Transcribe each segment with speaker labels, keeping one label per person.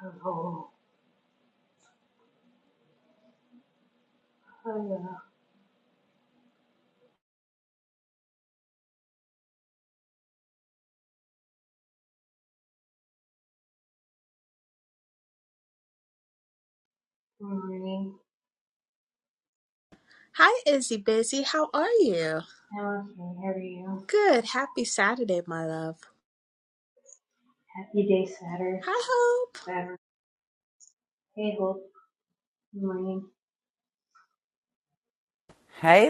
Speaker 1: puzzle, Oh, hiya. Good morning.
Speaker 2: Hi, Izzy Busy. How are you?
Speaker 1: Allison, how are you?
Speaker 2: Good. Happy Saturday, my love.
Speaker 1: Happy day, Satters.
Speaker 2: Hi, Hope.
Speaker 1: Saturn. Hey, Hope. Good morning.
Speaker 3: Hey,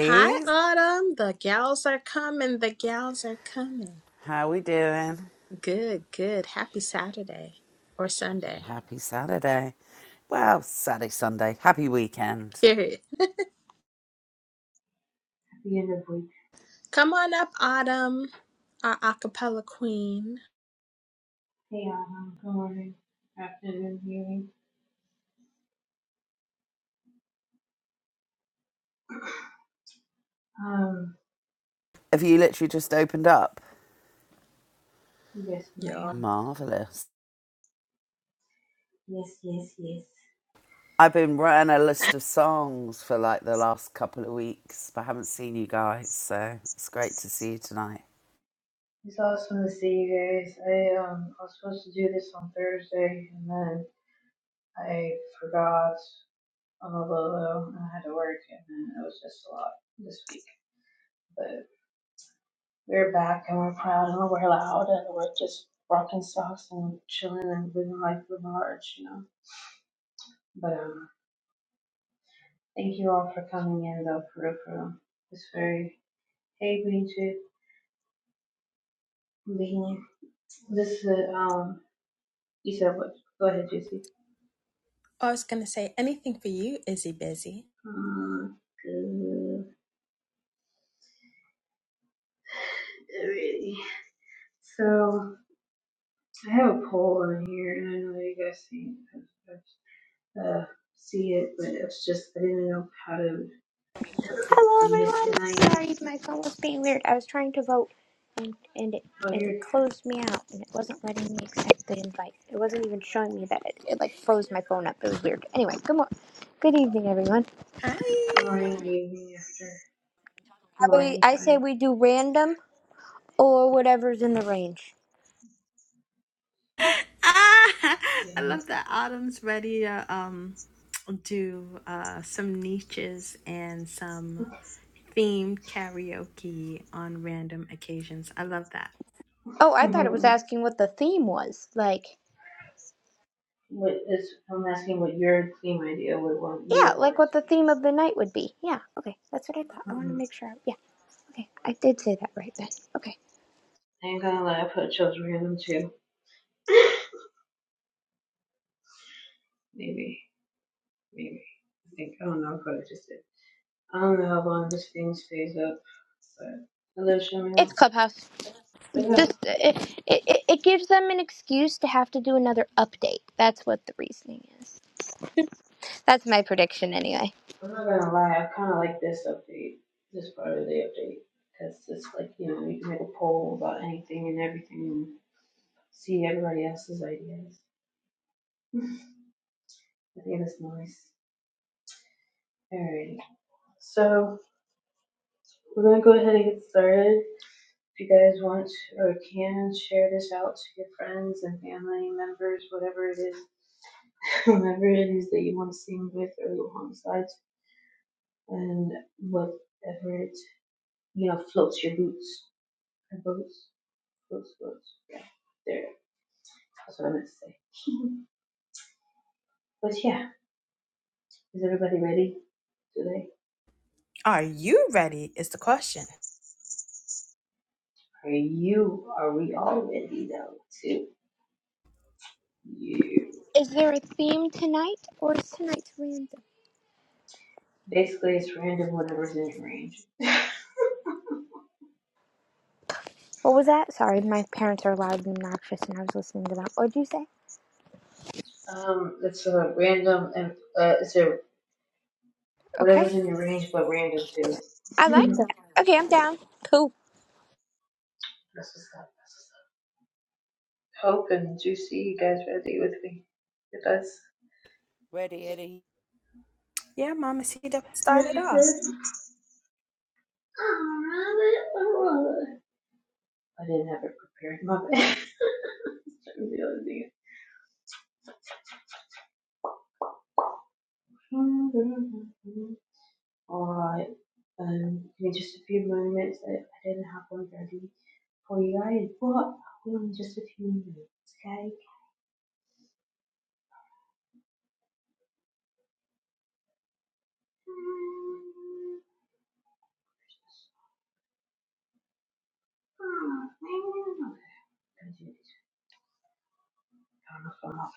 Speaker 2: Hi, Autumn. The gals are coming. The gals are coming.
Speaker 3: How we doing?
Speaker 2: Good, good. Happy Saturday or Sunday.
Speaker 3: Happy Saturday. Well, Saturday, Sunday. Happy weekend.
Speaker 2: Period.
Speaker 1: Happy end of week.
Speaker 2: Come on up, Autumn, our acapella queen.
Speaker 1: Hey, Autumn. Good morning. Afternoon, evening. Um,
Speaker 3: Have you literally just opened up?
Speaker 1: you guys
Speaker 2: Yo.
Speaker 1: smile.
Speaker 3: Marvellous.
Speaker 1: Yes, yes, yes.
Speaker 3: I've been writing a list of songs for like the last couple of weeks, but I haven't seen you guys, so it's great to see you tonight.
Speaker 1: It's awesome to see you guys. I um, I was supposed to do this on Thursday, and then I forgot on the low low, and I had to work, and then it was just a lot this week. but. We're back and we're proud and we're loud and we're just rocking socks and chilling and living life with large, you know. But um, thank you all for coming in though, for real, for real. It's very hey, green shit, being this is uh, um. You said what? Go ahead, Juicy.
Speaker 2: I was going to say anything for you, Izzy Busy.
Speaker 1: Um, good. Alrighty. So I have a poll on here, and I know you guys see uh, see it, but it's just I didn't know how to what to
Speaker 4: Hello,
Speaker 1: theme it tonight.
Speaker 4: everyone. Sorry, my phone was being weird. I was trying to vote, and, and it
Speaker 1: Oh,
Speaker 4: and
Speaker 1: here
Speaker 4: it closed me out, and it wasn't letting me accept the invite. It wasn't even showing me that it, it like froze my phone up. It was weird. Anyway, good morning, good evening, everyone.
Speaker 1: Good
Speaker 2: Hi.
Speaker 1: morning, evening, after
Speaker 4: I, we,
Speaker 1: morning
Speaker 4: I say
Speaker 1: time.
Speaker 4: we do random or whatever's in the range.
Speaker 2: Ah, I
Speaker 1: Yeah.
Speaker 2: love that Autumn's ready to um do uh some niches and some themed karaoke on random occasions. I love that.
Speaker 4: Oh, I thought it was asking what the theme was. Like,
Speaker 1: what is I'm asking what your theme idea would want you
Speaker 4: yeah,
Speaker 1: would want
Speaker 4: like
Speaker 1: it
Speaker 4: what
Speaker 1: to
Speaker 4: the
Speaker 1: be.
Speaker 4: theme of the night would be. Yeah, okay, that's what I thought. I want to
Speaker 1: Mhm.
Speaker 4: make sure. I- yeah, okay, I did say that right then. Okay,
Speaker 1: I ain't gonna lie, I put chose random too. Maybe, maybe. I think I don't know if I just did. I don't know how long this thing stays up, but hello, Shamil.
Speaker 4: it's Clubhouse.
Speaker 1: But yeah,
Speaker 4: Just it, it, it gives them an excuse to have to do another update. That's what the reasoning is. That's my prediction, anyway.
Speaker 1: I'm not gonna lie, I kind of like this update, this part of the update, because it's like you know you can make a poll about anything and everything and see everybody else's ideas. I think that's nice. Alright, so we're gonna go ahead and get started. If you guys want or can, share this out to your friends and family members, whatever it is, whomever it is that you want to sing with or alongside, and whatever it you know floats your boots or boats, floats, boats. Yeah, there. That's what I meant to say. But yeah, is everybody ready today?
Speaker 2: Are you ready? Is the question.
Speaker 1: Are you? Are we all ready though? Too. You.
Speaker 4: Is there a theme tonight, or is tonight's random?
Speaker 1: Basically, it's random, whatever's in your range.
Speaker 4: What was that? Sorry, my parents are loud and obnoxious, and I was listening to them. What'd you say?
Speaker 1: Um, it's a random, and uh, it's a
Speaker 4: Okay,
Speaker 1: whatever's in your range, but random too.
Speaker 4: I like that. Okay, I'm down. Cool.
Speaker 1: That's what's up. That's what's up. Hope and Juicy, you guys ready with me? With us?
Speaker 3: Ready, Eddie?
Speaker 2: Yeah, Mama C that started
Speaker 1: Ready for
Speaker 2: off.
Speaker 1: it? Oh, I didn't have it prepared. My bad. Trying other Alright, um, in just a few moments. I, I didn't have one ready for you guys, but I will in just a few minutes, okay? Um. alright,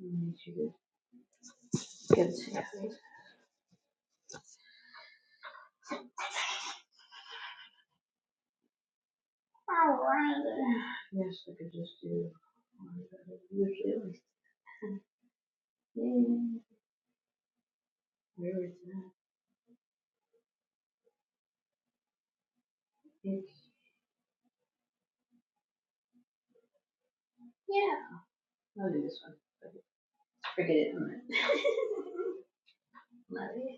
Speaker 1: need you to get to that. Alright. Yes, I could just do. one better. Usually at least ten. Where is that? Yeah. I'll do this one. Forget it in a minute. Love it.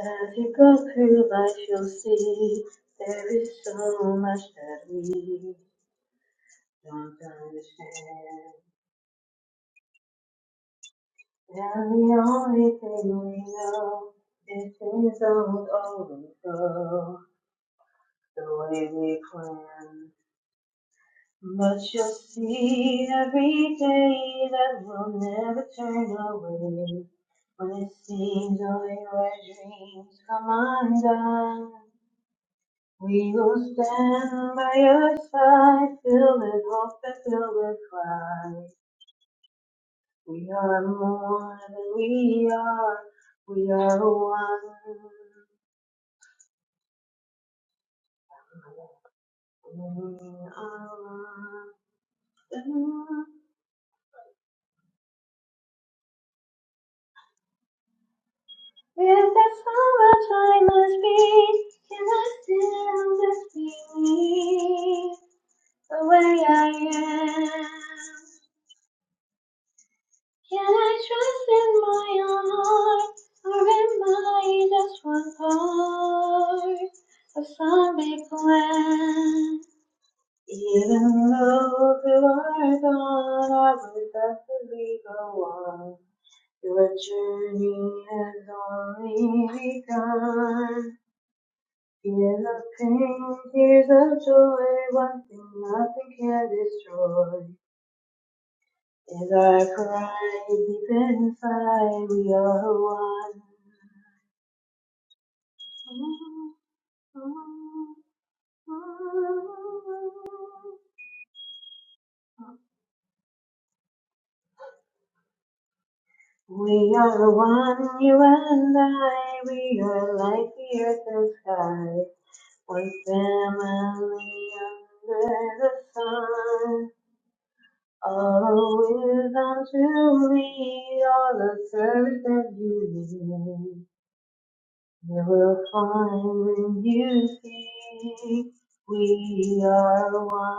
Speaker 1: As you go through life, you'll see there is so much that we don't understand. And the only thing we know is things don't always go the way we plan. But you'll see every day that we'll never turn away. When it seems only our dreams come undone. We will stand by your side, fill with hope and fill with pride. We are more than we are, we are one. We are one. Is there so much I must be? Can I still just be me, the way I am? Can I trust in my heart, or am I just one part of some big plan? Even though you are gone, I would definitely go on. Your journey has only begun. Here's a pain, here's a joy, one thing nothing can destroy. In thy pride, deep inside, we are one. We are one, you and I. We are like the earth and sky. One family under the sun. All wisdom to me, all the service that you need. There will find when you think we are one.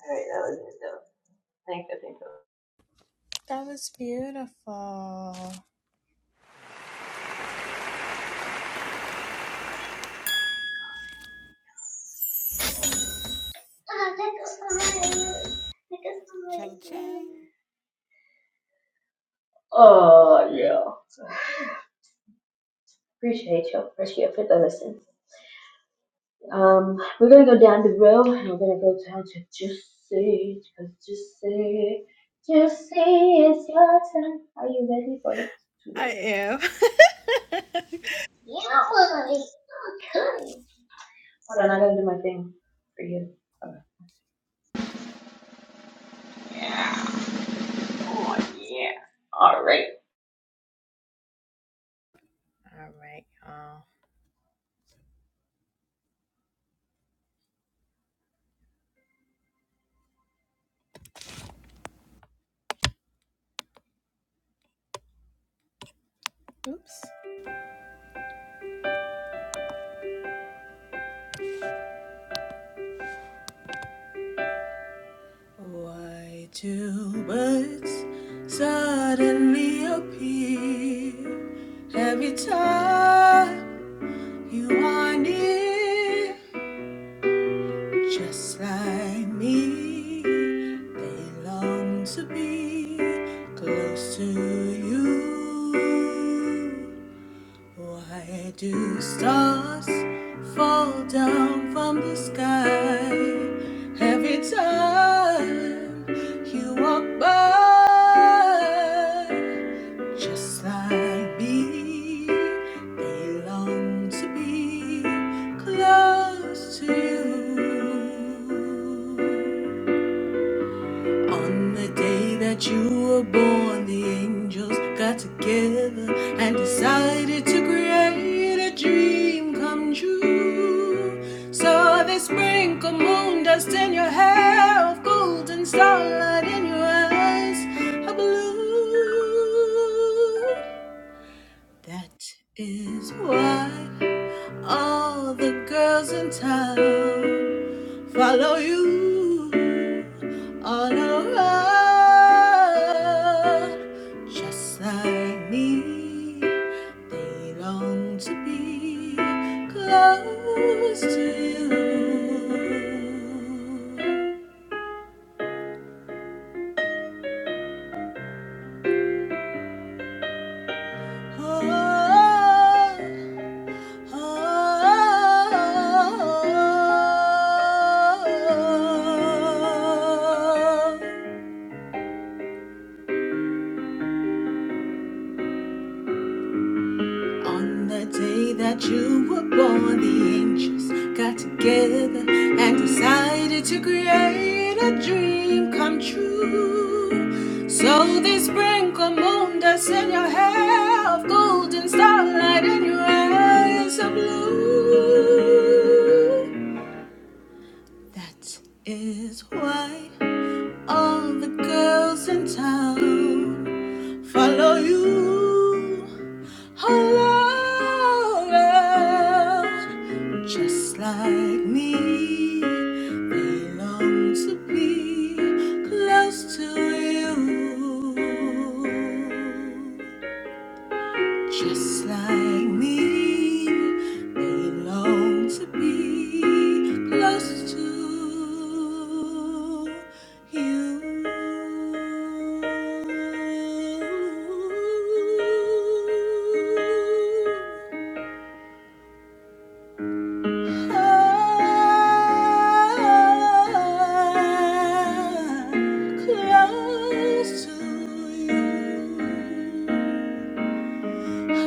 Speaker 1: Alright, that was it though. Thanks, I think so.
Speaker 2: That was beautiful.
Speaker 3: Ching, ching.
Speaker 1: Oh, yeah. Appreciate you. Appreciate for the listen. Um, we're gonna go down the road and we're gonna go down to just say, just, just say, just say it's your turn. Are you ready for it
Speaker 2: I
Speaker 1: today?
Speaker 2: am.
Speaker 1: Yeah. Hold on, I gotta do my thing for you. Okay.
Speaker 2: All right, y'all. Oops. Why do birds suddenly appear every time you are near? Just like me, they long to be close to you. Why do stars fall down from the sky every time you walk by? Just like me, they long to be close to you. On the day that you were born, the angels got together and decided to create a dream come true. So they sprinkled moon dust in your hair of gold and starlight in your eyes of blue. That is why all the girls in town follow you all around, just like me. They long to be close to you. Oh, oh, oh, oh. On the day that you were born, the angels got together and decided to create a dream come true. So they sprinkle moon dust in your hair of golden starlight and your eyes of blue. That is why all the girls in town follow you. Oh, love, just like me, they long to be close to you. Just like me, they long to be close to you. Ah, close to you. Close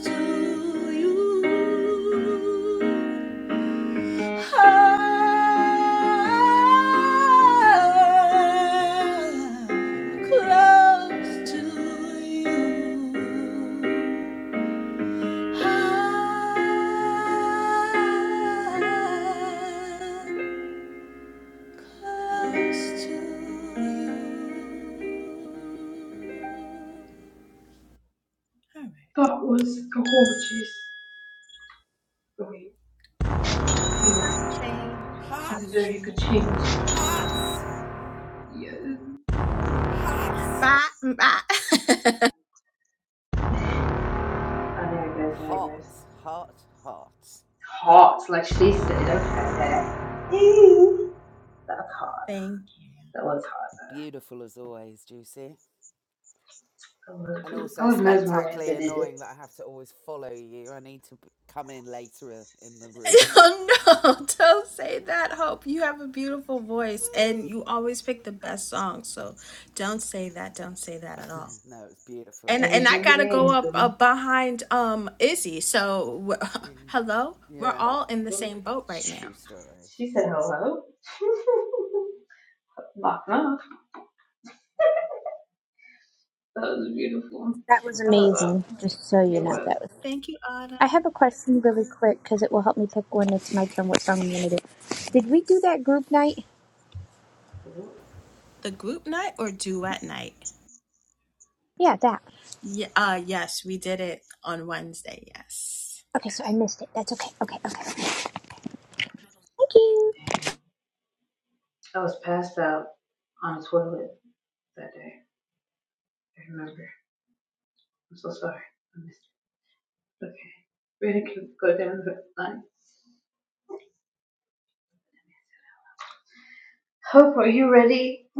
Speaker 2: to you, close to you close to you. All right.
Speaker 1: That was a gorgeous story. I think
Speaker 2: Dr. Shane.
Speaker 3: Hot,
Speaker 1: it's
Speaker 2: Dr.
Speaker 1: very good
Speaker 2: Shane.
Speaker 1: change.
Speaker 3: hot,
Speaker 1: Yeah.
Speaker 3: hot.
Speaker 2: Bye. Bye.
Speaker 1: I know it goes, I know it
Speaker 3: Hot,
Speaker 1: goes. It's
Speaker 3: hot, hot.
Speaker 1: Hot, like she said. Okay, that's hot.
Speaker 2: Thank you.
Speaker 1: That was hot.
Speaker 3: Beautiful as always, Juicy.
Speaker 1: though. I was,
Speaker 3: And also
Speaker 1: mesmerized.
Speaker 3: spectacularly
Speaker 1: They did it.
Speaker 3: annoying that I have to always follow you. I need to b- come in later in the room.
Speaker 2: Oh no, don't say that, Hope. You have a beautiful voice and you always pick the best songs. So don't say that. Don't say that at all.
Speaker 3: no, it's beautiful.
Speaker 2: And
Speaker 3: Well
Speaker 2: and
Speaker 1: Whatever's
Speaker 2: I
Speaker 1: in
Speaker 3: done.
Speaker 1: your
Speaker 2: gotta go
Speaker 1: brain,
Speaker 2: up,
Speaker 1: boo.
Speaker 2: up behind um Izzy. So
Speaker 3: Mm,
Speaker 2: hello, we're
Speaker 3: Yeah,
Speaker 2: all in the same boat right now.
Speaker 3: true story.
Speaker 1: She said hello. knock knock. That was beautiful.
Speaker 4: That was
Speaker 1: That was
Speaker 4: amazing. Just so you
Speaker 1: It
Speaker 4: know,
Speaker 1: was.
Speaker 4: that was.
Speaker 2: Thank you,
Speaker 4: I
Speaker 2: Autumn.
Speaker 4: have a question really quick because it will help me pick when it's my turn. What song I'm gonna do? Did we do that group night?
Speaker 1: Dang.
Speaker 2: The group night or duet night?
Speaker 4: Yeah, that.
Speaker 2: Yeah, uh, yes, we did it on Wednesday. Yes.
Speaker 4: Okay, so I missed it. That's okay. Okay, okay. okay. Thank you.
Speaker 1: I was passed out on a toilet that day. I remember. I'm so sorry. I missed. Okay, we are gonna go down the line. Hope, are you ready?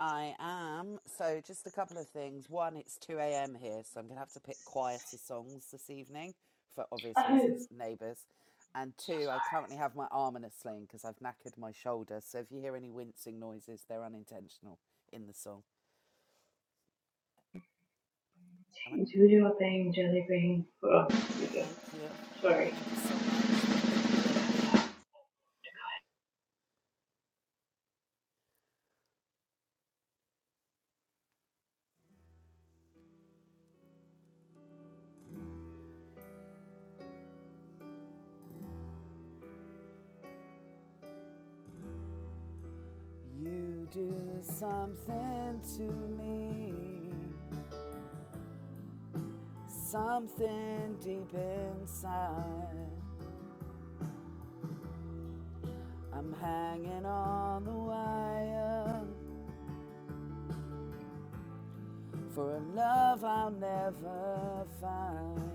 Speaker 3: I am. So, just a couple of things. One, it's 2 a.m. here, so I'm going to have to pick quieter songs this evening for
Speaker 1: Oh,
Speaker 3: obvious reasons,
Speaker 1: so
Speaker 3: neighbours. And two, I currently have my arm in a sling because I've knackered my shoulder. So, if you hear any wincing noises, they're unintentional in the song. Am I,
Speaker 1: sorry. Do your thing, jelly bean. Oh, on. Here we go.
Speaker 3: Thank you.
Speaker 1: Sorry.
Speaker 3: Thank you so much. Thank you, Jelly Bean. You do something to me, something deep inside. I'm hanging on the wire for a love I'll never find.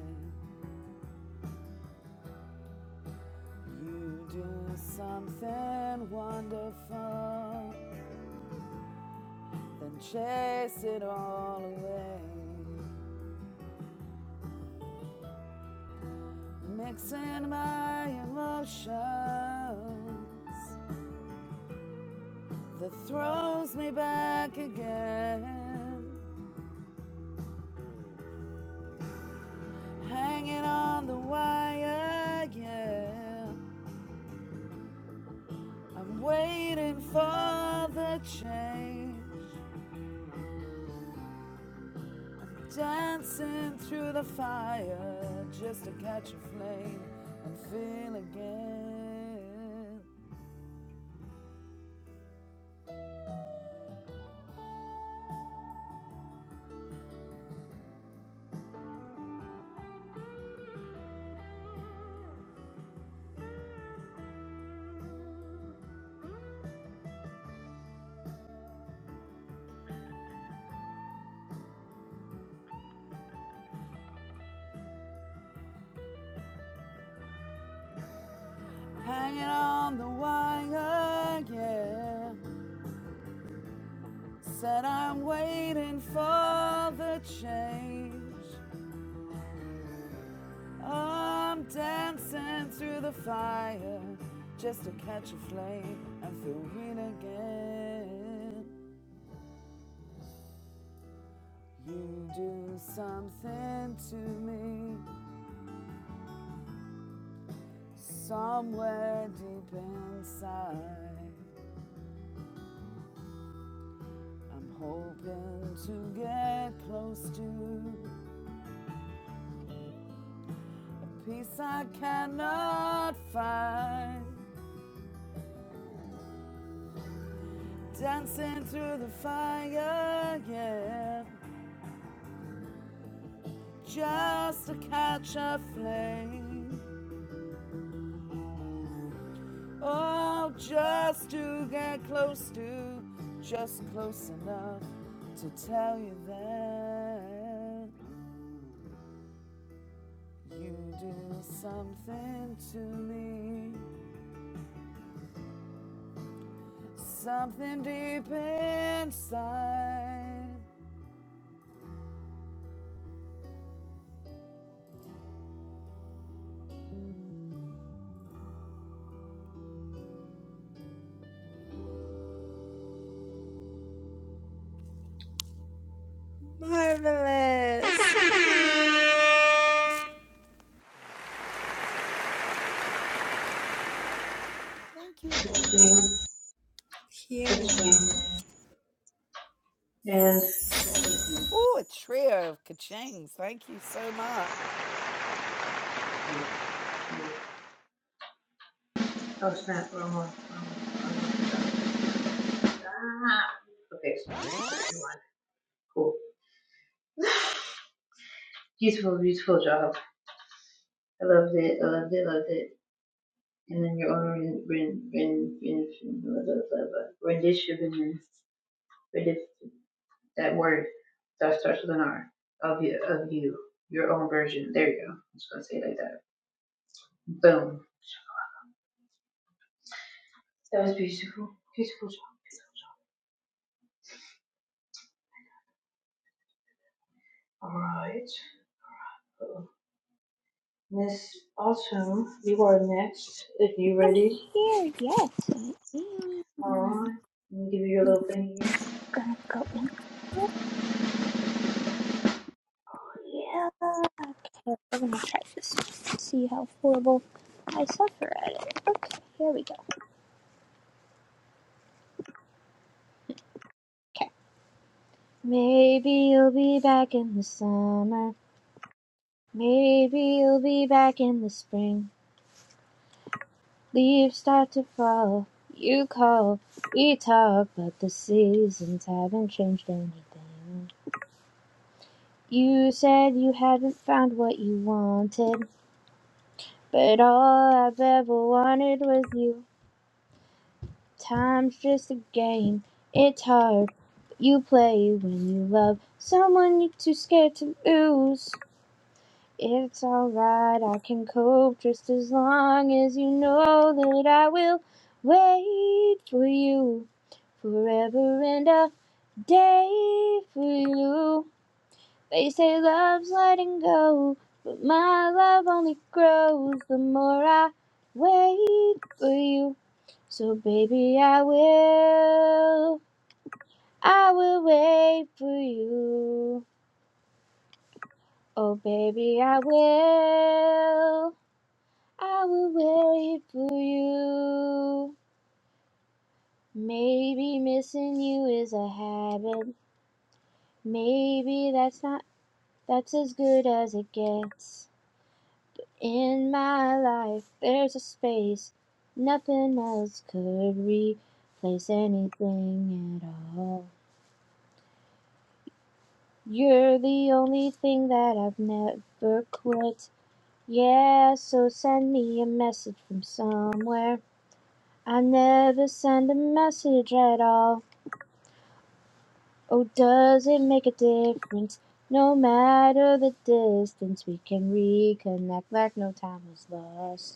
Speaker 3: You do something wonderful, then chase it all away. Mixing my emotions that throws me back again. Hanging on the wire, yeah. I'm waiting for the change. Dancing through the fire just to catch a flame and feel again. Hanging on the wire, yeah. Said I'm waiting for the change. I'm dancing through the fire just to catch a flame and feel green again. You do something to me somewhere deep inside. I'm hoping to get close to peace I cannot find. Dancing through the fire, yeah. Just to catch a flame. Oh, just to get close to, just close enough to tell you that you do something to me, something deep inside.
Speaker 2: Marvelous.
Speaker 3: Thank you.
Speaker 2: Period.
Speaker 1: And
Speaker 3: Oh, a trio of kachings. Thank you so much.
Speaker 1: Oh snap, wrong one. Wrong Ah. Okay, so you cool. beautiful, beautiful job. I loved it. I loved it. Loved it. And then your own ren- ren- ren- ren- blah, blah, blah, blah, rendition, rendition, that word that starts with an R of you, of you, your own version. There you go. I'm just gonna say it like that. Boom. That was beautiful. Beautiful job. All right. Miss Autumn, you are next. If you
Speaker 4: I'm
Speaker 1: ready.
Speaker 4: here. Yes, I am.
Speaker 1: All right. Let me give you your
Speaker 4: We're
Speaker 1: little thing.
Speaker 4: gonna go in. Okay, we're gonna try this. See how horrible I suffer at it. Okay, here we go. Okay. Maybe you'll be back in the summer. Maybe you'll be back in the spring. Leaves start to fall. You call, we talk, but the seasons haven't changed anything. You said you hadn't found what you wanted. But all I've ever wanted was you. Time's just a game. It's hard. But you play when you love someone you're too scared to lose. It's alright, I can cope just as long as you know that I will wait for you. Forever and a day for you. They say love's letting go, but my love only grows the more I wait for you. So baby, I will, I will wait for you. Oh baby, I will, I will wait for you. Maybe missing you is a habit. Maybe that's not, that's as good as it gets. In my life, there's a space nothing else could replace anything at all. You're the only thing that I've never quit. Yeah, so send me a message from somewhere. I never send a message at all. Oh, does it make a difference? No matter the distance, we can reconnect like no time was lost.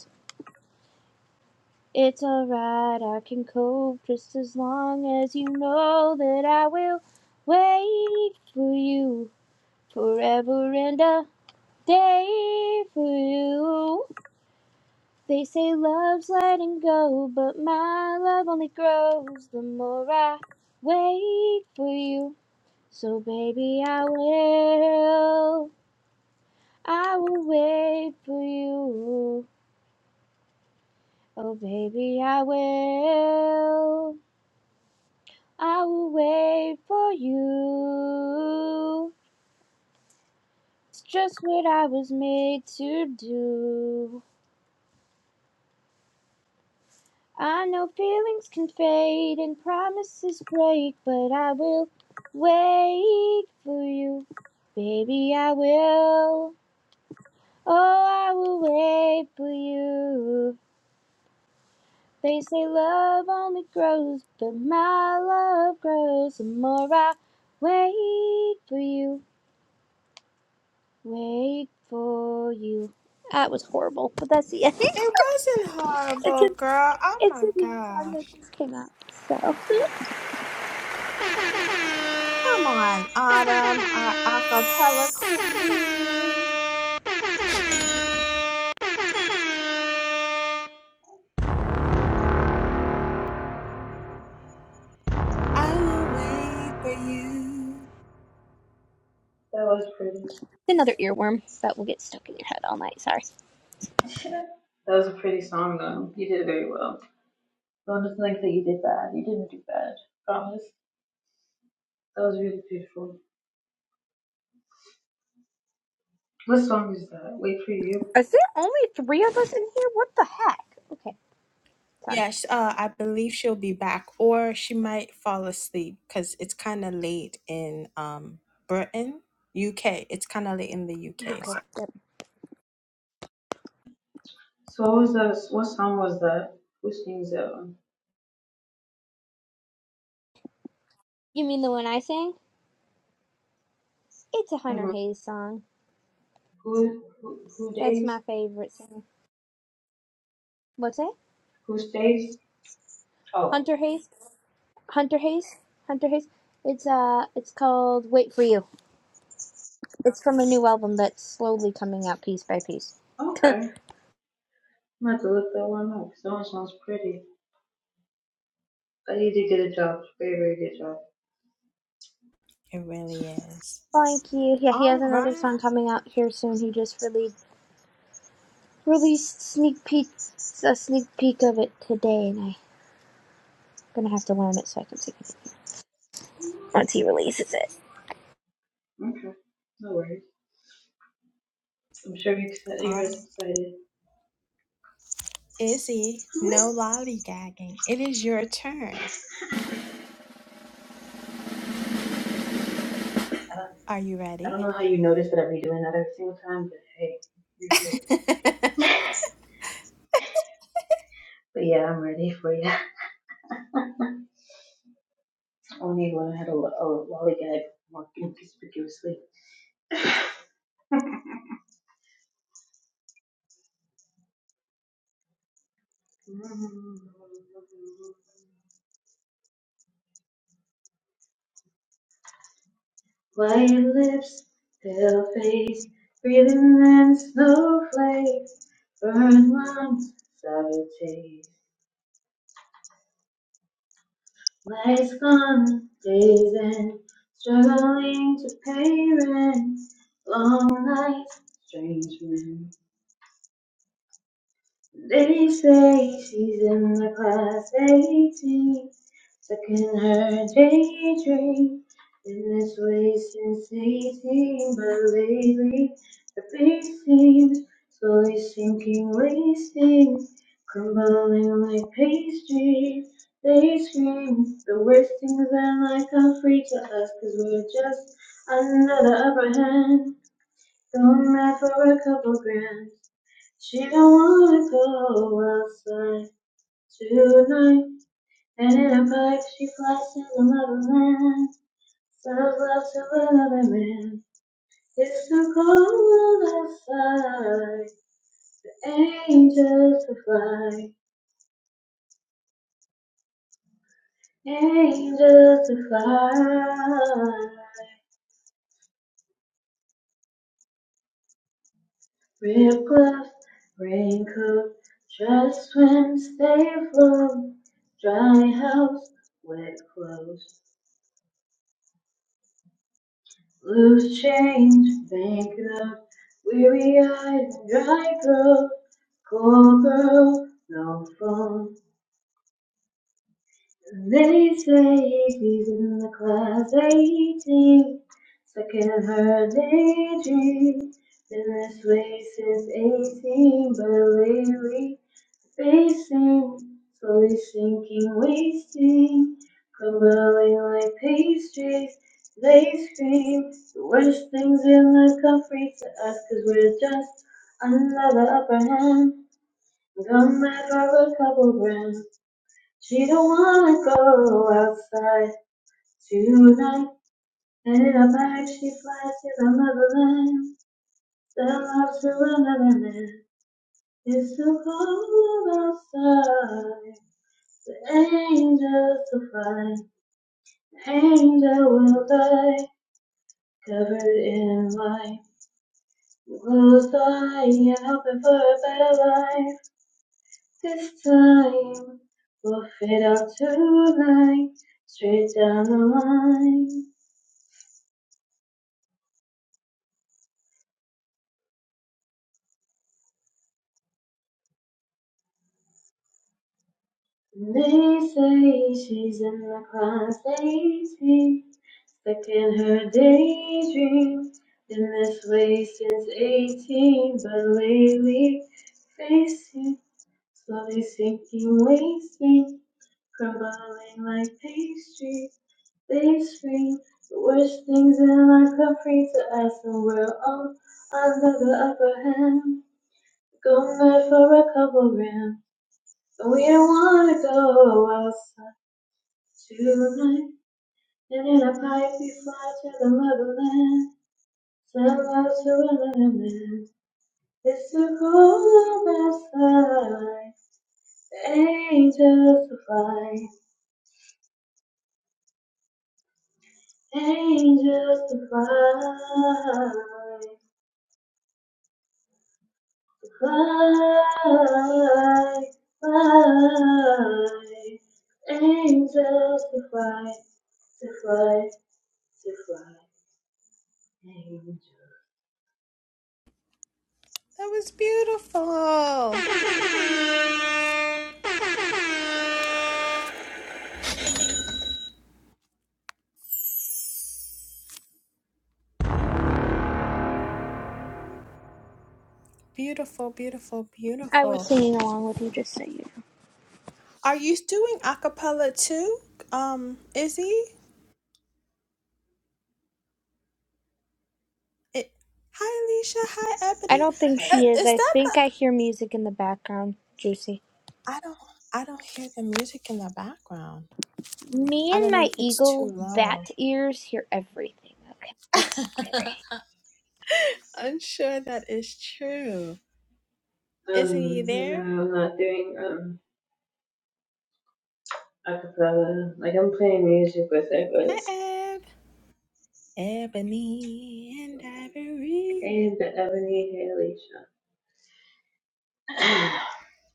Speaker 4: It's alright, I can cope just as long as you know that I will wait for you forever and a day for you. They say love's letting go, but my love only grows the more I wait for you. So, baby, I will, I will wait for you. Oh, baby, I will. I will wait for you. It's just what I was made to do. I know feelings can fade and promises break, but I will wait for you. Baby, I will. Oh, I will wait for you. They say love only grows, but my love grows the more I wait for you. Wait for you. That was horrible, but that's the end.
Speaker 2: It
Speaker 4: it's
Speaker 2: wasn't
Speaker 4: a
Speaker 2: horrible, girl. Oh
Speaker 4: it's
Speaker 2: my
Speaker 4: a new song that
Speaker 2: gosh.
Speaker 4: just came out. So it's
Speaker 2: Come on, Autumn, our acapella queen. I will wait for you.
Speaker 1: That was pretty.
Speaker 4: another earworm, that will get stuck in your head all night. Sorry.
Speaker 1: that was a pretty song, though. You did very well. Don't just think that you did bad. You didn't do bad. Promise. That was really beautiful. What song is that? Wait for you.
Speaker 4: Is there only three of us in here? What the heck? Okay, sorry.
Speaker 2: Yes, uh, I believe she'll be back, or she might fall asleep because it's kind of late in um Britain, UK. It's kind of late in the UK,
Speaker 4: Okay.
Speaker 2: so
Speaker 4: Yep.
Speaker 1: So what was that? What song was that? Who sings that one?
Speaker 4: You mean the one I sang? It's a Hunter
Speaker 1: hmm
Speaker 4: Hayes song.
Speaker 1: Who, who who
Speaker 4: That's
Speaker 1: days?
Speaker 4: my favorite song. What's that?
Speaker 1: Who stays? Oh,
Speaker 4: Hunter Hayes. Hunter Hayes. Hunter Hayes. It's uh, it's called "Wait for You." It's from a new album that's slowly coming out piece by piece.
Speaker 1: okay. I'm gonna have to look that one up. 'cause That one sounds pretty. But you did get a job. Very very good job.
Speaker 2: it really is.
Speaker 4: Thank you. Yeah, he has
Speaker 2: All
Speaker 4: another
Speaker 2: right,
Speaker 4: song coming out here soon. He just released released sneak peek a sneak peek of it today, and I'm gonna have to learn it so I can sing it once he releases it.
Speaker 1: Okay. No worries. I'm sure you're excited.
Speaker 2: all
Speaker 1: You're
Speaker 2: right.
Speaker 1: excited.
Speaker 2: Izzy, no
Speaker 1: What?
Speaker 2: lollygagging. It is your turn. Are you
Speaker 1: I don't
Speaker 2: ready?
Speaker 1: know how you notice that I be doing that every single time, but hey, you're good. But yeah, I'm ready for you. Only one had a, lo- a lollygag more inconspicuously. White lips, pale face, breathing in snowflakes, burn lungs, sour taste. Lights gone, days in, struggling to pay rent, long nights, strange men. They say she's in the class 18, stuck in her daydream. In this way since 18, but lately the beat seems slowly sinking, wasting, crumbling like pastry. They scream the worst things that might come free to us, cause we're just under the upper hand. Going mad for a couple grand. She don't wanna go outside tonight. And in a pipe, she flies to the motherland. Sells love to another man. It's so cold outside. Angels to fly. Angels to fly. Rib gloves, raincoat, try to swim, stay afloat. Dry house, wet clothes. Loose change, bankrupt, weary eyed, dry girl, cold girl, no phone. They say he's in the class 18, stuck in her daydream. Been this way since 18, but lately Facing, slowly sinking, wasting, crumbling like pastries. They scream the worst things in the country to us, cause we're just another upper hand. Come back for a couple grand. She don't wanna go outside tonight. And in a bag she flies to the motherland. That loves to another man. It's so cold outside. The angels will fly, the angel will die, covered in light. We'll die and hoping for a better life this time. We'll fit out tonight, straight down the line. And they say she's in the class 18, stuck in her daydream. Been this way since 18, but lately facing Slowly sinking waist me, crumbling like pastry. They scream the worst things in life come free to us, and we're all under the upper hand. Go mad for a couple grand, and we don't wanna go outside tonight. And in a pipe we fly to the motherland. Send love to another man. It's the cold outside. Angels will fly. Angels to fly, fly, fly. Angels to fly, to fly, to fly. Angels.
Speaker 2: That was beautiful. Beautiful, beautiful,
Speaker 4: I was
Speaker 2: beautiful.
Speaker 4: singing along with you, just so you. know.
Speaker 2: Are you doing a cappella too, um, Izzy? It, hi, Alicia. Hi,
Speaker 4: I
Speaker 2: Ebony.
Speaker 4: don't think
Speaker 2: Uh,
Speaker 1: Sorry.
Speaker 4: she is.
Speaker 2: is
Speaker 4: I
Speaker 2: that
Speaker 4: think
Speaker 2: the?
Speaker 4: I hear music in the background. Juicy.
Speaker 2: I don't. I don't hear the music in the background.
Speaker 4: Me
Speaker 2: I
Speaker 4: and
Speaker 2: don't know
Speaker 4: my
Speaker 2: if it's too
Speaker 4: eagle
Speaker 2: low.
Speaker 4: bat ears hear everything. Okay, that's scary.
Speaker 2: I'm sure that is true.
Speaker 1: Um,
Speaker 2: Is you
Speaker 1: no,
Speaker 2: there?
Speaker 1: I'm not doing um acapella. Like I'm playing music with it, but
Speaker 2: Hi,
Speaker 1: it's.
Speaker 2: Eb. Ebony and Ivory.
Speaker 1: Hey, the Ebony Haley show.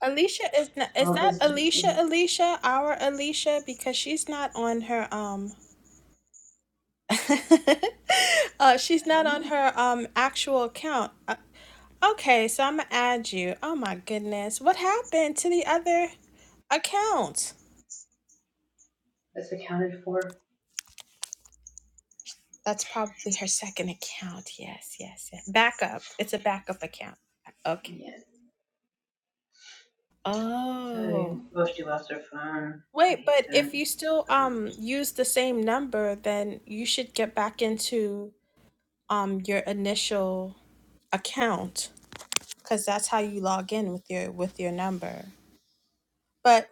Speaker 2: Alicia is not, is
Speaker 1: well, it
Speaker 2: that
Speaker 1: was
Speaker 2: Alicia?
Speaker 1: juicy.
Speaker 2: Alicia, our Alicia, because she's not on her um. uh, she's
Speaker 1: I
Speaker 2: not
Speaker 1: don't
Speaker 2: on
Speaker 1: know.
Speaker 2: her um actual account. Uh, Okay, so I'm gonna add you. Oh my goodness, what happened to the other account?
Speaker 1: That's accounted for.
Speaker 2: That's probably her second account. Yes, yes, yes. Backup. It's a backup account. Okay.
Speaker 1: Yeah. So
Speaker 2: Oh.
Speaker 1: most of us are fine. I
Speaker 2: Wait,
Speaker 1: hate
Speaker 2: but
Speaker 1: that
Speaker 2: if you still
Speaker 1: so
Speaker 2: um
Speaker 1: much.
Speaker 2: use the same number, then you should get back into um your initial account because that's how you log in with your with your number. But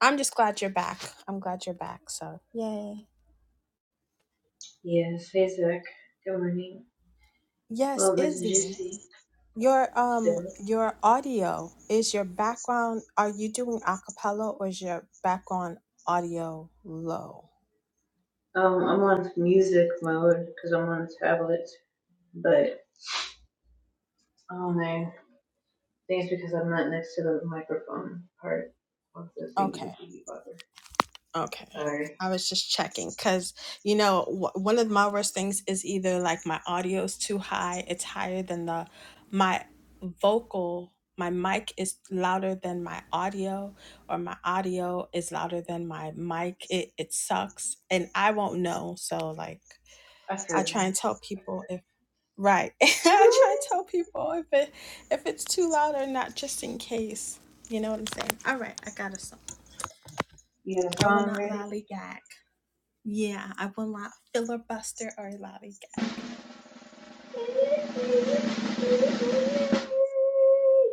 Speaker 2: I'm just glad you're back. I'm glad you're back. So yay.
Speaker 1: Yes, hey Zach. Good morning.
Speaker 2: Yes,
Speaker 1: Well, Miss
Speaker 2: Izzy.
Speaker 1: Juicy.
Speaker 2: Your
Speaker 1: So,
Speaker 2: um your audio is your background are you doing a cappella or is your background audio low?
Speaker 1: um, I'm on music mode because I'm on a tablet, but I don't know. I think it's because I'm not next to the microphone part of the thingy
Speaker 2: Okay.
Speaker 1: majiggy bother.
Speaker 2: Okay.
Speaker 1: Sorry.
Speaker 2: I was just checking because, you know, w- one of my worst things is either like my audio is too high, it's higher than the, my vocal, my mic is louder than my audio, or my audio is louder than my mic. It, it sucks. And I won't know. So, like,
Speaker 1: I feel
Speaker 2: I try
Speaker 1: you.
Speaker 2: and tell people if, right. I try and tell people if it, if it's too loud or not, just in case. You know what I'm saying? All right. I got a song.
Speaker 1: You have a
Speaker 2: I will
Speaker 1: song
Speaker 2: not
Speaker 1: ready?
Speaker 2: lollygag. Yeah, I will not filibuster or lollygag.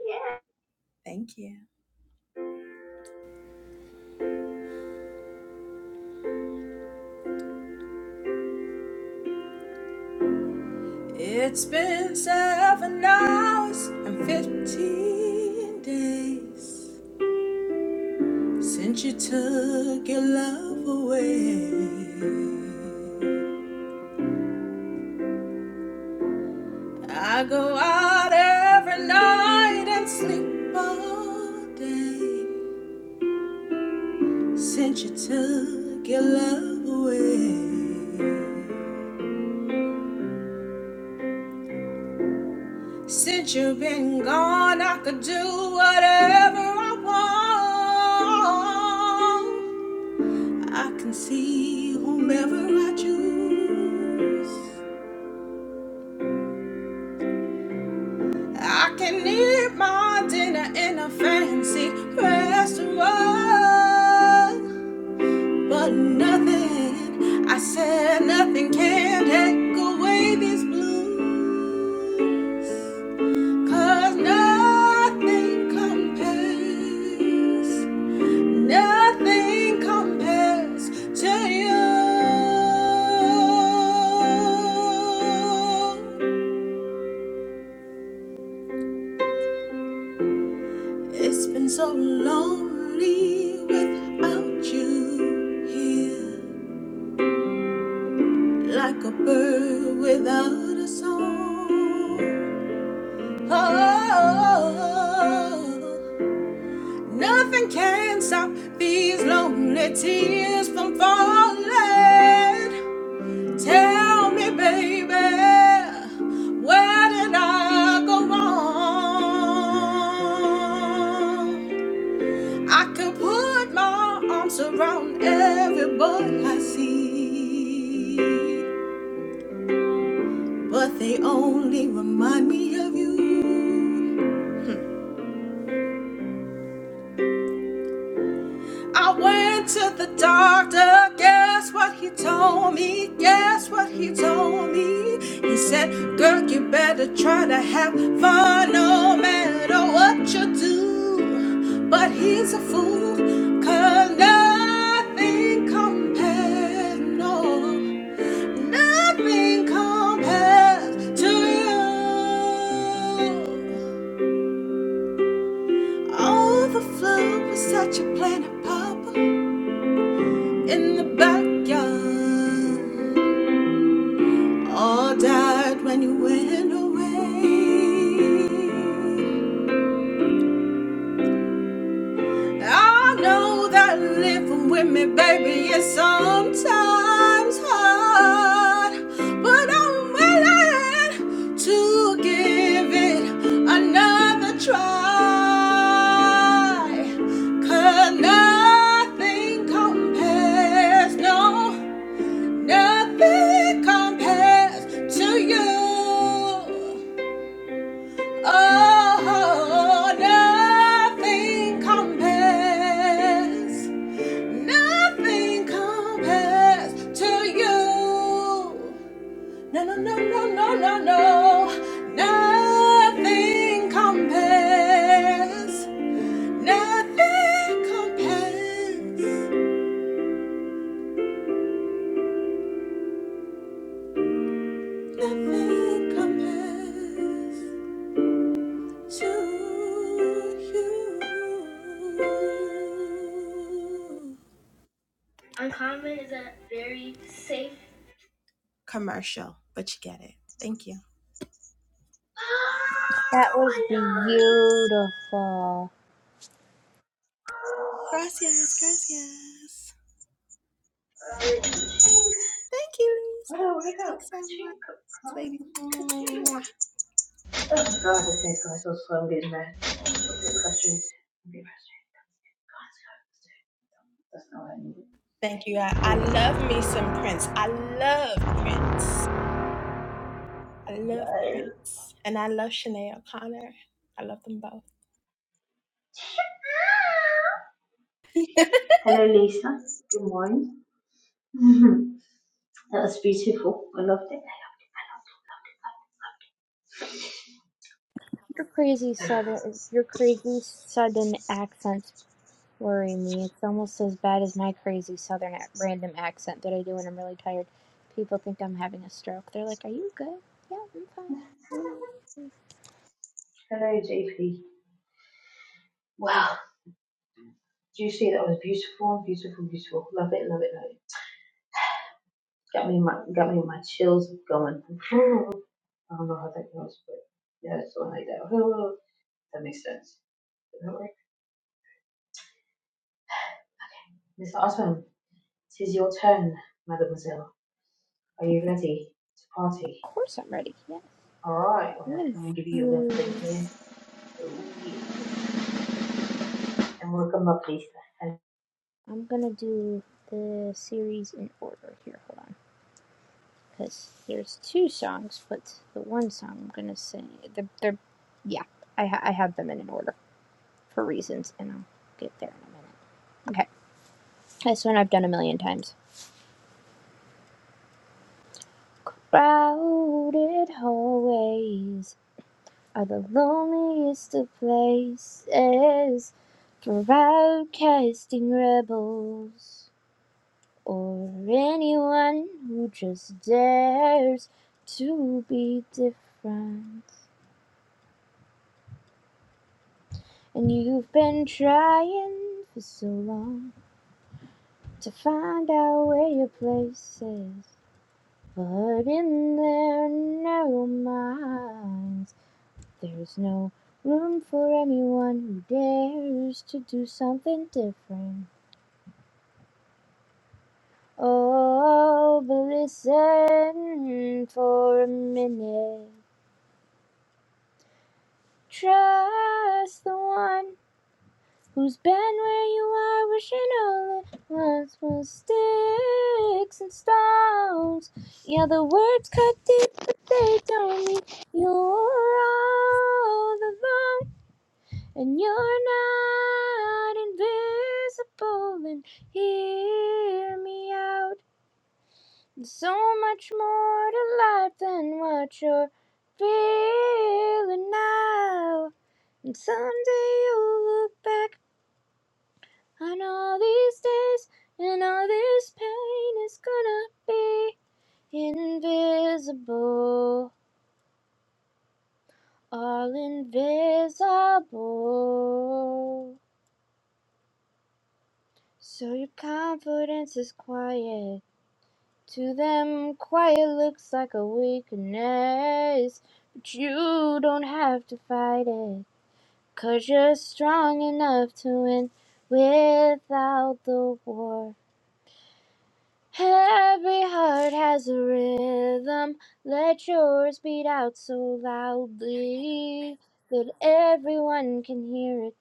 Speaker 1: Yeah.
Speaker 2: Thank you. It's been seven hours and 15 days since you took your love away. I go out every night and sleep all day since you took your love away. Since you've been gone, I could do whatever I want. I can see whomever I choose. I can eat my dinner in a fancy restaurant. But nothing, I said nothing can take away these blues, 'cause nothing compares. Nothing compares to you. It's been so lonely without you here, like a bird without a song. Oh, nothing can stop these lonely tears from falling. Tell me, baby, where did I go wrong? I could put my arms around everybody I see, but they only remind me of you. I went to the doctor. Guess what he told me? Guess what he told me? He said, Girl, you better try to have fun no matter what you do. But he's a fool, cause nothing compares, no, nothing compares to you. Oh, the flu was such a planet, Papa. in the backyard. All died when you went away. I know that living with me, baby, is sometimes hard, but I'm willing to give it another try. 'Cause nothing compares, no. Nothing compares to you. Oh, nothing compares. Nothing compares to you. No, no, no, no, no, no, no. Nothing compares. Nothing compares. Nothing compares. you. Commercial, but you get it. Thank you.
Speaker 4: That
Speaker 1: Oh
Speaker 4: was
Speaker 1: my god.
Speaker 4: beautiful.
Speaker 2: Gracias, gracias. Thank you, Lisa.
Speaker 1: What up? What up?
Speaker 2: Thanks, everyone.
Speaker 1: Ka-ching, ka-ching,
Speaker 2: Lady.
Speaker 1: Oh god, this thing's going so slow. I'm getting mad. I'm getting frustrated. I'm getting frustrated. God, That's not what
Speaker 2: Thank you. I, I
Speaker 1: I needed.
Speaker 2: love me some Prince. I love Prince. I love Prince. And I love Shanae O'Connor. I love them both.
Speaker 1: Hello, Lisa. Good morning. that was beautiful. I loved it.
Speaker 4: Your crazy southern, your crazy southern accents worry me. It's almost as bad as my crazy southern ac- random accent that I do when I'm really tired. People think I'm having a stroke. They're like, "Are you good?" Yeah, I'm fine. "Mm, of
Speaker 1: Hello, JP. Wow. Do you see that was beautiful, beautiful, beautiful? Love it, love it, love it. Got me my got me my chills going. I don't know how that goes, but yeah, it's one like that. That makes sense. Does that work? Miss Awesome. 'Tis your turn, mademoiselle. Are you ready to party?
Speaker 4: course I'm ready. Yes,
Speaker 1: All right, well,
Speaker 4: I'm gonna
Speaker 1: I'm gonna give you a limp drink
Speaker 4: do.
Speaker 1: here. Oh, yeah. And welcome up, Lisa. And
Speaker 4: I'm gonna do the series in order here. Hold on, because there's two songs, but the one song I'm gonna sing. They're, they're yeah. I ha- I have them in an order for reasons, and I'll get there in a minute. Okay, this one I've done a million times. Crowded hallways are the loneliest of places for outcasting rebels or anyone who just dares to be different. And you've been trying for so long to find out where your place is, but in their narrow minds. There's no room for anyone who dares to do something different. Oh, but listen for a minute. Trust the one who's been where you are, wishing all it was was sticks and stones. Yeah, the words cut deep, but they don't mean you're all alone. And you're not invisible, and hear me out. There's so much more to life than what you're feeling now. And someday you'll look back on all these days, and all this pain is gonna be invisible, all invisible. So your confidence is quiet. To them, quiet looks like a weakness. But you don't have to fight it. you you're strong enough to win without the war. Every heart has a rhythm. Let yours beat out so loudly that everyone can hear it.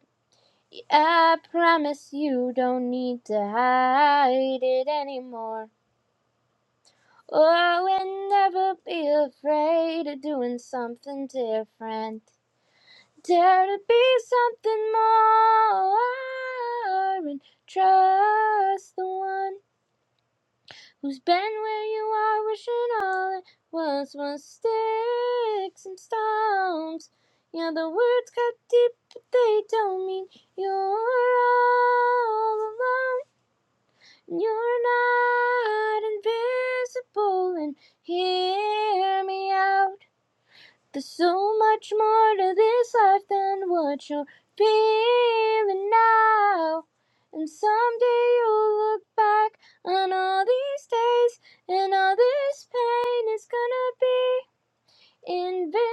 Speaker 4: Yeah, I promise you don't need to hide it anymore. Oh, I will never be afraid of doing something different. Dare to be something more and trust the one who's been where you are, wishing all it was was sticks and stones. Yeah, the words cut deep, but they don't mean you're all alone. You're not invisible and hear me out. There's so much more to this life than what you're feeling now. And someday you'll look back on all these days and all this pain is gonna be invisible.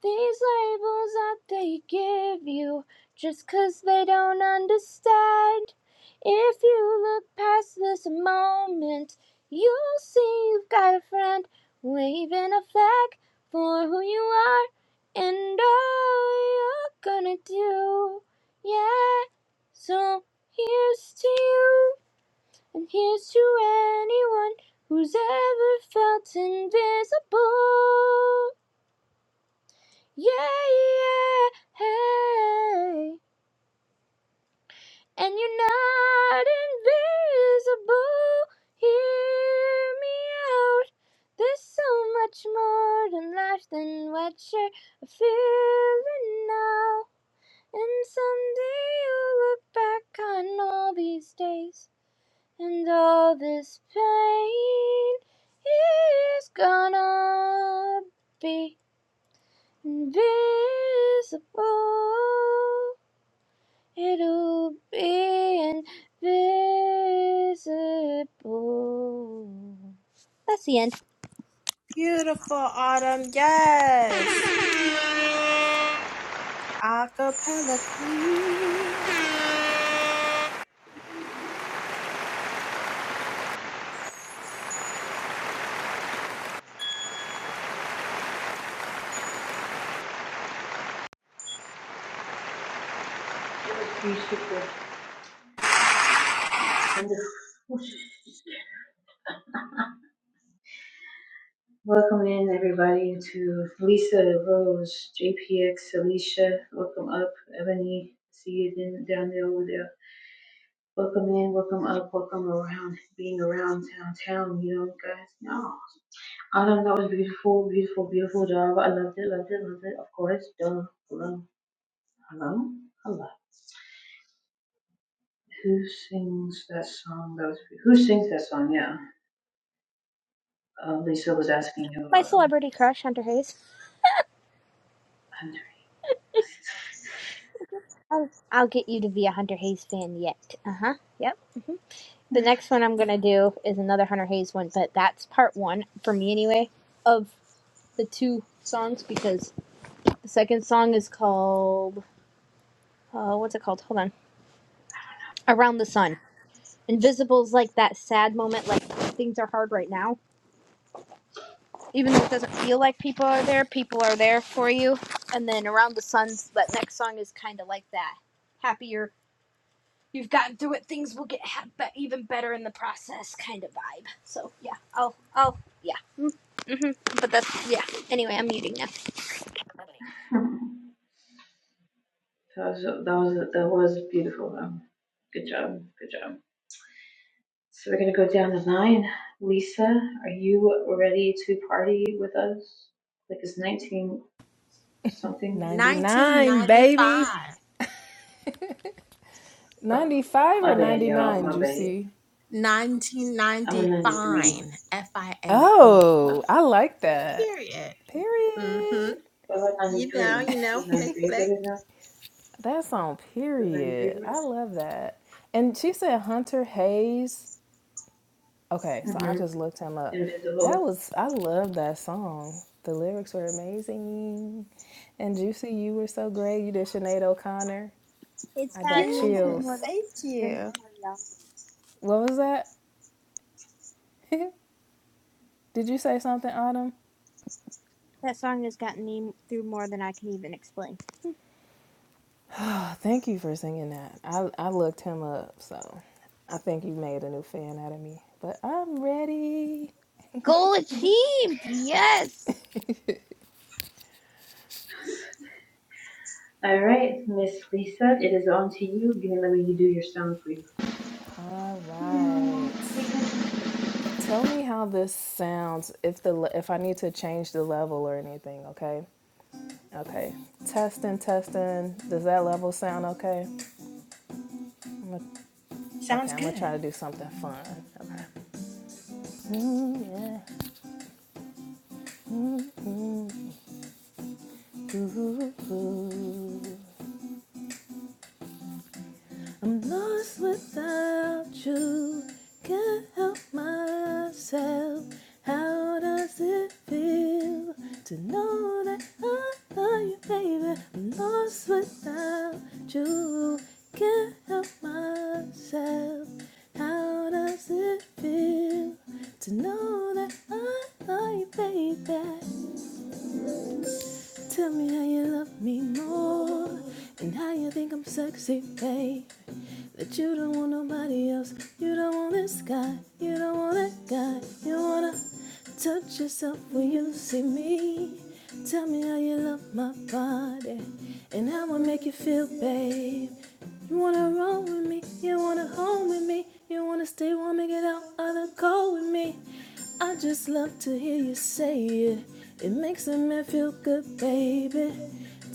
Speaker 4: These labels that they give you just 'cause they don't understand. If you look past this moment, you'll see you've got a friend waving a flag for who you are and all you're gonna do. Yeah, so here's to you, and here's to anyone who's ever felt invisible. Yeah, yeah, hey. And you're not invisible. Hear me out. There's so much more to life than what you're feeling now. And someday you'll look back on all these days and all this pain is gonna be invisible. It'll be invisible. That's the end.
Speaker 2: Beautiful autumn. Yes. Acapella Queen.
Speaker 1: you should go. Wonderful. Welcome in, everybody, to Lisa, Rose, JPX, Alicia. Welcome up, Ebony. See you then, down there over there. Welcome in, welcome up, welcome around. Being around downtown, you know, guys. No. Adam, that was beautiful, beautiful, beautiful job. I loved it, loved it, loved it. Of course, duh. Hello, hello, hello. Who sings that song? That was who sings that song? Yeah, uh, Lisa was asking you
Speaker 4: My
Speaker 1: about him.
Speaker 4: celebrity crush, Hunter Hayes.
Speaker 1: I'm-
Speaker 4: I'll, I'll get you to be a Hunter Hayes fan yet. Uh huh. Yep. The next one I'm going to do is another Hunter Hayes one, but that's part one, for me anyway, of the two songs because the second song is called, uh, what's it called? Hold on. Around the Sun. Invisible's like that sad moment, like things are hard right now even though it doesn't feel like people are there, people are there for you. And then around the sun, that next song is kind of like that. Happier you've gotten through it, things will get ha- even better in the process, kind of vibe. So yeah, I'll, I'll, yeah. hmm But that's yeah. Anyway, I'm muting now.
Speaker 1: that was that was that was beautiful. Though. Good job, good job. So we're gonna go down the line. Lisa, are you ready to party with us? Like it's nineteen something.
Speaker 5: 99, baby.
Speaker 2: 1995.
Speaker 1: Oh,
Speaker 5: 95 or
Speaker 1: my bad, y'all.
Speaker 5: 99,
Speaker 1: My bad.
Speaker 5: Juicy?
Speaker 1: I'm a
Speaker 2: 1990
Speaker 1: ninety-three.
Speaker 2: fine f-i-n-e F I N E.
Speaker 5: Oh, I like that.
Speaker 2: period mm-hmm
Speaker 5: Period.
Speaker 1: What about
Speaker 2: you know
Speaker 1: 93?
Speaker 2: you know
Speaker 1: Is 93 good enough?
Speaker 5: That's on
Speaker 1: Does 93
Speaker 5: period.
Speaker 1: work?
Speaker 5: I love that. And she said Hunter
Speaker 1: No.
Speaker 5: Hayes. Okay, so I
Speaker 1: hmm
Speaker 5: just looked him up. That
Speaker 1: Invisible.
Speaker 5: was, I love that song. The lyrics were amazing. And Juicy, you were so great. You did Sinead O'Connor.
Speaker 4: It's
Speaker 5: I
Speaker 2: yeah
Speaker 5: got
Speaker 4: gotten me through more
Speaker 5: chills.
Speaker 2: thank
Speaker 4: than I can even
Speaker 2: you
Speaker 4: explain.
Speaker 5: What was that? Did you say something, Autumn?
Speaker 4: That song has gotten me through more than I can even explain.
Speaker 5: Thank you for singing that. I, I looked him up, so I think you made a new fan out of me. But I'm ready.
Speaker 4: Goal achieved! Yes!
Speaker 1: All right, Miss Lisa, it is on to you. Give me let me you do your sound, please.
Speaker 5: All right. Tell me how this sounds. If the le- if I need to change the level or anything, okay? Okay. Testing, testing. Does that level sound okay? I'm gonna, okay,
Speaker 2: Sounds
Speaker 5: I'm gonna
Speaker 2: good.
Speaker 5: try to do something fun. Okay. Mm, yeah. Mm, ooh, ooh. I'm lost without you. Can't help myself. How does it feel to know that I love you, baby? I'm lost without you. Can't help myself. How does it feel to know that I love you, baby? Tell me how you love me more and how you think I'm sexy, babe. That you don't want nobody else. You don't want this guy. You don't want that guy. You wanna touch yourself when you see me. Tell me how you love my body and how I make you feel, babe. You wanna roll with me, you wanna hold with me, you wanna stay warm and get out of the cold with me. I just love to hear you say it. It makes a man feel good, baby.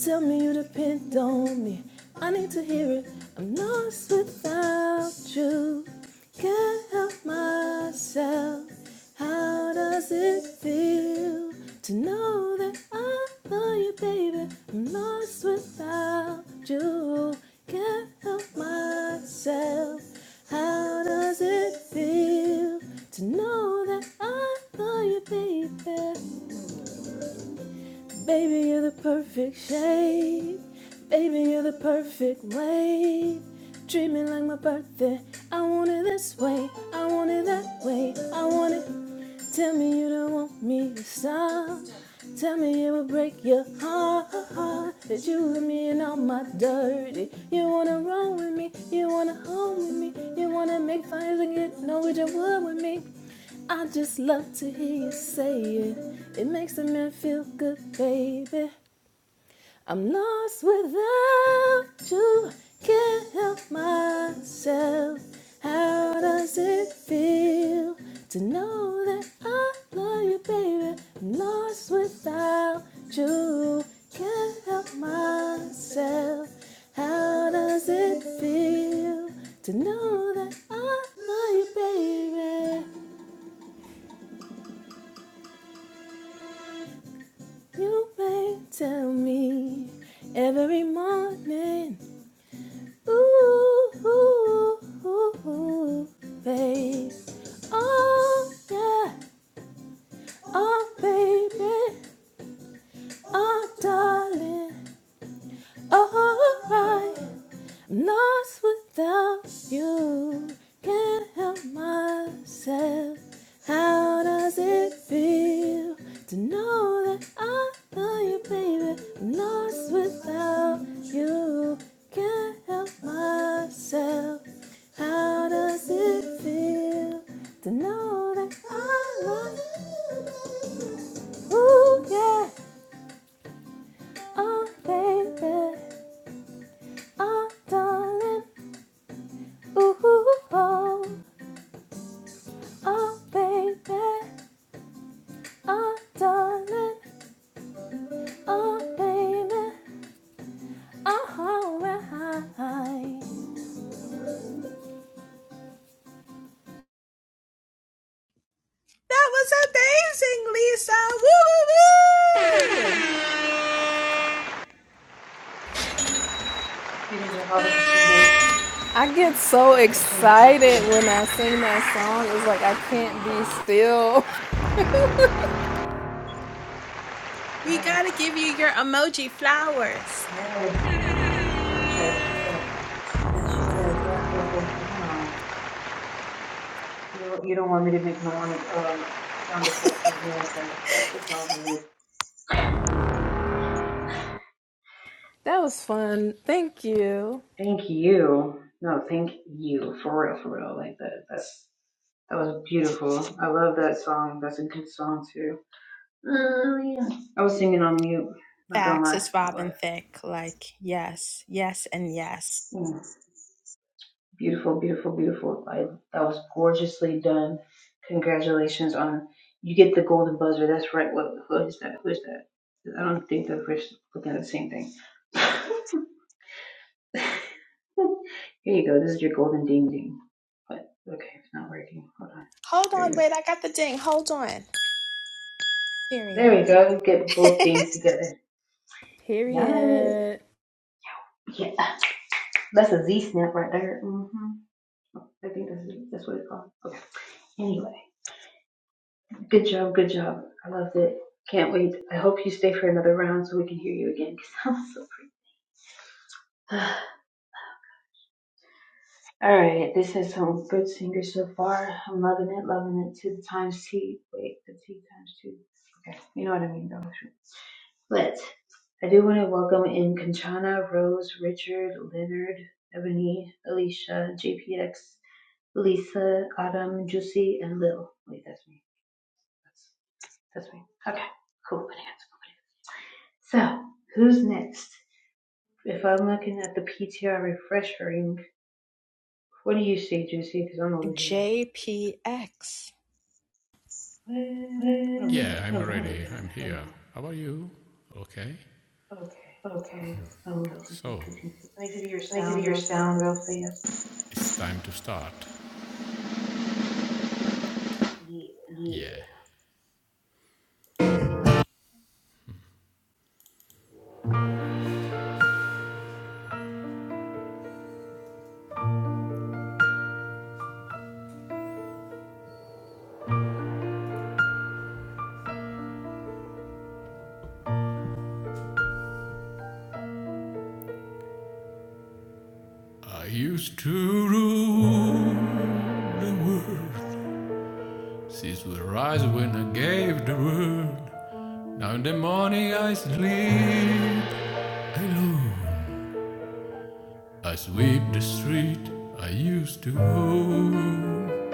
Speaker 5: Tell me you depend on me. I need to hear it. I'm lost without you. Can't help myself. How does it feel to know that I love you, baby? I'm lost without you. Can't help myself. How does it feel to know that I love you, baby? Baby, you're the perfect shape. Baby, you're the perfect way. Treat me like my birthday. I want it this way. I want it that way. I want it. Tell me you don't want me to stop. Tell me it will break your heart that you let me in all my dirty. You wanna roll with me, you wanna hold with me, you wanna make fires and get Norwegian wood with me. I just love to hear you say it. It makes a man feel good, baby. I'm lost without you. Can't help myself. How does it feel to know that I love you, baby? I'm lost without you. Can't help myself. How does it feel to know that I love you, baby? You may tell me every morning. Ooh, ooh, ooh, ooh, babe. Oh, yeah, oh, baby, oh, darling. Alright, I'm lost without you. Can't help myself. How does it feel to know that I love you, baby? I'm lost without you. Can't help myself. How does it feel to know that I love you? Ooh, yeah, oh, baby. Oh, darling, ooh, oh, oh, baby, oh, darling, oh, baby, oh, right.
Speaker 2: that was amazing lisa woo, woo, woo!
Speaker 1: You You can do all the kachingas.
Speaker 5: I get
Speaker 1: The
Speaker 5: so
Speaker 1: kachingas, you can do
Speaker 5: excited
Speaker 1: it.
Speaker 5: when I sing that song. It's like I can't be still.
Speaker 2: we gotta give you your emoji flowers
Speaker 1: Yeah, yeah. Kachinga, kachinga, yeah, No, You don't want me to make no one, um, sound effects or anything. That's just all it is.
Speaker 5: that was fun. Thank you.
Speaker 1: Thank you. No, thank you. For real, for real. Like that, That's. That was beautiful. I love that song. That's a good song too. Oh yeah. I was singing on mute. Not gonna
Speaker 2: Facts
Speaker 1: lie,
Speaker 2: is
Speaker 1: I
Speaker 2: Robin
Speaker 1: was.
Speaker 2: Thicke. Like, yes, yes, and yes.
Speaker 1: Mm. Beautiful, beautiful, beautiful. Like that was gorgeously done. Congratulations on you get the golden buzzer. That's right. What who is that? Who is that? I don't think that we're looking at the same thing. Here you go. This is your golden ding ding. But okay, it's not working. Hold on.
Speaker 2: hold
Speaker 1: There we
Speaker 2: on
Speaker 1: go.
Speaker 2: wait i got the ding hold on
Speaker 1: There we
Speaker 2: period
Speaker 1: go. Get both things together. Yes.
Speaker 5: Period.
Speaker 1: Yeah. That's a Z snap right there. hmm I think that's, that's what it's called. Okay. Anyway, good job, good job. I loved it. Can't wait. I hope you stay for another round so we can hear you again because i I'm so pretty. All right, this is some good singers so far. I'm loving it, loving it. Two times T. Wait, the T times two. Okay, you know what I mean, though. But I do want to welcome in Conchana, Rose, Richard, Leonard, Ebony, Alicia, JPX, Lisa, Autumn, Juicy, and Lil. Wait, that's me. That's that's me. Okay, cool. So, who's next? If I'm looking at the PTR refreshing, what do you see, Juicy? Because I'm over here like,
Speaker 2: JPX.
Speaker 6: Yeah, I'm
Speaker 1: what? What am I
Speaker 6: ready.
Speaker 1: looking
Speaker 6: I'm
Speaker 1: at? Hold
Speaker 6: here.
Speaker 1: on.
Speaker 6: How are you? Okay.
Speaker 1: Okay. Oh well, Thank
Speaker 6: So,
Speaker 1: you, thank you. Let me give you your sound real fast.
Speaker 6: it's time to start.
Speaker 1: Yeah.
Speaker 6: Yeah. I used to rule the world since the rise when I gave the world. Now in the morning I sleep alone. I sweep the street I used to own.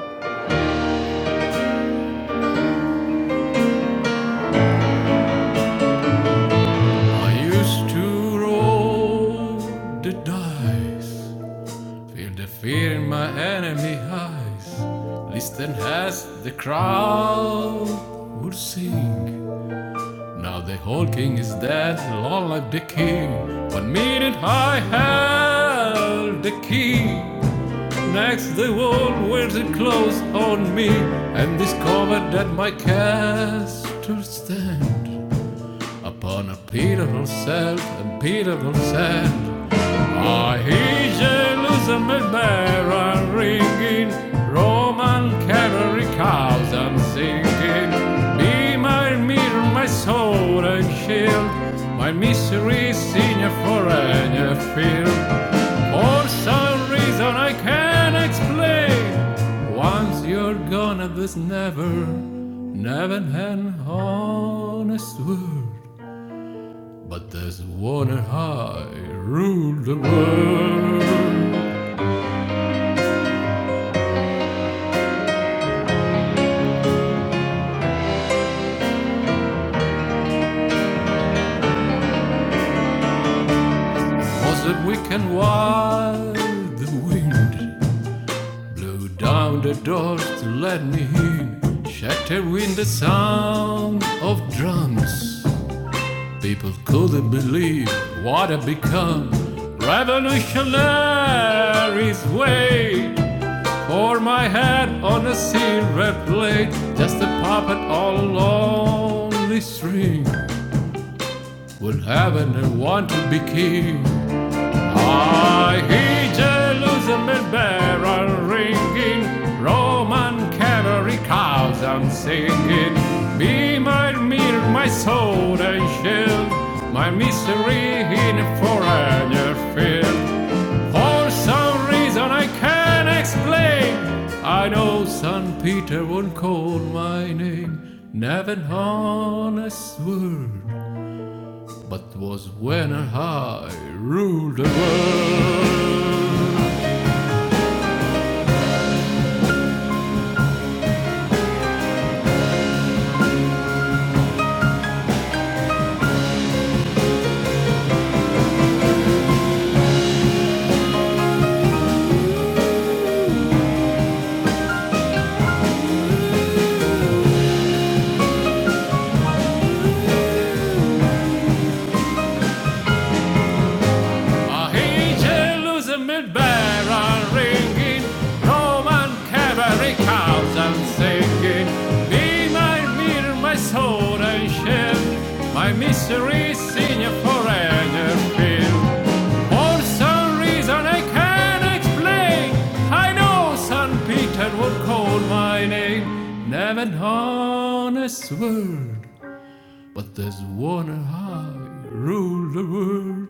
Speaker 6: I used to roll the dice Feel the fear in my enemy eyes. Listen as the crowd would sing. Now the whole king is dead, long live the king. One minute I held the key. Next the world wears it close on me and discovered that my castle stands upon a pitiful self and pitiful sand. I hear Elizabeth Barra ringing, Roman cavalry cows I'm singing. Be my mirror, my sword and shield, my misery senior for any field. For some reason I can't explain, once you're gone, there's never, never an honest word. But there's one on high ruled the world. Was it weak and wild? The wind blew down the doors to let me in. Shattered with the sound of drums. People couldn't believe what I'd become. Revolutionaries wait for my head on a silver plate. Just a puppet on a lonely string. Would heaven and want to be king. I hear Jerusalem barrel ringing, Roman cavalry cows I'm singing. Be my mirror, my sword and shield, my mystery in a foreigner field. For some reason I can't explain. I know St. Peter won't call my name. Never honest word but was when I ruled the world. I hate losing mid barrel ringing, Roman cavalry cows and singing. Be my mirror, my sword and shield, my misery senior for field. For some reason I can't explain, I know St. Peter would call my name. Never honest word But there's one high rule the world,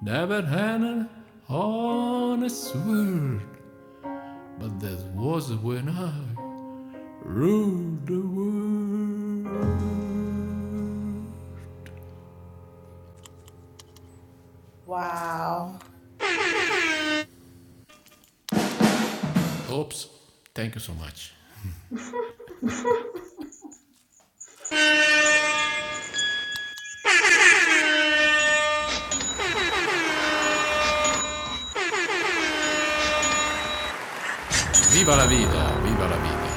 Speaker 6: never had an honest word. But there was when I ruled the world.
Speaker 2: wow
Speaker 6: Oops, thank you so much. Viva la vida, viva la vida.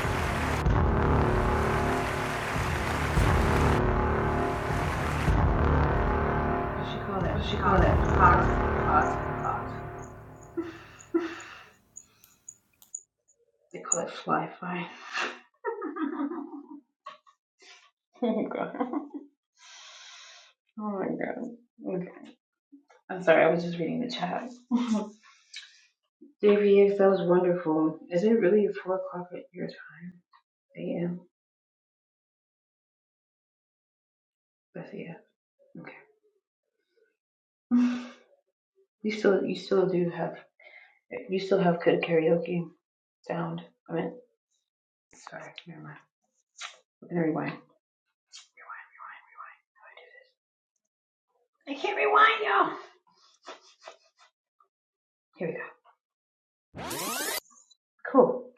Speaker 1: What do you call that? Hot, hot, hot. They call it fly fly. Oh my god. Oh my god. Okay. I'm sorry. I was just reading the chat. JPX, that was wonderful. Is it really four o'clock at your time? AM? That's yeah. Okay. You still you still do have you still have good karaoke sound. I mean sorry, never mind. I'm gonna rewind. I can't rewind y'all. Here we go. Cool.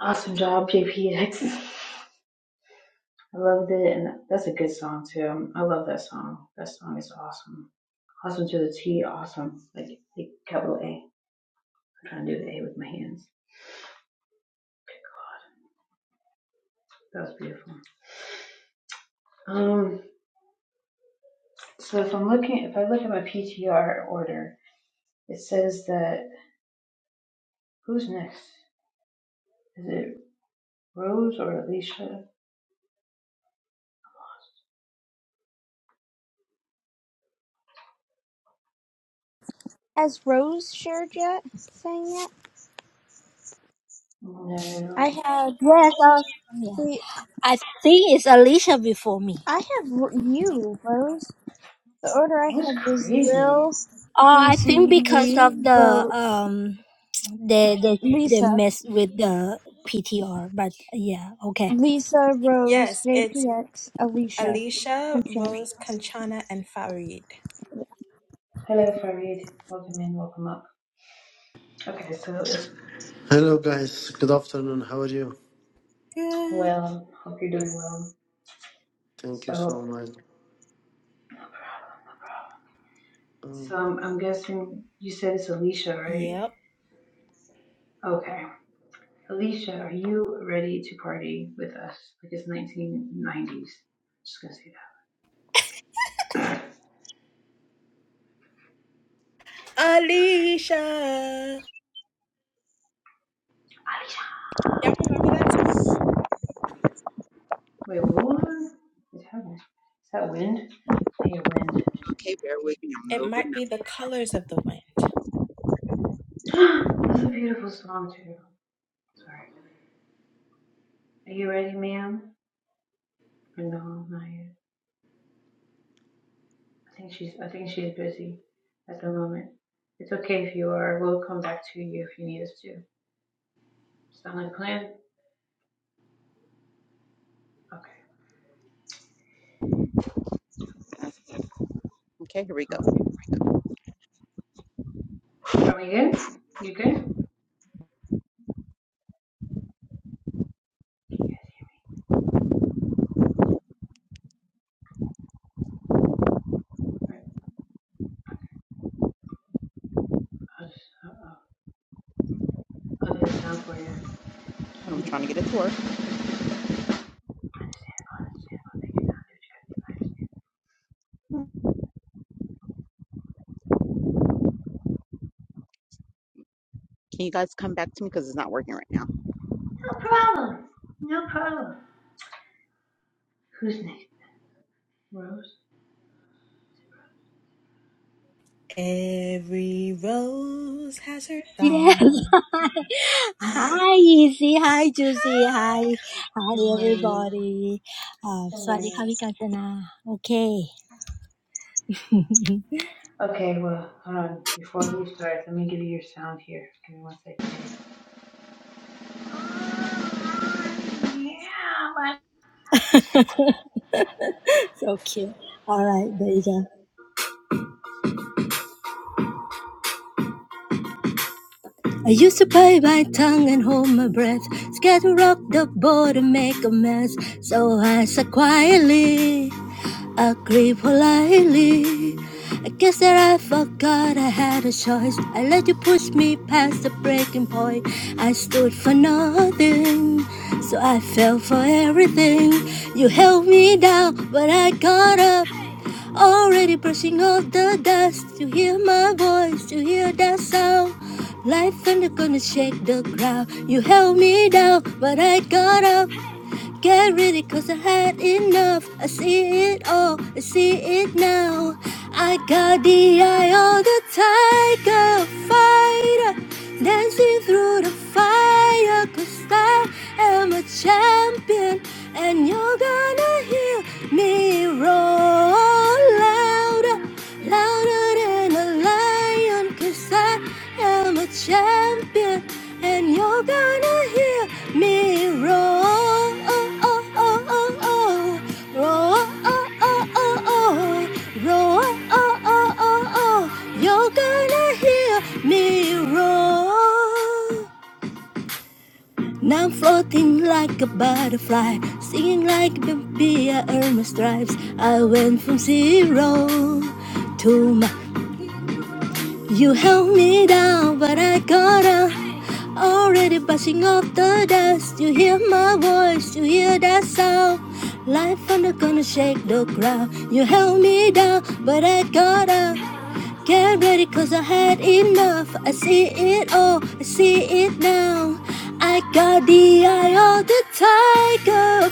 Speaker 1: Awesome job, JPX. I loved it and that's a good song too. I love that song. That song is awesome. Awesome to the T, awesome. Like like capital A. I'm trying to do the A with my hands. Good God. That was beautiful. Um. So if I'm looking, if I look at my PTR order, it says that who's next? Is it Rose or Alicia?
Speaker 4: Has Rose shared yet? Sang yet? I
Speaker 1: No.
Speaker 4: had.
Speaker 7: Yes, uh, yeah. I think it's Alicia before me.
Speaker 4: I have r- you, Rose. The order I
Speaker 1: What's
Speaker 4: have was
Speaker 1: crazy?
Speaker 4: Lil,
Speaker 7: Oh, I think
Speaker 4: Juicy,
Speaker 7: because of
Speaker 4: me,
Speaker 7: the
Speaker 4: Ro-
Speaker 7: um, they they they
Speaker 4: Lisa,
Speaker 7: mess with the PTR, but yeah, okay.
Speaker 4: Lisa, Rose,
Speaker 2: Yes, it's.
Speaker 4: JPX, Alicia,
Speaker 2: Alicia,
Speaker 4: and Shane.
Speaker 2: Rose, Kanchana, and Farid.
Speaker 1: Hello, Farid. Welcome in, welcome up. Okay, so it's
Speaker 8: Hello, guys. Good afternoon. How are you?
Speaker 2: Good.
Speaker 1: well. Hope you're doing well.
Speaker 8: Thank you so
Speaker 1: So,
Speaker 8: much. Um,
Speaker 1: so I'm, I'm guessing you said it's Alicia, right?
Speaker 2: Yep.
Speaker 1: Okay. Alicia, are you ready to party with us? Like it's 1990s. Just gonna say that.
Speaker 2: Alicia.
Speaker 1: So,
Speaker 2: Y'all remember that song?
Speaker 1: Wait, what was it happening? Is that wind? I hear wind.
Speaker 9: Okay, bear with me. I'm a
Speaker 2: It
Speaker 9: little bit
Speaker 2: might be the colors of the wind.
Speaker 1: That's a beautiful song too. Sorry. Are you ready, ma'am? Or No, not yet. I think she's I think she's busy at the moment. It's okay if you are. We'll come back to you if you need us to. Sound like a plan? Okay.
Speaker 9: nervous. Okay, here we go.
Speaker 1: Huh? Are we good? You good? Alright. I'll just I'll, I'll do the sound for you.
Speaker 9: I'm trying
Speaker 1: Mhm.
Speaker 9: to get it to work. Can you guys come back to me because it's not working right now?
Speaker 1: No problem. No problem. Who's next? Rose?
Speaker 2: Every rose has her
Speaker 7: Yes.
Speaker 2: thorn.
Speaker 1: I
Speaker 7: hi, Easy. Hi, Juicy. Hi, hi,
Speaker 1: Good morning.
Speaker 7: everybody. Uh,
Speaker 1: Good morning.
Speaker 7: สวัสดีค่ะพี่กาญจนา Okay.
Speaker 1: Okay, well, hold on. Before you start, let me give you your sound here. Give me one second. What?
Speaker 7: So cute. All right, there you go. I used to bite my tongue and hold my breath, scared to rock the boat and make a mess. So I said quietly, agreed politely. I guess that I forgot I had a choice. I let you push me past the breaking point. I stood for nothing, so I fell for everything. You held me down, but I got up. Already brushing off the dust. You hear my voice, you hear that sound. Life and they're gonna shake the ground. You held me down, but I got up. Get ready, cause I had enough. I see it all, I see it now. I got the eye of the tiger fighter, dancing through the fire. Cause I am a champion, and you're gonna hear me roar louder, louder than a lion lion, cause I am a champion, and you're gonna hear me roar. Roar, roar, you're gonna hear me roar. Now I'm floating like a butterfly, singing like a bee, I earn my stripes. I went from zero to my you held me down, but I got up. Already brushing off the dust. You hear my voice, you hear that sound. Life thunder gonna shake the ground. You held me down, but I got up. Get ready, cause I had enough. I see it all, I see it now. I got the eye of the tiger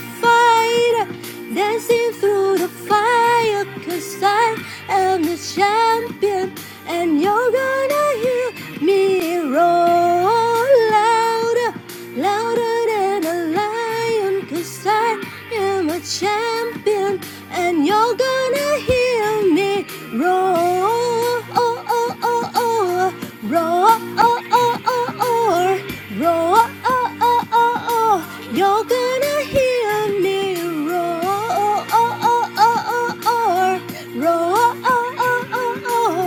Speaker 7: fighter. Dancing through the fire, 'cause I am the champion, and you're gonna hear me roar louder, louder than a lion, 'cause I am a champion, and you're gonna hear me roar. Oh, oh, oh roar, roar, roar, oh, oh, oh, roar, oh, oh, oh, oh. You're gonna hear me roar, roar, roar, oh, oh, oh, oh,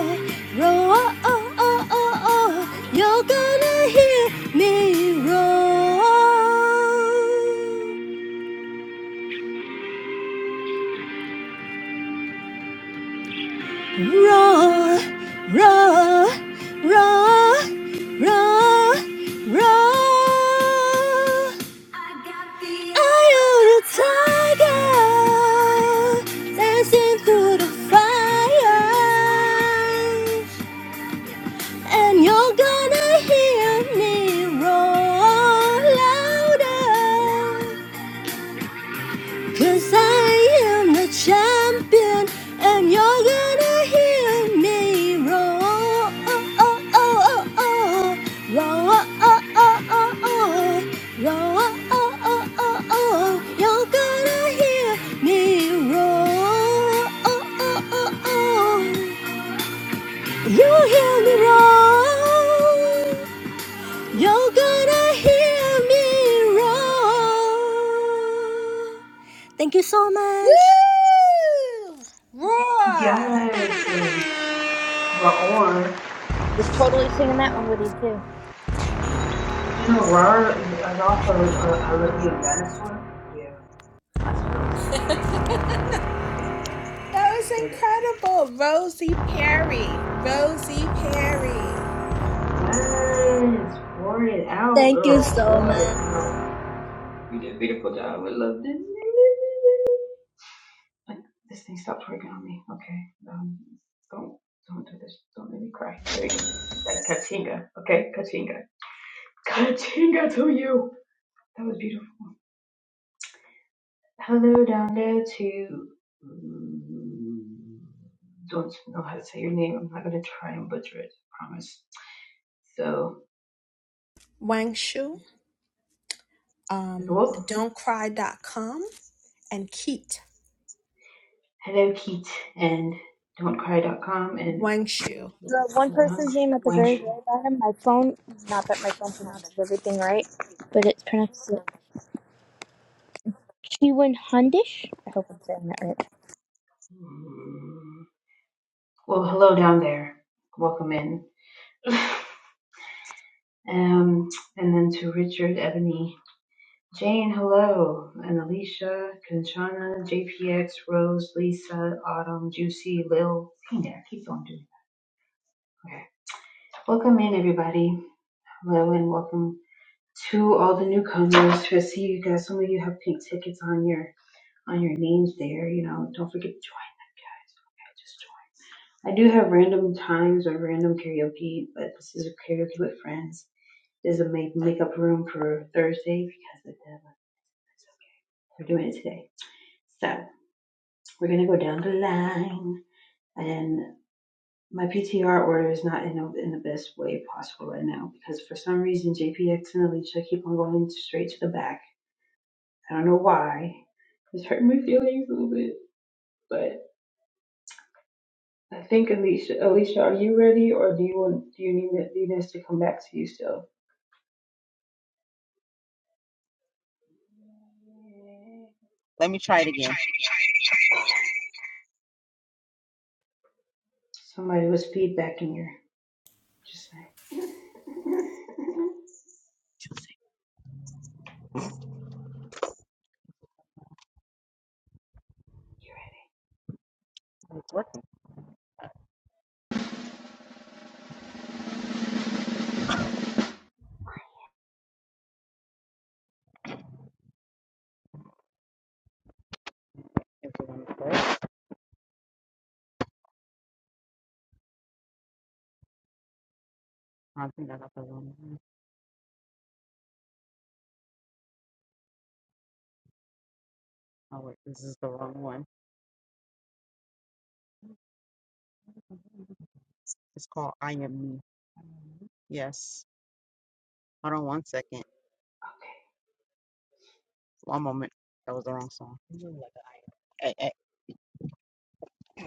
Speaker 7: roar, oh, oh, oh, oh. You're gonna hear me roar, roar, roar, roar, roar, roar. Eye of the tiger, dancing through the fire, and you're gonna hear me roar louder. Cause I am the champion, and you're gonna hear me roar. Oh, oh, oh, oh, oh. Roar. oh, oh, oh, oh. Roar. oh, oh, oh, oh. You're gonna hear me roar. Oh, oh, oh, oh. You hear me roar. You're gonna hear me roar. Thank you so much.
Speaker 2: Woo! Roar!
Speaker 1: Yes, um, Raor.
Speaker 4: Was totally singing that one with you too.
Speaker 1: Did you know Raor is also uh, I Love You and Dinosaur? Yeah, not spelled the same at
Speaker 2: That was
Speaker 1: Same difference.
Speaker 2: incredible. Rosie Perry. Rosie Perry.
Speaker 1: Yes, pour it out,
Speaker 7: Thank you
Speaker 1: girl.
Speaker 7: so
Speaker 1: Pour it
Speaker 7: much.
Speaker 1: out. You did a beautiful job. We loved it. Like this thing stopped working on me. Okay. Um, don't don't do this. Don't make me cry. There you go. That's Katinga. Okay, Katinga. Katinga to you. That was beautiful. Hello down there to mm, don't know how to say your name. I'm not gonna try and butcher it. I Promise. So
Speaker 2: Wangshu,
Speaker 1: it
Speaker 2: um,
Speaker 1: was
Speaker 2: don'tcry.com, and Keat.
Speaker 1: hello Keat and don'tcry.com and
Speaker 2: Wangshu.
Speaker 4: The one
Speaker 1: Wangshu.
Speaker 4: person's name at the very,
Speaker 1: Wangshu.
Speaker 4: very bottom. My phone, not that my phone pronounces everything right, but it's pronounced Shewan Hundish. I hope I'm saying that right.
Speaker 1: Well, hello down there. Welcome in. Um, and then to Richard, Ebony, Jane, hello, and Alicia, Kanchana, JPX, Rose, Lisa, Autumn, Juicy, Lil. Hang there, keep going, dude. Okay. Welcome in, everybody. Hello, and welcome to all the newcomers. I see you guys. Some of you have pink tickets on your on your names there. You know, don't forget to join them, guys. Okay, just join. I do have random times or random karaoke, but this is a karaoke with friends. Does it make make up room for Thursday because of the that's okay. We're doing it today. So we're gonna go down the line, and my PTR order is not in the, in the best way possible right now because for some reason JPX and Alicia keep on going straight to the back. I don't know why. It's hurting my feelings a little bit, but I think Alicia, Alicia, are you ready, or do you want do you need it- need us to come back to you still?
Speaker 9: Let me try it again.
Speaker 1: Somebody was feedbacking in here. Just saying.
Speaker 9: It's working. If you want to play. it. I think I got the wrong one. Oh wait, this is the wrong one. It's called I Am Me. Yes. Hold on one second. One moment. That was the wrong song. Hey, hey.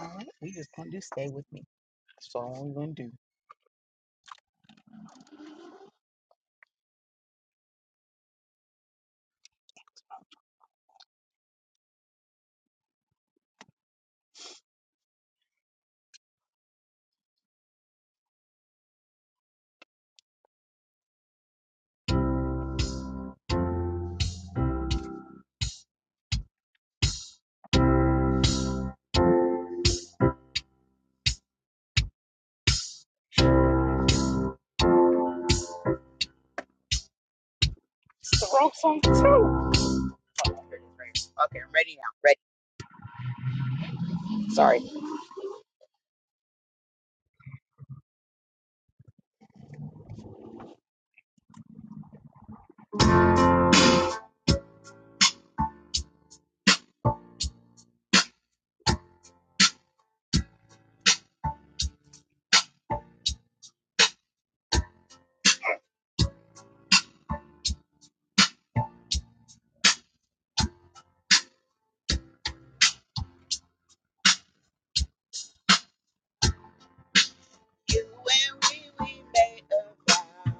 Speaker 9: All right, we just gonna do stay with me. That's all we gonna do. It's the wrong song too. Okay, I'm ready now. Ready. Sorry. You and we, we made a vow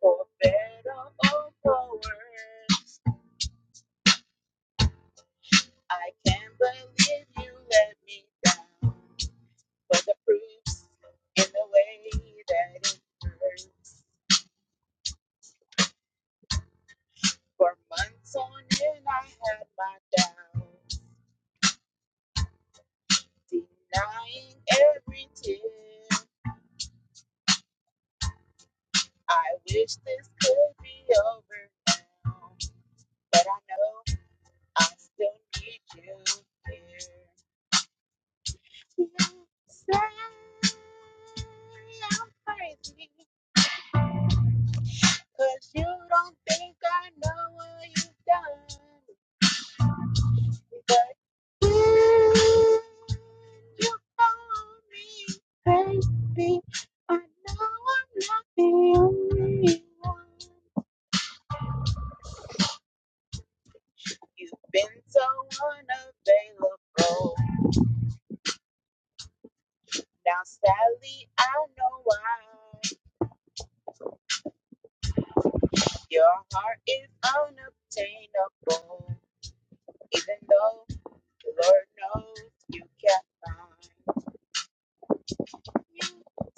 Speaker 9: for better or for worse. I can't believe you let me down. But the proof's in the way that it hurts. For months on end, I had my doubts, denying every tear. I wish this could be over now, but I know I still need you here. I'm crazy because you don't think I know what you've done. But ooh, you call me crazy. I know I'm not the only one. You've been so unavailable. Now, sadly, I know why. Your heart is unobtainable, even though. The Lord knows you kept find You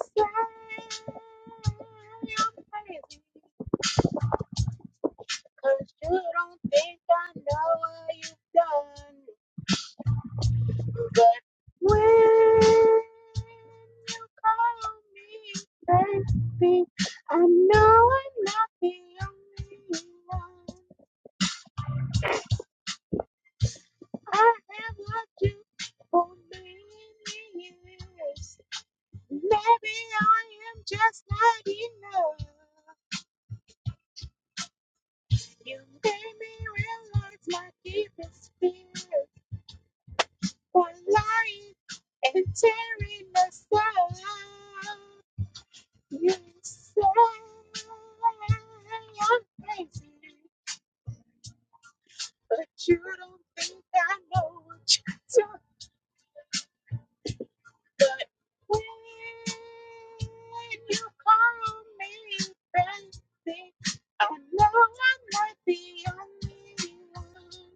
Speaker 9: sang your praises. Cause you don't think I know what you've done. But when you call me baby, I know I'm not the only one. I have what you for many years. Maybe I am just not enough. You made me realize my deepest fears were lying and tearing us apart. You say I'm crazy, but you don't think I know what you took. But when you call me crazy, I know I'm not the only one.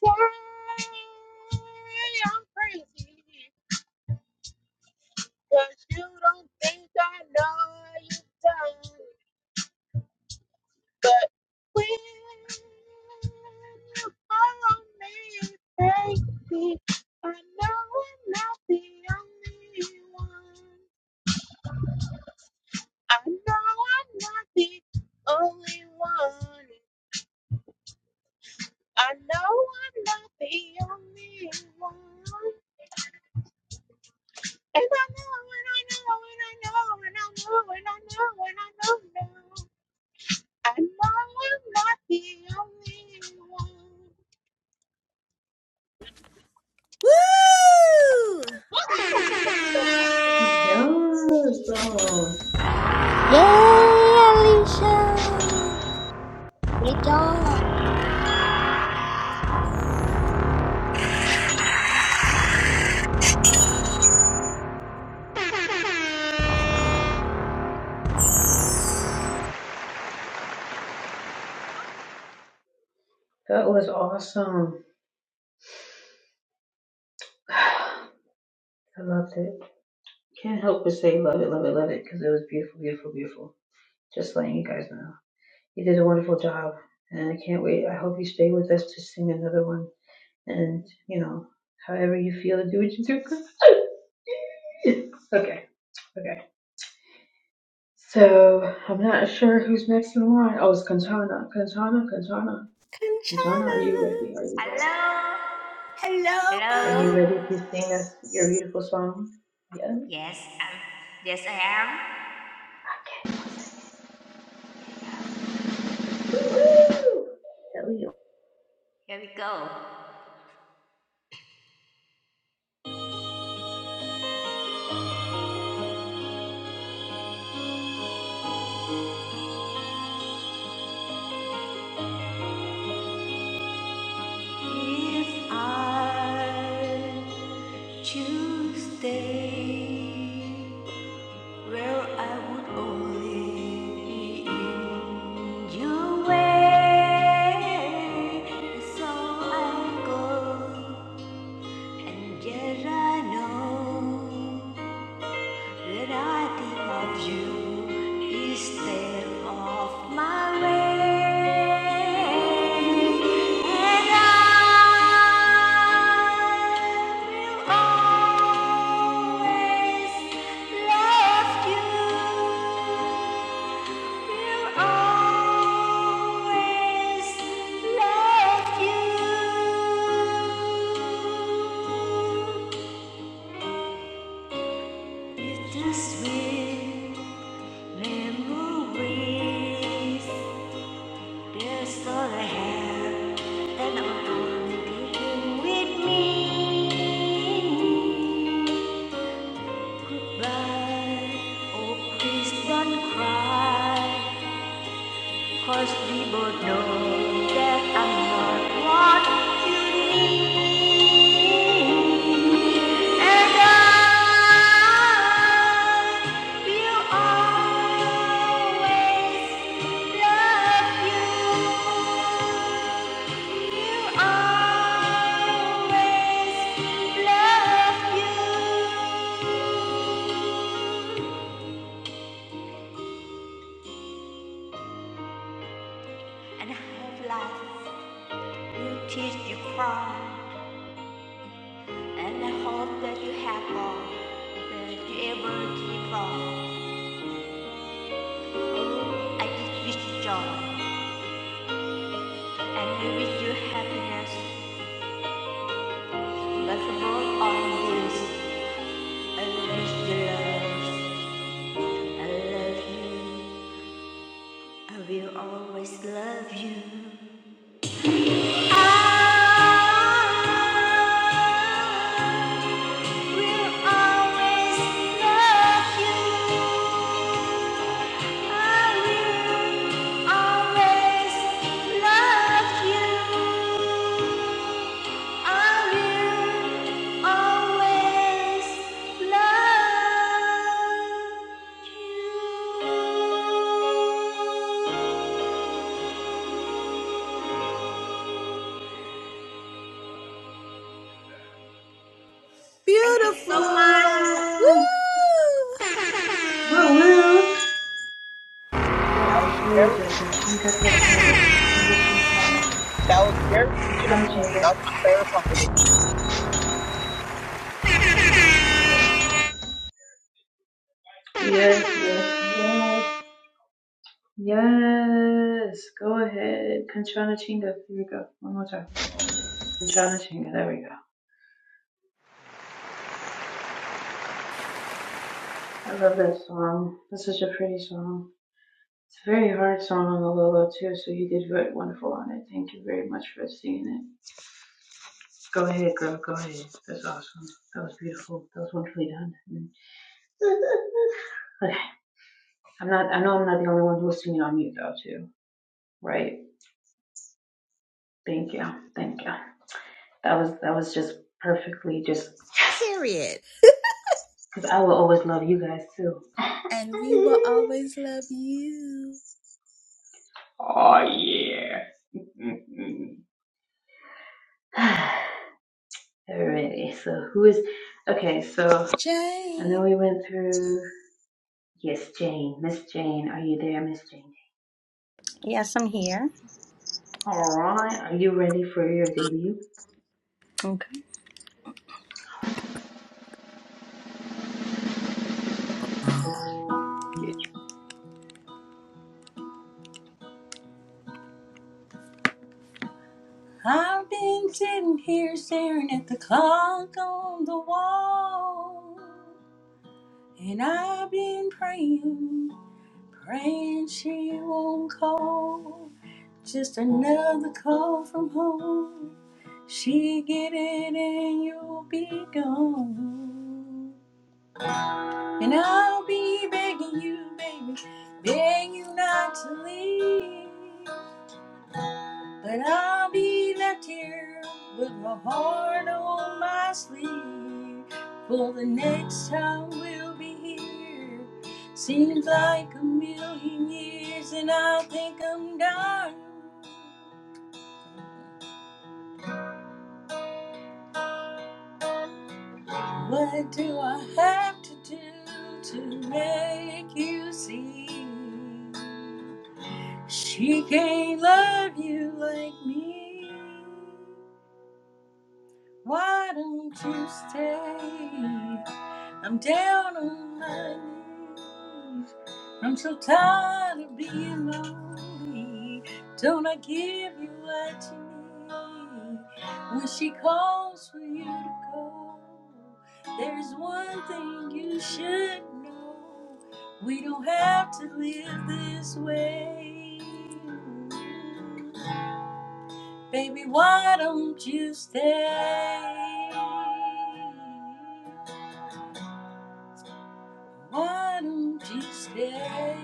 Speaker 9: Why I'm crazy? Cause you don't think I know you done. But when you follow me crazy, I know I'm not the only one. I know I'm not the only one. I know I'm not the only one. And I know and I know and I know and I know and I know and I know now, I know I'm not the only one.
Speaker 2: Woo!
Speaker 9: Woohoo! You guys are the only ones singing like
Speaker 1: He
Speaker 2: Conchana.
Speaker 1: does. Oh,
Speaker 7: Yay, Alicia! Great job.
Speaker 1: that was awesome. I loved it. Can't help but say love it, love it, love it, because it was beautiful, beautiful, beautiful. Just letting you guys know. You did a wonderful job, and I can't wait. I hope you stay with us to sing another one. And, you know, however you feel, do what you do. okay, okay. So, I'm not sure who's next in line. Oh, it's Kantana. Kantana, Kantana. Kantana, are you ready? Are you there?
Speaker 10: Hello?
Speaker 2: Hello,
Speaker 1: Are
Speaker 10: Hello?
Speaker 1: you
Speaker 2: boo.
Speaker 1: ready to sing us your beautiful song? Yeah.
Speaker 10: Yes, I'm, yes, I am.
Speaker 1: Okay.
Speaker 10: Here we go. If I choose to stay where I would only be in your way, so I go, and yet I know When I think of you instead of my way, and I will always love you. Will always love you. Bittersweet. Memories, that's all I have, and I'm going taking with me. But, oh, please don't cry, cause we both know that I'm not what you need. And I will always love you. And I hope life will teach you cry. And I hope that you have all that you ever dream of. I just wish you joy and I wish you happiness. But for all this, I wish you love. I love you. I will always love you. I Thank you so much.
Speaker 2: Beautiful.
Speaker 1: Woo
Speaker 2: Woo!
Speaker 1: woo. woo.
Speaker 9: that.
Speaker 1: That
Speaker 9: That was
Speaker 1: is it is
Speaker 9: very,
Speaker 1: a kachinga kachinga kachinga kanchana
Speaker 9: that was very
Speaker 1: kanchana
Speaker 9: beautiful. That
Speaker 1: chinga.
Speaker 9: was my favorite song with you.
Speaker 1: Yes. Yes, yes, yes. Yes. Go ahead. Kanchana chinga. Here we go. One more time. Kanchana chinga. There we go. I love that song. That's such a pretty song. It's a very hard song on the Lolo too, so you did very wonderful on it. Thank you very much for singing it. Go ahead, girl. Go ahead. That's awesome. That was beautiful. That was wonderfully done. Okay. I'm not. I know I'm not the only one listening on mute though, too. Right. Thank you. Thank you. That was that was just perfectly just
Speaker 2: Period.
Speaker 1: because I will always love you guys too.
Speaker 2: And we will always love you,
Speaker 1: Oh yeah. Mhm. Alrighty. So who is? Okay. So I know
Speaker 2: Jane.
Speaker 1: we went through. Yes, Jane. Miss Jane, are you there, Miss Jane?
Speaker 11: Yes, I'm here.
Speaker 1: All right. Are you ready for your debut?
Speaker 11: Okay. I've been sitting here staring at the clock on the wall. And I've been praying, praying she won't call. Just another call from home. She get it and you'll be gone. And I'll be begging you, baby, begging you not to leave. But I'll be left here with my heart on my sleeve. For the next time we'll be here. Seems like a million years, and I think I'm done. What do I have to do to make you see? She can't love you like me. Why don't you stay? I'm down on my knees. I'm so tired of being lonely. Don't I give you what you need? When she calls for you to go, there's one thing you should know. We don't have to live this way. Baby, why don't you stay? Why don't you stay?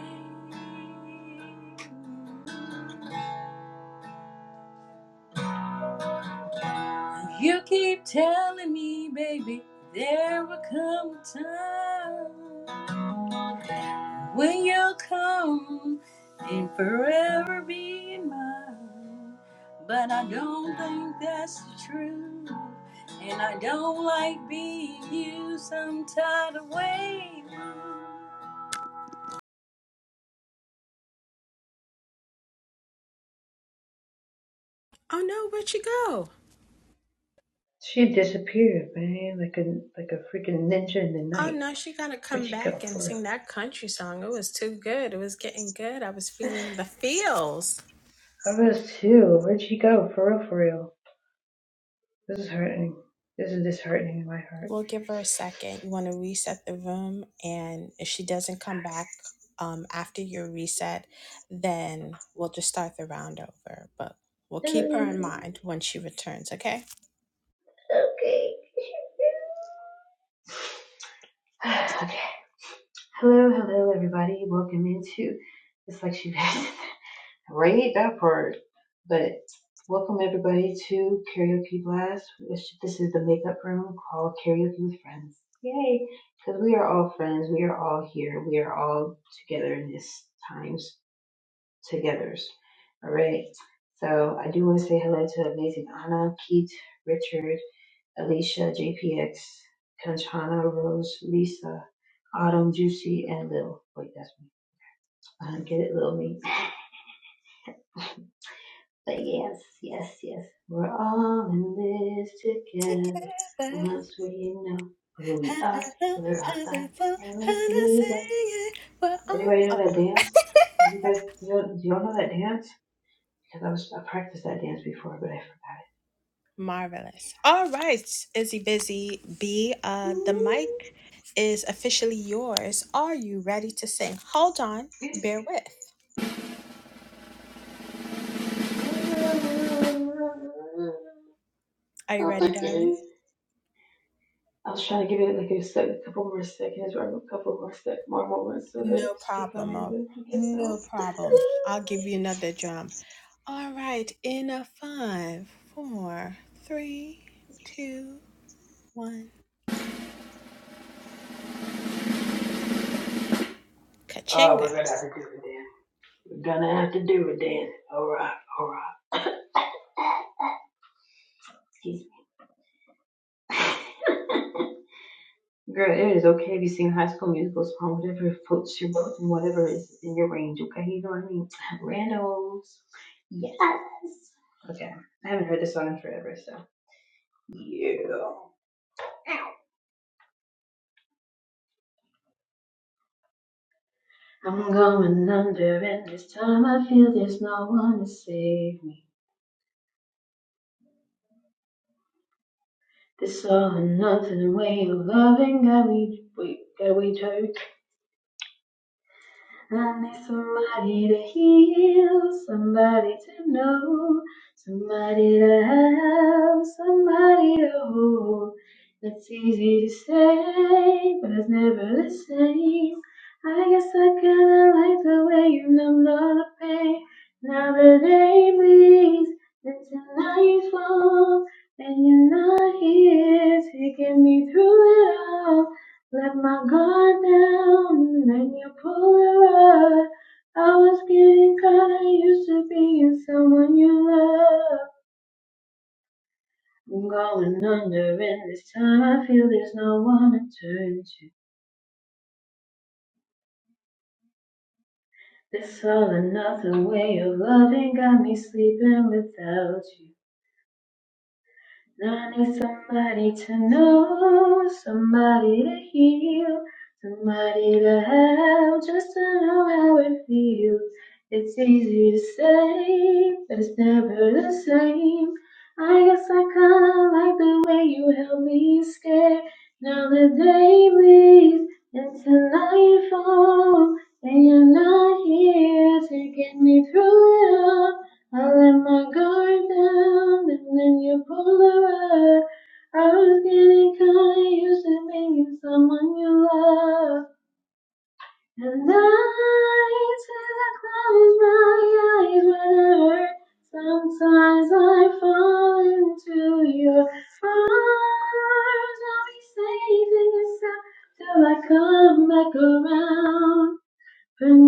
Speaker 11: You keep telling me, baby, there will come a time. When you come and forever be mine. But I don't think that's the truth. And I don't like being used some tied away.
Speaker 2: Oh no, where'd she go?
Speaker 1: She disappeared, man, like a like a freaking ninja in the
Speaker 2: Oh
Speaker 1: night.
Speaker 2: no, she gotta
Speaker 1: Where'd
Speaker 2: come
Speaker 1: she go
Speaker 2: back and
Speaker 1: for real?
Speaker 2: sing that country song. It was too good. It was getting good. I was feeling the feels.
Speaker 1: I was too. Where'd she go for real? For real. This is hurting. This is disheartening in my heart.
Speaker 2: We'll give her a second. You want to reset the room, and if she doesn't come back um, after your reset, then we'll just start the round over. But we'll keep her in
Speaker 1: okay.
Speaker 2: mind when she returns, okay?
Speaker 1: okay. Hello, hello, everybody. Welcome into It's Like She Passed. Read that part. But welcome everybody to Karaoke Blast. This is the makeup room called Karaoke with Friends. Yay! Because we are all friends. We are all here. We are all together in this times togethers. All right. So I do want to say hello to amazing Anna, Keith, Richard, Alicia, JPX, Kanchana, Rose, Lisa, Autumn, Juicy, and Lil. Wait, that's me. Uh, get it, Lil me. But yes, yes, yes, we're all in this together.
Speaker 2: Oh,
Speaker 1: Once we know who we are, we're all stars, and we see that. Anybody know that dance? You guys, do y'all, do y'all know that dance? Because I was I practiced that dance before, but I
Speaker 2: marvelous. All right, Izzy Busy B, uh, the mic is officially yours. Are you ready to sing? Hold on,
Speaker 1: forgot it.
Speaker 2: bear with. Are you
Speaker 1: Oh my
Speaker 2: ready, darling?
Speaker 1: goodness. I was trying to give it like a, sec, a couple more seconds or a couple more sec, more moments so that
Speaker 2: No
Speaker 1: she could come
Speaker 2: problem.
Speaker 1: in, but
Speaker 2: Oh,
Speaker 1: I guess so.
Speaker 2: no problem. I'll give you another drum. All right, in a five, four, three, two, one.
Speaker 1: Oh,
Speaker 2: Kachinga.
Speaker 1: we're gonna have to do the dance. Gonna have to do it then. Alright, alright, excuse me. Girl, it is okay if you sing high school musical song, whatever floats your boat and whatever is in your range, okay? You know what I mean? Randos. Yes. Okay. I haven't heard this song in forever, so. Yeah. I'm going under, and this time I feel there's no one to save me. This all or nothing way of loving got me, we got we turned. I need somebody to heal, somebody to know, somebody to have, somebody to hold. It's easy to say, but it's never the same. I guess I kinda like the way you numbed all the pain. Now the day bleeds into nightfall, and you're not here to get me through it all. Let my guard down and you pull the rug. I was getting kinda used to being someone you love. I'm going under and this time I feel there's no one to turn to. This all or nothing way of loving got me sleeping without you. I need somebody to know, somebody to heal, somebody to have, just to know how it feels. It's easy to say, but it's never the same. I guess I kinda like the way you held me scared. Now the day bleeds into nightfall, and you're not here to get me through it all. I let my guard down and then you pulled away. I was getting close, someone you love. And I turned to your eyes.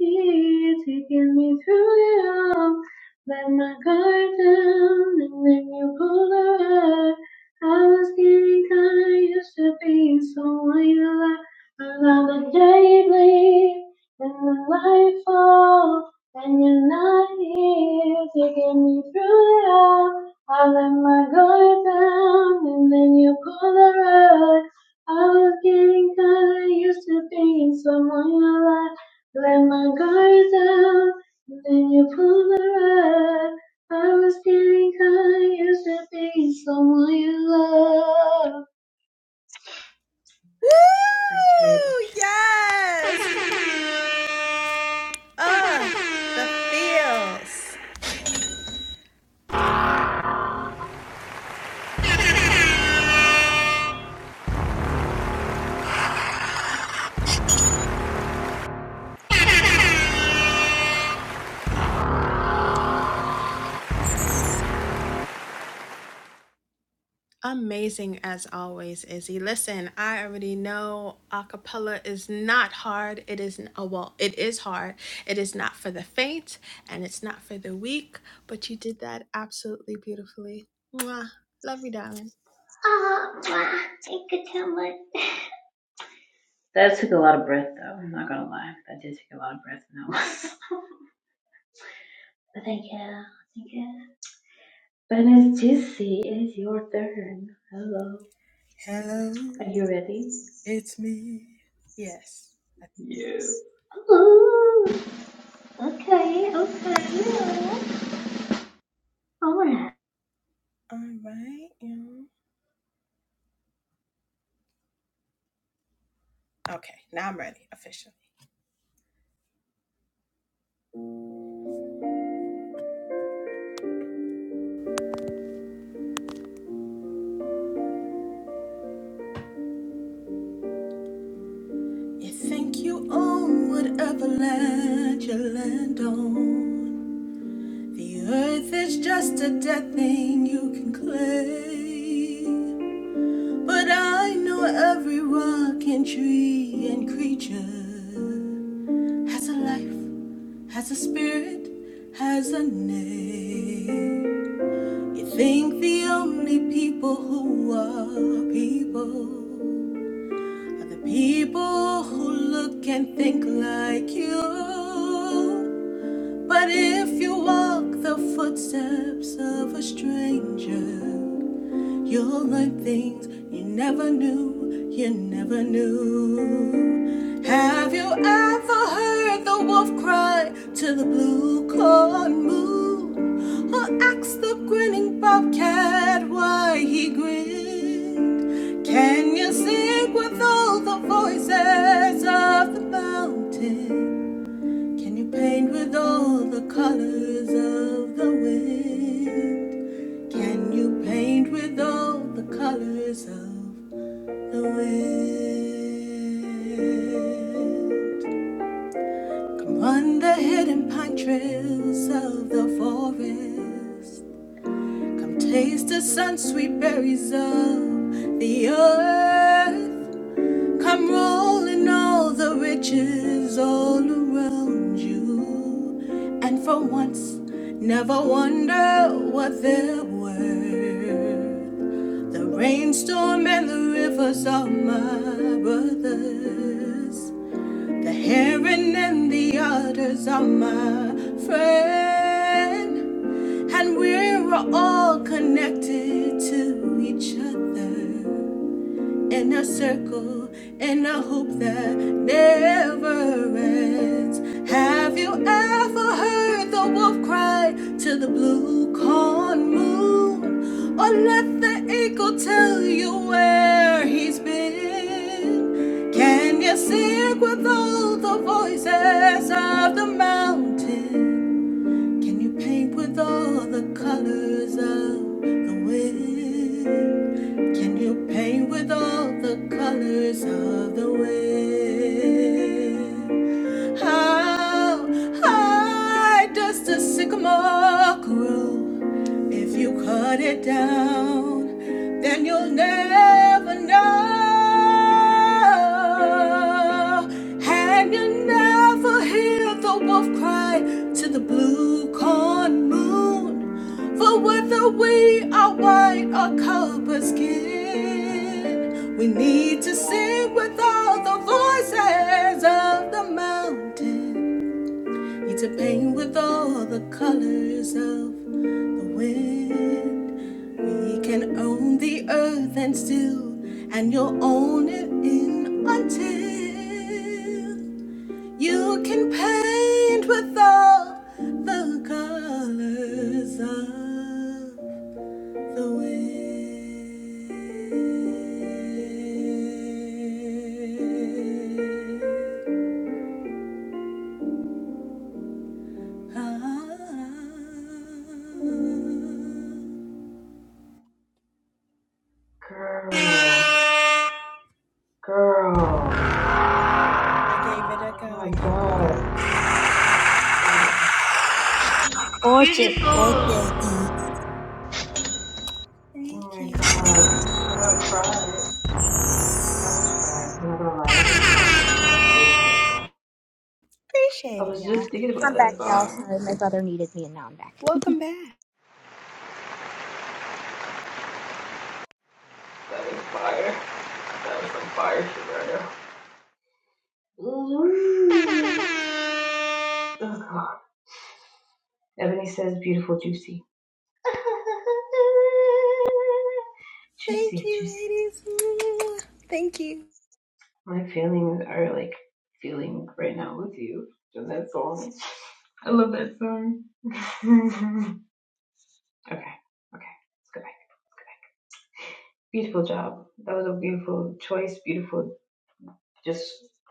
Speaker 1: here to get me through it all. Let my guard down and then you pulled up. I was getting kinda used to being someone you love. Another day bleed and the light fall. And you're not here taking me through it all. I let my guard down and then you pulled the rug. I was getting kinda used to being someone you love. Let my guard down, and then you pull the rug. I was getting kind, used to being someone you love. Thank you very
Speaker 2: Woo!
Speaker 1: much.
Speaker 2: Yes! Oh, feels. Amazing as always, Izzy. Listen, I already know acapella is not hard. It is oh well, it is hard. It is not for the faint and it's not for the weak, but you did that absolutely beautifully. Mwah.
Speaker 1: Ah, mwah, thank you so much. That took a lot of breath, though. I'm not gonna lie, that did take a lot of breath. No, but thank you, thank you. But it's juicy. It's your turn. Hello,
Speaker 2: Hello,
Speaker 1: are you ready?
Speaker 2: it's me. Yes.
Speaker 1: Yes. Ooh, okay, okay. All right,
Speaker 2: All right. yeah. Okay, now I'm ready officially. You think you own whatever land you land on. The earth is just a dead thing you can claim. But I know every rock and tree and creature has a life, has a spirit, has a name. You think the only people who are people are the people who look and think like you. But if you walk the footsteps of a stranger, You'll learn things you never knew, you never knew. Have you ever heard the wolf cry to the blue corn moon? Or asked the grinning bobcat why he grinned? Can you sing with all the voices of the mountain? Can you paint with all the colors of the wind? Can you paint with all the colors of the wind? Come run the hidden pine trails of the forest. Come taste the sun sweet berries of the earth. Come roll in all the riches all around you. And for once, never wonder what they're worth. The rainstorm and the rivers are my brothers. The heron and the otters are my friend. And we're all connected to each other in a circle in a hoop that never ends. Have you ever heard the wolf cry to the blue corn moon? Or let the eagle tell you where he's been? Can you sing with all the voices of the mountain? Can you paint with all the colors of the wind? Can you paint with all the colors of the wind? How high does the sycamore grow? If you cut it down, then you'll never know. And you will never hear the wolf cry to the blue corn moon. For whether we are white or copper skin, we need to sing with all the voices of the mountain. It's a paint with all the colors of the wind. We can own the earth and still, and you'll own it in until you can paint with all the colors of the wind. I
Speaker 1: girl. Girl.
Speaker 2: gave it a
Speaker 1: Oh
Speaker 2: go. I
Speaker 1: my
Speaker 2: gave it a
Speaker 1: god.
Speaker 2: go.
Speaker 1: Oh, oh,
Speaker 7: Gorgeous,
Speaker 10: Beautiful.
Speaker 7: gorgeous.
Speaker 1: oh
Speaker 2: Thank
Speaker 1: my god.
Speaker 2: you.
Speaker 1: I about cried. I almost cried. I'm not gonna lie, I almost cried. That was really beautiful. I
Speaker 2: Appreciate it,
Speaker 1: was
Speaker 2: y'all.
Speaker 1: just thinking about
Speaker 4: I'm
Speaker 2: Appreciate
Speaker 1: that
Speaker 2: it.
Speaker 4: back, y'all.
Speaker 1: song.
Speaker 4: Sorry, my brother needed me, and now I'm back.
Speaker 2: Welcome back.
Speaker 1: That is fire. That was some fire shit right there. Ooh. Oh god. Ebony says beautiful juicy. Juicy,
Speaker 2: Thank you,
Speaker 1: juicy.
Speaker 2: ladies. Mwah. Thank you.
Speaker 1: My feelings are like feeling right now with you. And that song. I love that song. Okay. Okay. Let's go back. Let's go back. Beautiful job. That was a beautiful choice. Beautiful. Just,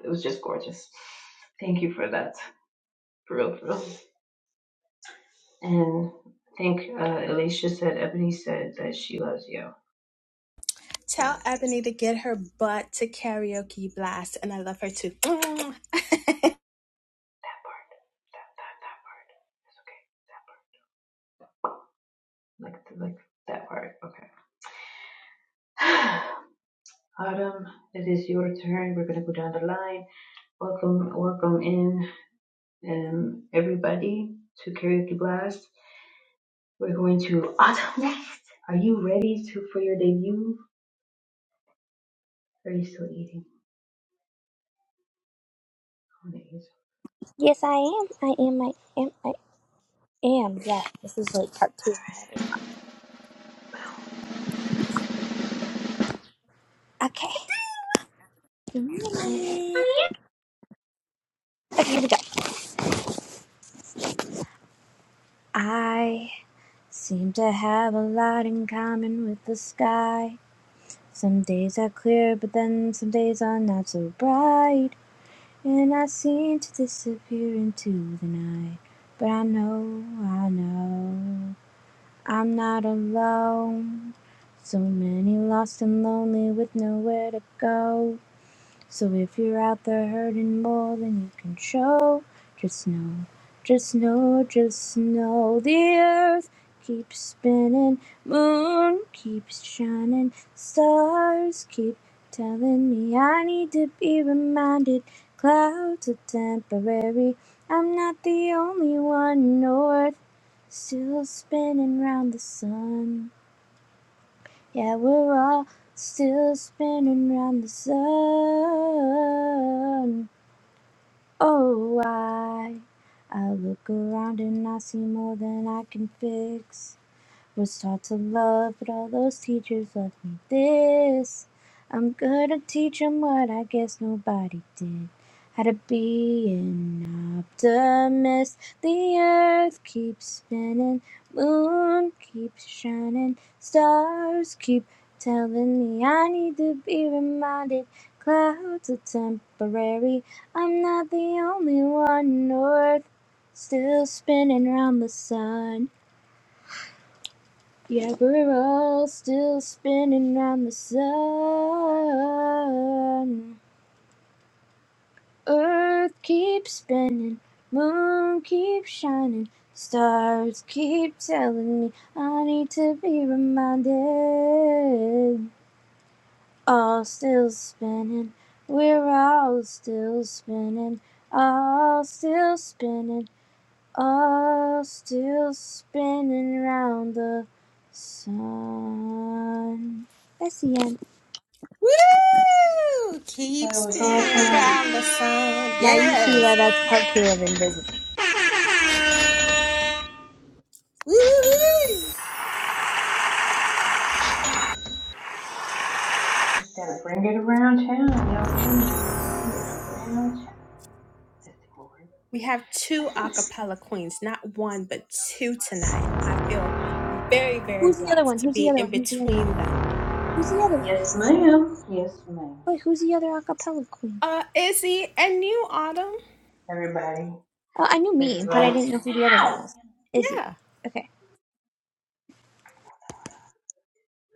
Speaker 1: it was just gorgeous. Thank you for that. For real, for real. And I think uh, Alicia said, Ebony said that she loves you.
Speaker 2: Tell
Speaker 1: Yes.
Speaker 2: Ebony to get her butt to karaoke blast, and I love her too. Mwah.
Speaker 1: That part. That, that, that part. It's okay. That part. Like, like that part. Okay. Autumn, it is your turn. We're going to go down the line. Welcome, welcome in, um, everybody to Karaoke Blast. We're going to Autumn. Are you ready to for your debut? are you still eating? Oh, there you
Speaker 4: Yes, I am. I am. I am. I am. Yeah, this is like part two of my other song. Okay. Okay, here we go. I seem to have a lot in common with the sky. Some days are clear, but then some days are not so bright. And I seem to disappear into the night. But I know, I know, I'm not alone. So many lost and lonely with nowhere to go. So if you're out there hurting more than you can show, just know, just know, just know the earth keeps spinning, moon keeps shining, stars keep telling me I need to be reminded. Clouds are temporary, I'm not the only one, no earth still spinning round the sun. Yeah, we're all still spinning round the sun. Oh, I, I look around and I see more than I can fix. Was taught to love, but all those teachers left me this. I'm gonna teach 'em what I guess nobody did. How to be an optimist. The earth keeps spinning, moon keeps shining, stars keep telling me I need to be reminded. Clouds are temporary, I'm not the only one. North still spinning round the sun. Yeah, we're all still spinning round the sun. Earth keeps spinning, moon keeps shining, stars keep telling me I need to be reminded. All still spinning, we're all still spinning, all still spinning. All still spinning round the sun. That's the end.
Speaker 2: Woo! Keep
Speaker 1: So it was
Speaker 2: spinning
Speaker 1: awesome.
Speaker 2: around the sun.
Speaker 4: Now you see why
Speaker 2: Yes.
Speaker 4: that's part two of Invisible.
Speaker 2: Woo, woo, woo.
Speaker 1: Just gotta bring it around town, y'all. Bring it around town. That's the glory.
Speaker 2: We have two a cappella queens, not one, but two tonight. I feel very, very
Speaker 4: Who's the other
Speaker 2: blessed
Speaker 4: one?
Speaker 2: to
Speaker 4: Who's the
Speaker 2: be
Speaker 4: other
Speaker 2: in
Speaker 4: one? Who's the other one?
Speaker 2: between them.
Speaker 4: Who's the other one?
Speaker 1: Yes, ma'am. Yes, ma'am.
Speaker 4: Wait, who's the other acapella queen?
Speaker 2: Uh, Izzy and you, Autumn.
Speaker 1: Everybody.
Speaker 4: Oh, I knew me, but I didn't know who the other one
Speaker 1: Ow!
Speaker 4: was. Izzy.
Speaker 2: Yeah.
Speaker 4: Okay.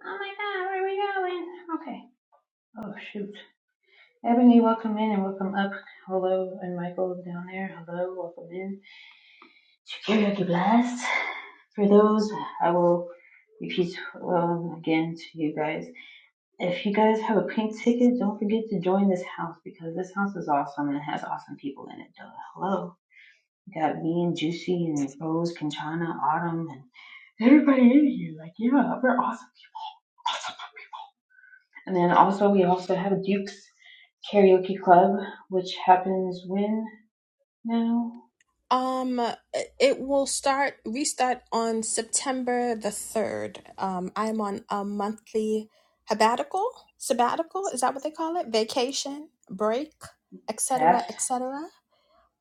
Speaker 1: Oh my god, everyone. Okay. Oh shoot. Ebony, welcome in and welcome up. Hello, and Michael down there. Hello, welcome in. To Karaoke Blast. For those, I will repeat um, again to you guys. If you guys have a pink ticket, don't forget to join this house because this house is awesome and it has awesome people in it. Duh. Hello. You got me and Juicy and Rose, Conchana, Autumn, and everybody in here. Like, yeah, we're awesome. And then also, we also have Duke's Karaoke Club, which happens when now?
Speaker 2: Um, it will start restart on September the third. Um, I'm on a monthly habatical, sabbatical. Is that what they call it? Vacation, break, etc., cetera,
Speaker 1: Fast.
Speaker 2: etc.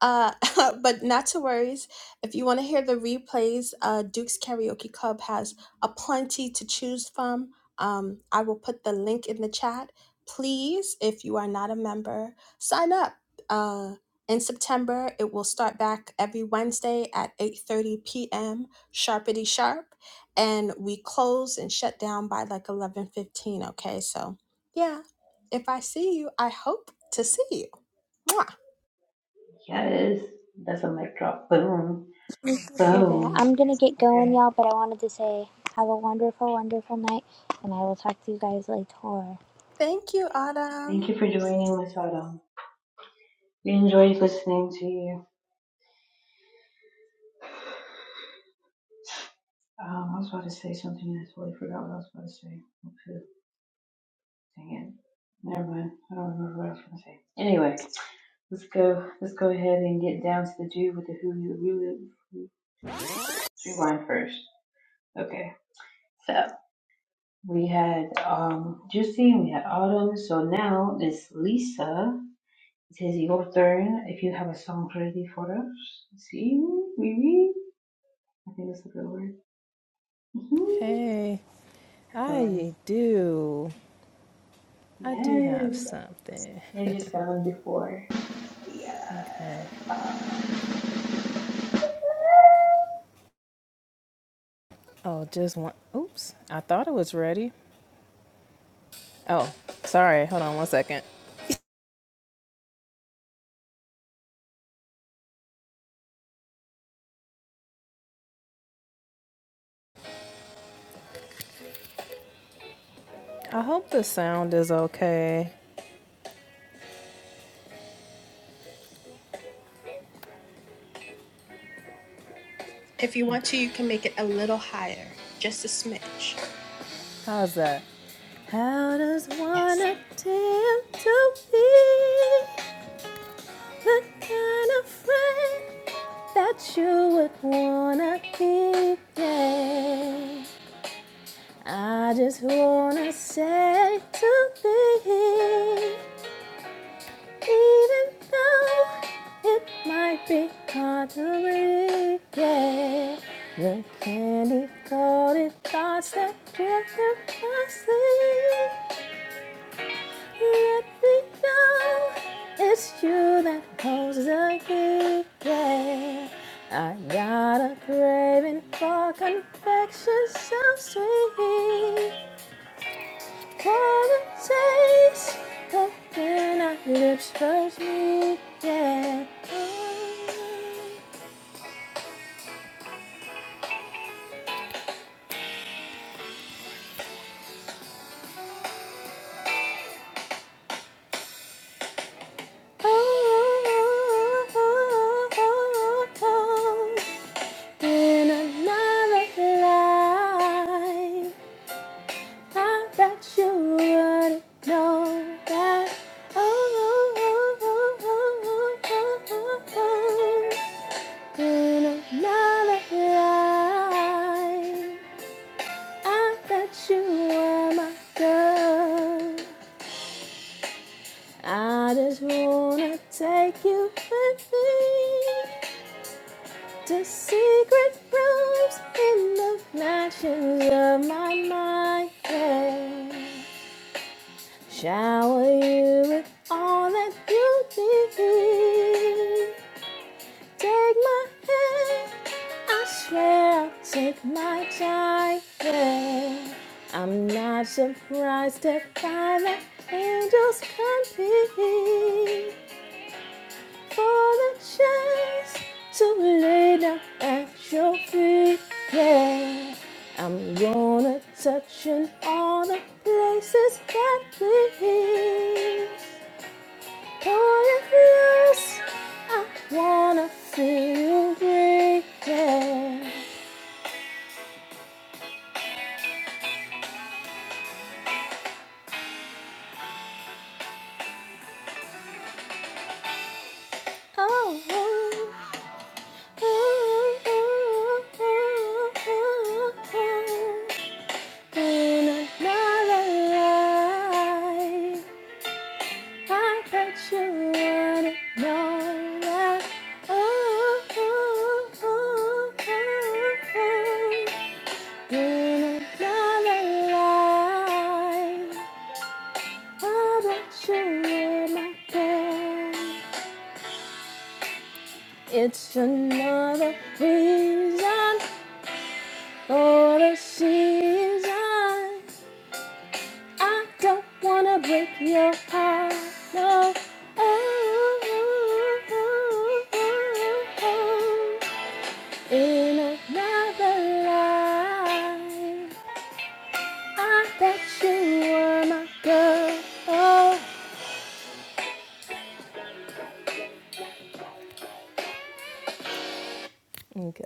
Speaker 2: Uh, but not to worries. If you want to hear the replays, uh, Duke's Karaoke Club has a plenty to choose from. Um, I will put the link in the chat. Please, if you are not a member, sign up. Uh, in September, it will start back every Wednesday at 8:30 p.m. sharpity sharp, and we close and shut down by like 11:15. Okay, so yeah, if I see you, I hope to see you. Mwah.
Speaker 1: Yes. That's a mic drop. Boom.
Speaker 4: Okay, Dad.
Speaker 1: Boom.
Speaker 4: I'm gonna get going,
Speaker 1: Okay.
Speaker 4: y'all, but I wanted to say have a wonderful, wonderful night, and I will talk to you guys later.
Speaker 2: Thank you, Autumn.
Speaker 1: Thank you for joining, Miss Autumn. We enjoyed listening to you. Um, I was about to say something and I totally forgot what I was about to say. Oh, shoot. Dang it. Never mind. I don't remember what I was going to say. Anyway, let's go. Let's go ahead and get down to the do with the who you really rewind first. Okay. So we had um Juicy, we had Autumn. So now it's Lisa. It is your turn. If you have a song ready for us, see, we I think that's a good word. Mhm.
Speaker 5: Hey,
Speaker 1: All right.
Speaker 5: I do. I do have
Speaker 1: Yes.
Speaker 5: something.
Speaker 1: Here's your sound before.
Speaker 5: Okay. Oh, just one. Oops. I thought it was ready. Oh, sorry. Hold on one second. I hope the sound is okay.
Speaker 2: If you want to, you can make it a little higher, just a smidge.
Speaker 5: How's that? How does one
Speaker 2: Yes.
Speaker 5: attempt to be the kind of friend that you would wanna be? Yeah. I just wanna say to thee Even though it might be hard to read, yeah. The candy coated thoughts that drift through my sleep. Let me know it's you that holds the key, yeah. I got a craving for confection so sweet. Come and taste the man our lips first meet, yeah. Oh, oh, oh, oh, oh, oh. In another life, I bet you wouldn't know that. Oh, oh, oh, oh, oh, oh, oh, oh. In another life. I thought you were my girl. I just wanna take you with me to secret rooms in the mansions of my mind. yeah. Shower you with all that you need. Take my hand, I swear, take my time. Yeah, I'm not surprised to find that angels can be for the chance to lay down at your feet. Yeah, I'm gonna touch in all the places that please. Oh, yes, I wanna feel great. Yeah. Oh, oh, oh, oh, oh, oh, oh. oh, oh, oh. In another life, I bet you wanna know that. Oh, oh, oh, oh, oh. oh. In another life. How about you in my bed? It's another reason for the season. I don't wanna break your heart. No. Oh, oh, oh, oh. In another life, I bet you were my girl. Okay.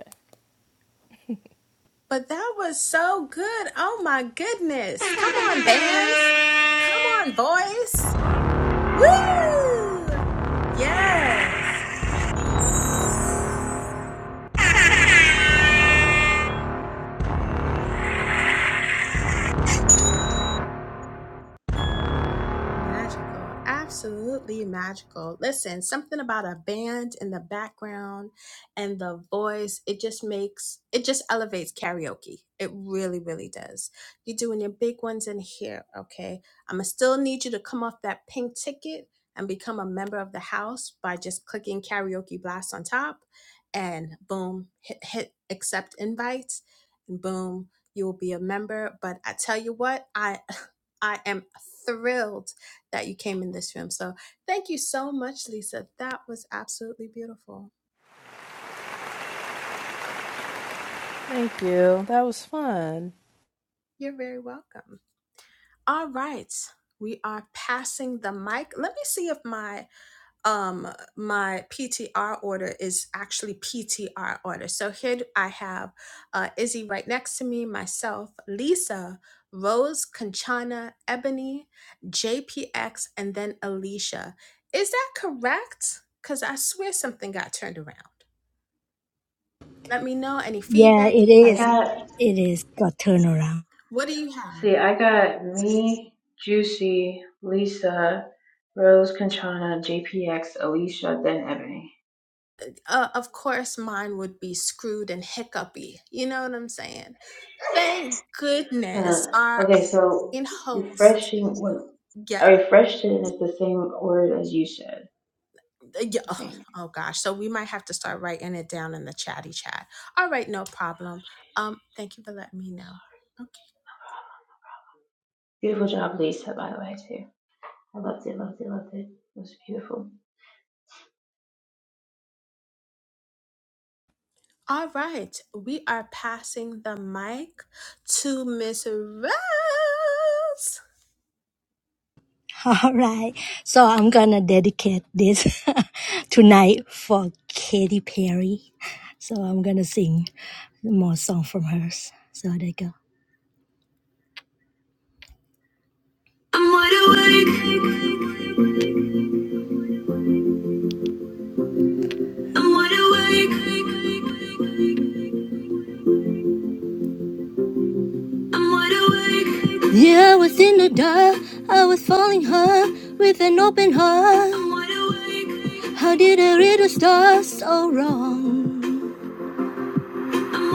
Speaker 2: But that was so good. Oh my goodness. Come on, bands. Come on, boys. Woo! Yes. Magical. Absolutely magical. Listen, something about a band in the background and the voice, it just makes, it just elevates karaoke. It really, really does. You're doing your big ones in here, okay? I'm going to still need you to come off that pink ticket and become a member of the house by just clicking karaoke blast on top and boom, hit, hit accept invites and boom, you will be a member. But I tell you what, I, I am thrilled that you came in this room. So thank you so much, Lisa. That was absolutely beautiful.
Speaker 5: Thank you. That was fun.
Speaker 2: You're very welcome. All right. We are passing the mic. Let me see if my um my PTR order is actually PTR order. So here I have uh, Izzy right next to me, myself, Lisa, Rose, Conchana, Ebony, JPX, and then Alicia. Is that correct? Because I swear something got turned around. Let me know any
Speaker 7: Yeah,
Speaker 2: feedback.
Speaker 7: it
Speaker 2: And
Speaker 1: I
Speaker 7: is.
Speaker 1: got,
Speaker 7: It is got turnaround.
Speaker 2: what do you have?
Speaker 1: see, I got me, Juicy, Lisa, Rose, Conchana, JPX, Alicia, then Ebony.
Speaker 2: Uh, of course, mine would be screwed and hiccupy. You know what I'm saying? Thank goodness
Speaker 1: Huh.
Speaker 2: our
Speaker 1: Okay, so
Speaker 2: in host.
Speaker 1: refreshing, when I
Speaker 2: Yeah,
Speaker 1: refreshed it and it's the same order as you said,
Speaker 2: yeah.
Speaker 1: I
Speaker 2: Oh,
Speaker 1: think.
Speaker 2: oh gosh. So we might have to start writing it down in the chatty chat. All right, no problem. Um, thank you for letting me know.
Speaker 1: Beautiful job, Lisa, by the way, too. I loved it, loved it, loved it. It was beautiful.
Speaker 2: All right, we are passing the mic to Miss Rose.
Speaker 7: All right. So I'm going to dedicate this tonight for Katy Perry. So I'm going to sing more song from hers. So there you go. I'm wide awake. I'm wide awake. I'm wide awake. Yeah, I was in the dark. I was falling hard with an open heart. I'm wide awake. How did I read the stars so wrong? i know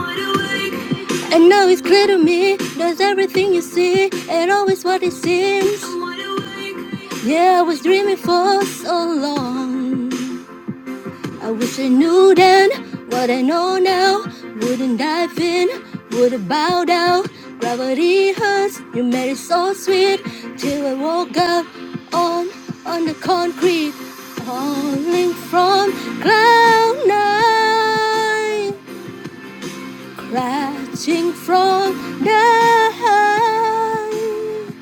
Speaker 7: it's clear to me, that's everything you see, and always what it seems. Yeah, I was dreaming for so long. I wish I knew then what I know now. Wouldn't dive in, would not bow down. Gravity hurts, you made it so sweet. Till I woke up on, on the concrete, falling from cloud nine. Catching from the high,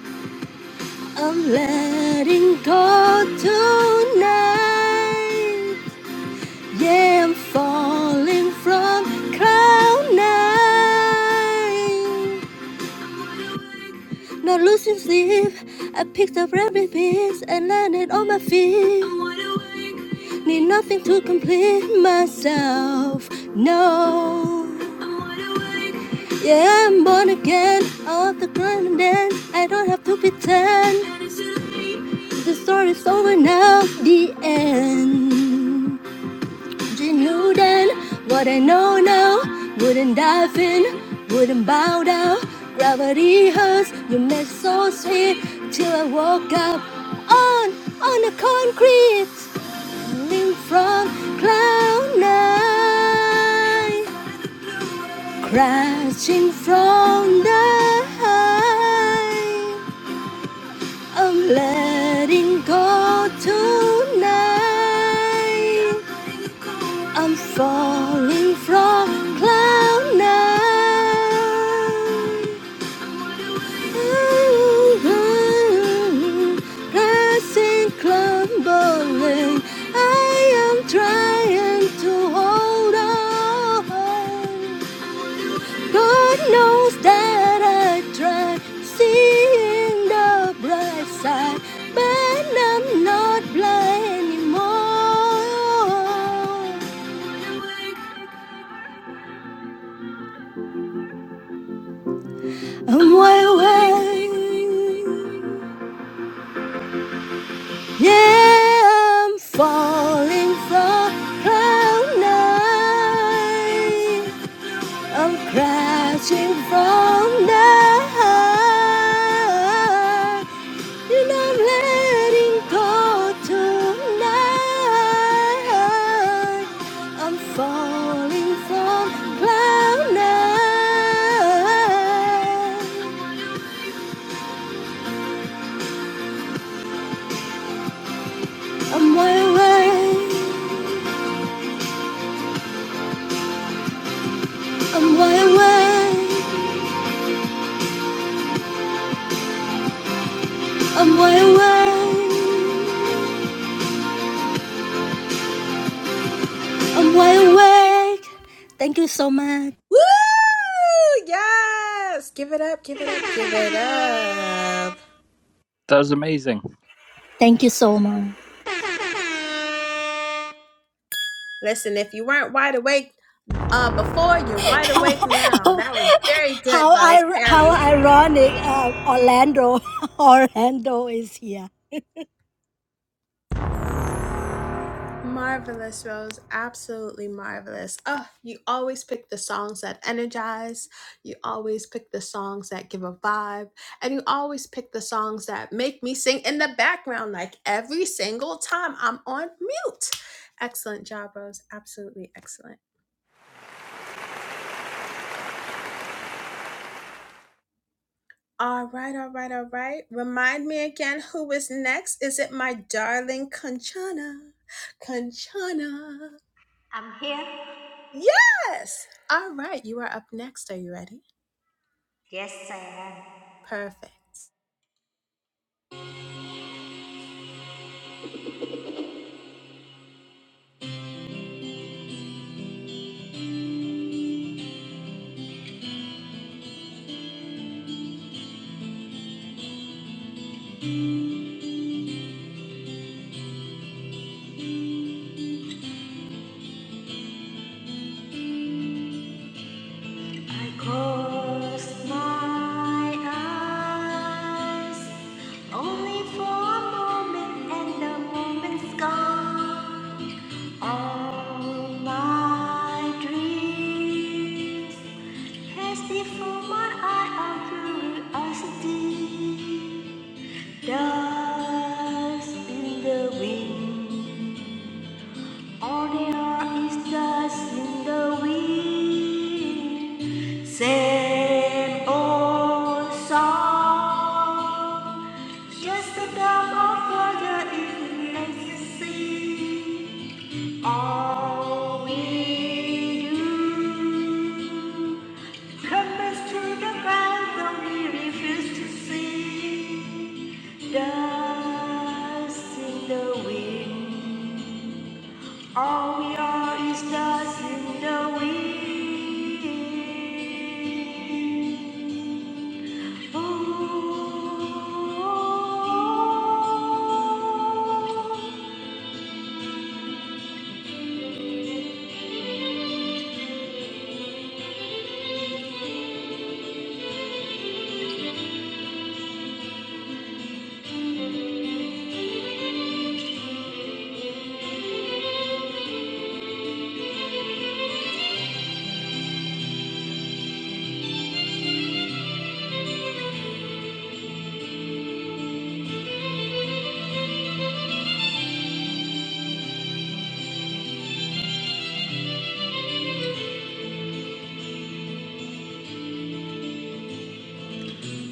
Speaker 7: I'm letting go tonight. Yeah, I'm falling from cloud nine. Not losing sleep, I picked up every piece and landed on my feet. Need nothing to complete myself, no. Yeah, I'm born again, off the grind and then I don't have to pretend. The story's over now, the end you knew then what I know now. Wouldn't dive in, wouldn't bow down. Gravity hurts, you made so sweet till I woke up on on the concrete, falling from cloud nine, crashing from the high. I'm letting go tonight. I'm falling from cloud nine. Ooh, Rising, crumbling. I am trying to hold on. God knows that I tried seeing the bright side, but I'm not blind anymore. I'm wide awake. Yeah, I'm falling from cloud nine. I'm crashing from the high, and I'm letting go tonight. I'm falling from cloud nine. I'm wide awake. I'm wide awake. I'm wide awake. I'm wide awake. Thank you so much.
Speaker 2: Woo! Yes! Give it up, give it up, give it up.
Speaker 12: That's amazing.
Speaker 7: Thank you so much.
Speaker 2: Listen, if you weren't wide awake uh, before, you're wide awake now.
Speaker 7: Oh,
Speaker 2: That was very good,
Speaker 7: how I
Speaker 2: Rose
Speaker 7: how
Speaker 2: Perry.
Speaker 7: ironic uh, Orlando Orlando is here.
Speaker 2: Marvelous, Rose. Absolutely marvelous. Oh, you always pick the songs that energize. You always pick the songs that give a vibe. And you always pick the songs that make me sing in the background, like every single time I'm on mute. Excellent job, Rose. Absolutely excellent. All right, all right, all right. Remind me again who is next. Is it my darling Conchana? Conchana.
Speaker 10: I'm here.
Speaker 2: Yes. All right, you are up next. Are you ready?
Speaker 10: Yes, I am.
Speaker 2: Perfect.
Speaker 10: I close my eyes Only for a moment and the moment's gone. All my dreams pass before my eye of curiosity. Dust in the wind, all there are is dust in the wind. Same old song. Just a drop of water in the sea. All we do comes to the ground that we refuse to see. Dust in the wind. All we are is dust in the wind. Ooh.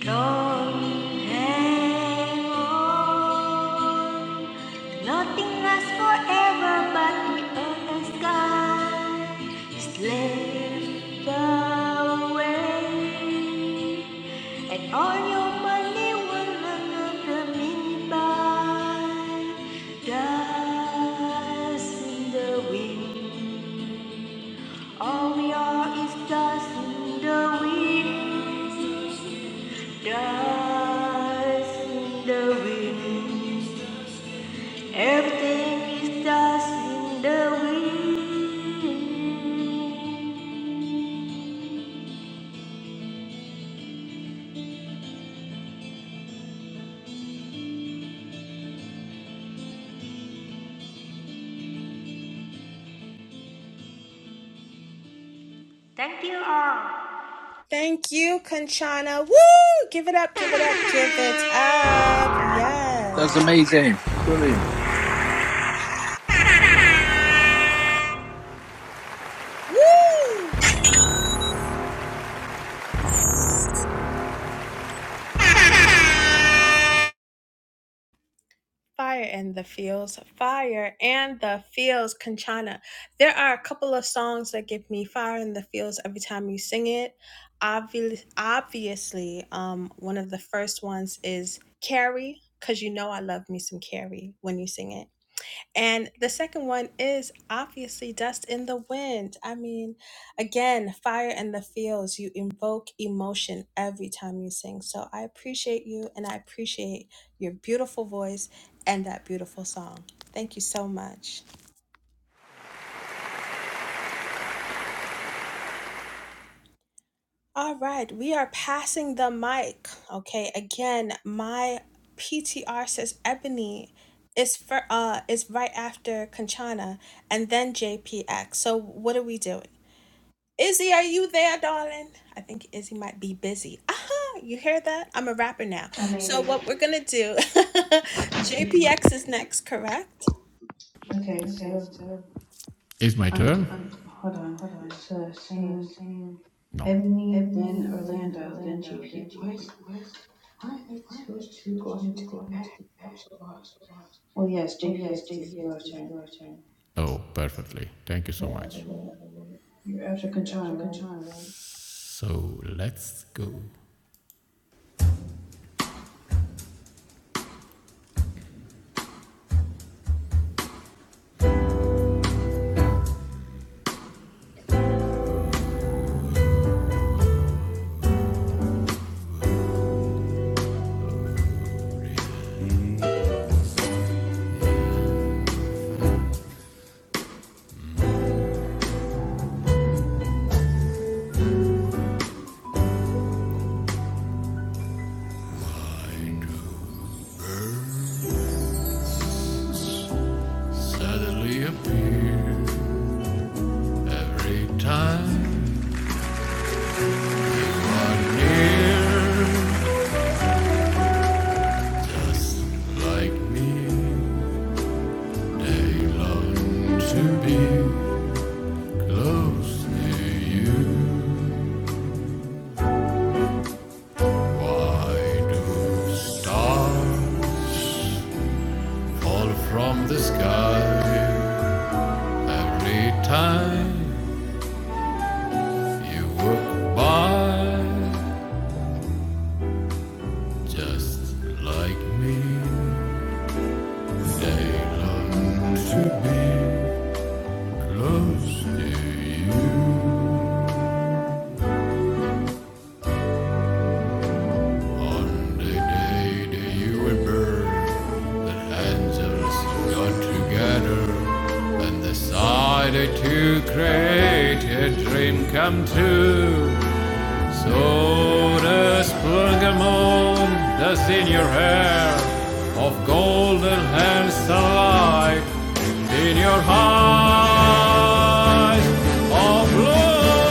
Speaker 10: Don't hang on. Nothing lasts forever, but we earn the sky is left away, and all your money will another minute by. Dust in the wind, all we are is dust in the wind. Dust in the wind, everything is dust in the wind. Thank you all.
Speaker 2: Thank you, Conchana. Woo! Give it up, give it up, give it up. Yes.
Speaker 12: That's amazing. Brilliant.
Speaker 2: Woo! Fire in the fields, fire and the fields, Kanchana. There are a couple of songs that give me fire in the fields every time you sing it. Obviously, obviously, um, one of the first ones is Carrie, cause you know I love me some Carrie when you sing it. And the second one is obviously dust in the wind. I mean, again, fire in the fields. You invoke emotion every time you sing. So I appreciate you and I appreciate your beautiful voice and that beautiful song. Thank you so much. All right, we are passing the mic. Okay, again, my PTR says Ebony is for uh is right after Kanchana and then JPX. So what are we doing? Izzy, are you there, darling? I think Izzy might be busy. Aha, you hear that? I'm a rapper now.
Speaker 1: Oh,
Speaker 2: So,
Speaker 1: maybe.
Speaker 2: what we're going to do,
Speaker 1: It could be.
Speaker 2: JPX is next, correct?
Speaker 1: Okay, so,
Speaker 6: Is my
Speaker 1: um,
Speaker 6: turn?
Speaker 1: hold on. It's uh, saying
Speaker 6: No.
Speaker 1: Ebony, then Orlando, then GP. What? Why are those two going to the back? I'm so lost. Oh yes, JPX is your turn.
Speaker 6: Oh, perfectly. Thank you so much.
Speaker 1: You're after Kanchan, right?
Speaker 6: So let's go. Angels suddenly appear every time. From the sky every time you walk by, just like me, they long to be close to you. On the day that you were born, the angels got together, and decided to create a dream come true. So the splendid moon that's in your hair, of golden and sunlight, in your eyes of blue.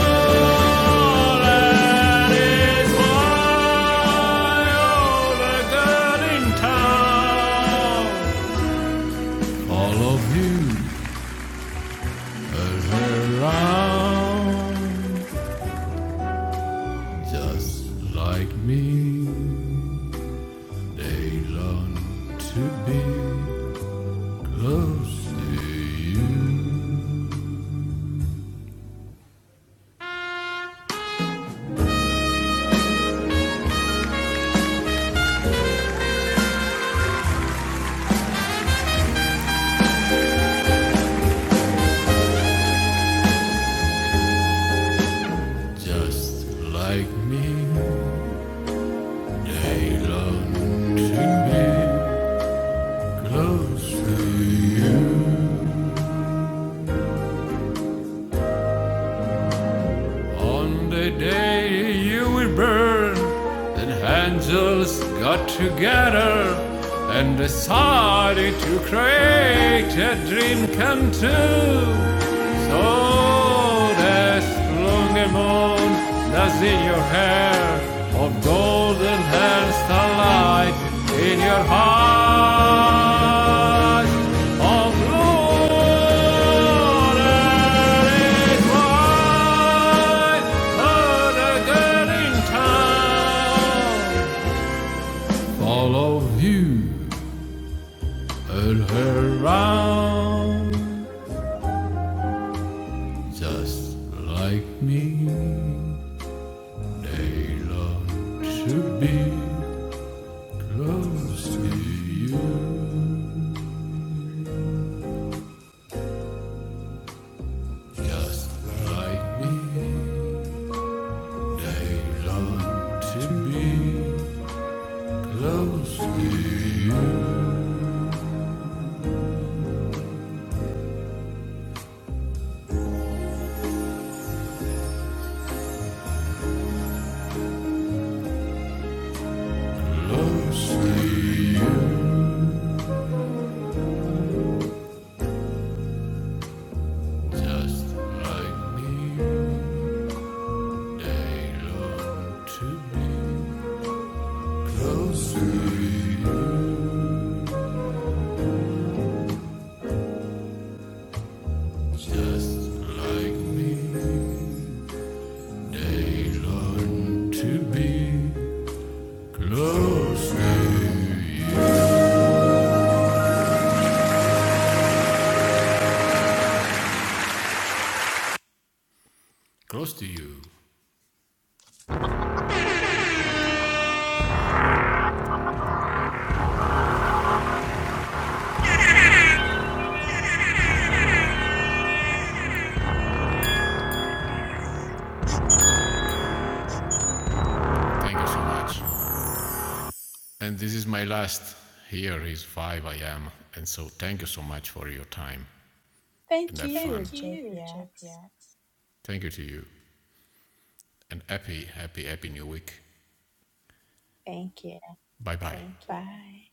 Speaker 6: Like me, they long to be close to you just like like me. me. to to to be be close Close to you. On the day you will burn, then angels got together and decided to create a dream come true. So there's long a moon that's in your hair, of golden and starlight in your heart. Oh, glory. What a girl in town. Follow you and her round. Just like me, they long to be close to you. Just like me, they long to be close to you. Close to you. Just like me. They long to be close to you, just like me. They long to be close to you. Close to you. Thank you so much. And this is my last. Here is 5 I am. And so thank you so much for your time and
Speaker 2: Thank
Speaker 6: have fun.
Speaker 2: you, JPX.
Speaker 6: Thank you to you. And happy, happy, happy new week.
Speaker 2: Thank you.
Speaker 6: Bye bye. Bye.
Speaker 2: Bye.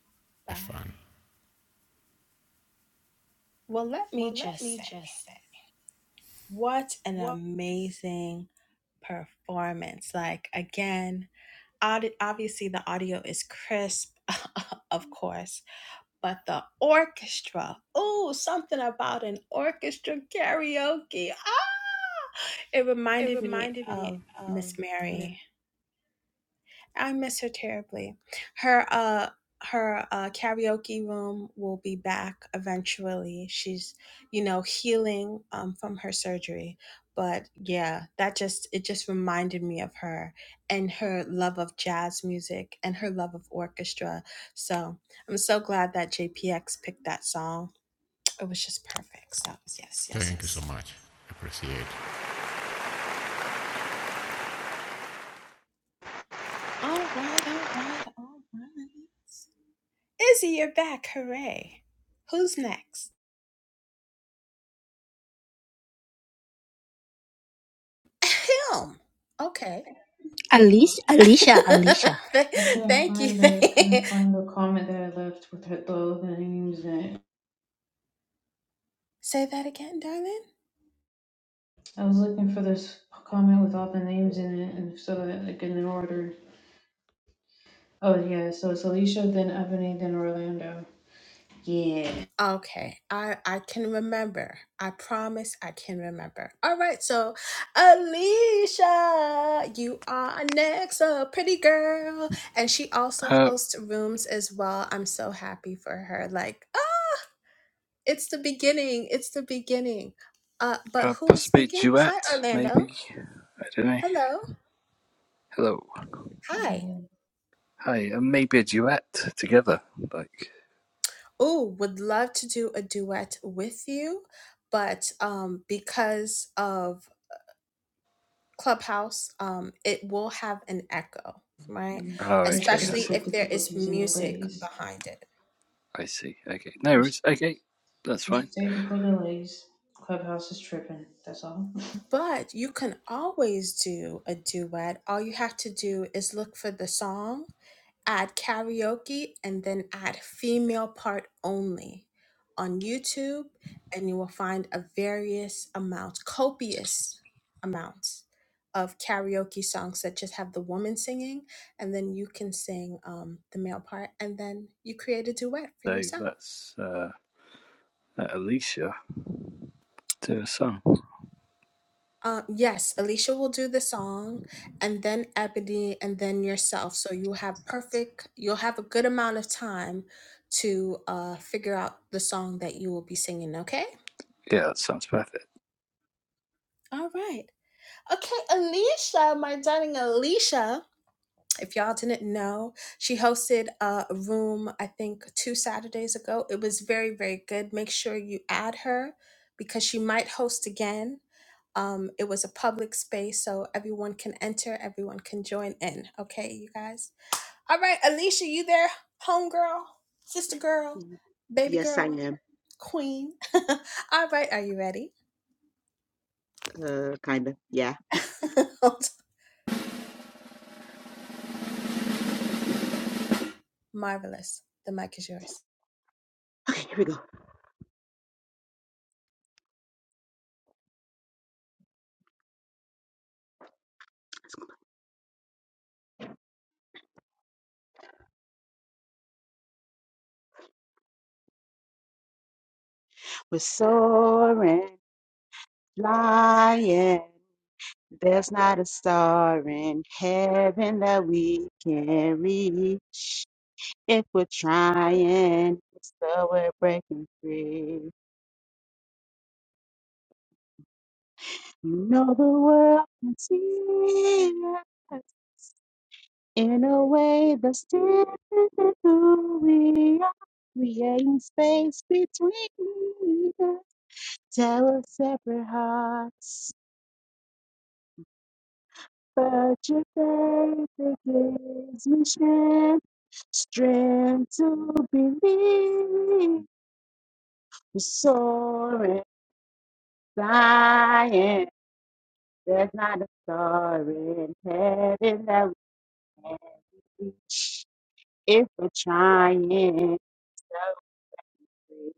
Speaker 6: Have fun.
Speaker 2: Well, let me just say, what an amazing performance. Like, again, audi- obviously the audio is crisp, of course but the orchestra. Oh, something about an orchestra karaoke. Ah, it reminded me of Miss Mary. I miss her terribly. Her uh her uh, karaoke room will be back eventually. She's you know healing um, from her surgery. But yeah, that just it just reminded me of her and her love of jazz music and her love of orchestra. So I'm so glad that JPX picked that song it was just perfect. So yes, yes,
Speaker 6: Thank you
Speaker 2: yes.
Speaker 6: so much. Appreciate. it.
Speaker 2: All right, all right, all right. Izzy, you're back. Hooray. Who's next? Film. Okay.
Speaker 7: Alicia, Alicia, Alicia.
Speaker 2: Th-
Speaker 1: I couldn't
Speaker 2: Thank you.
Speaker 1: find the couldn't find the comment that I left with her, all the names in it.
Speaker 2: Say that again, darling.
Speaker 1: I was looking for this comment with all the names in it, and so that like in order. Oh yeah, so it's Alicia, then Ebony, then Orlando. Yeah.
Speaker 2: Okay. I I can remember. I promise I can remember. All right. So, Alicia, you are next, a pretty girl, and she also
Speaker 12: Uh,
Speaker 2: hosts rooms as well. I'm so happy for her. Like It's the beginning. It's the beginning. Uh, but
Speaker 12: uh,
Speaker 2: who was
Speaker 12: possibly a
Speaker 2: speaking? Hi,
Speaker 12: duet,
Speaker 2: Orlando.
Speaker 12: maybe. I don't know.
Speaker 2: Hello.
Speaker 12: Hello.
Speaker 2: Hi.
Speaker 1: Hello.
Speaker 12: Hi. Uh, maybe a duet together. Like.
Speaker 2: Oh, would love to do a duet with you, but um, because of Clubhouse, um, it will have an echo, right?
Speaker 12: Oh,
Speaker 1: There's
Speaker 12: okay. I
Speaker 2: Especially
Speaker 12: see.
Speaker 1: technical
Speaker 2: if there is
Speaker 1: difficulties and
Speaker 2: music
Speaker 1: delays.
Speaker 2: behind it.
Speaker 12: I see. Okay. No worries.
Speaker 1: There's
Speaker 12: Okay. That's fine.
Speaker 1: there's technical delays. Clubhouse is tripping. That's all.
Speaker 2: But you can always do a duet. All you have to do is look for the song add karaoke, and then add female part only on YouTube, and you will find a various amount, copious amounts of karaoke songs that just have the woman singing, and then you can sing um, the male part, and then you create a duet for
Speaker 12: So
Speaker 2: yourself.
Speaker 12: let's uh, let Alicia do a song.
Speaker 2: Uh, yes, Alicia will do the song, and then Ebony, and then yourself. So you have perfect. You'll have a good amount of time to uh figure out the song that you will be singing. Okay.
Speaker 12: Yeah, that sounds perfect.
Speaker 2: All right. Okay, Alicia, my darling Alicia. If y'all didn't know, she hosted uh, a room. I think two Saturdays ago. It was very very good. Make sure you add her because she might host again. Um, it was a public space, so everyone can enter, everyone can join in. Okay, you guys. All right, Alicia, you there, homegirl, sister girl,
Speaker 9: Houston.
Speaker 2: baby
Speaker 9: Yes, I
Speaker 2: girl,
Speaker 9: am.
Speaker 2: queen. All right, are you ready?
Speaker 9: Uh, kinda. Yeah.
Speaker 2: Marvelous. The mic is yours.
Speaker 9: Okay, here we go. We're soaring, flying. There's not a star in heaven that we can reach. If we're trying, it's the we're breaking free. You know the world can see us in a way that's different than who we are. Creating space between us. Tell us separate hearts. But your faith it gives me strength, strength to believe. We're soaring, flying. There's not a star in heaven that we can't reach if we're trying so hard.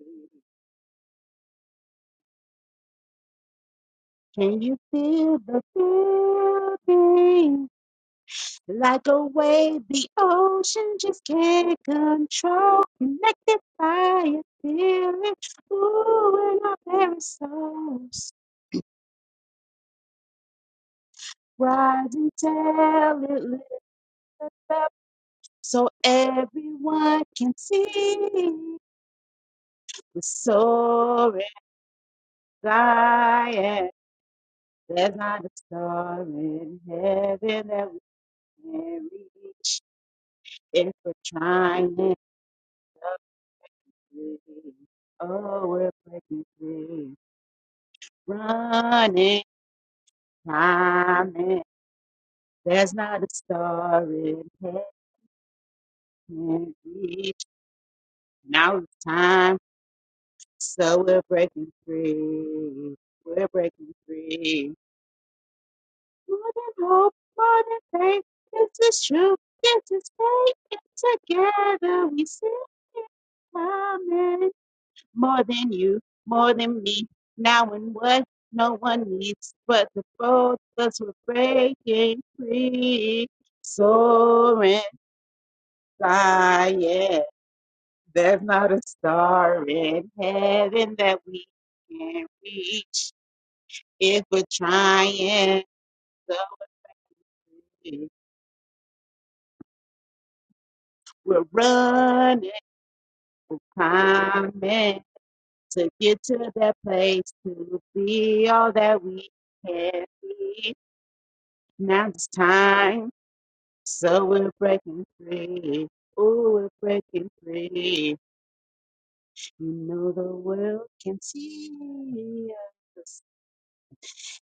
Speaker 9: Can you feel the feeling? Like a wave the ocean just can't control. Connected by a feeling, ooh, in our very souls. Rise and tell it, lift up so everyone can see. We're soaring Zion. There's not a star in heaven that we can reach. If we're trying to reach, oh, we're breaking free, running, climbing. There's not a star in heaven we can reach. Now it's time, so we're breaking free. We're breaking free. Modern hope, modern faith, this is true, this is faith, and together we sing it. Amen. More than you, more than me, now and what no one needs, but the both of us were breaking free. Soaring flying, there's not a star in heaven that we can not reach if we're trying so hard. We're running. Amen. To get to that place to be all that we can be. Now it's time, so we're breaking free. Oh, we're breaking free. You know the world can see us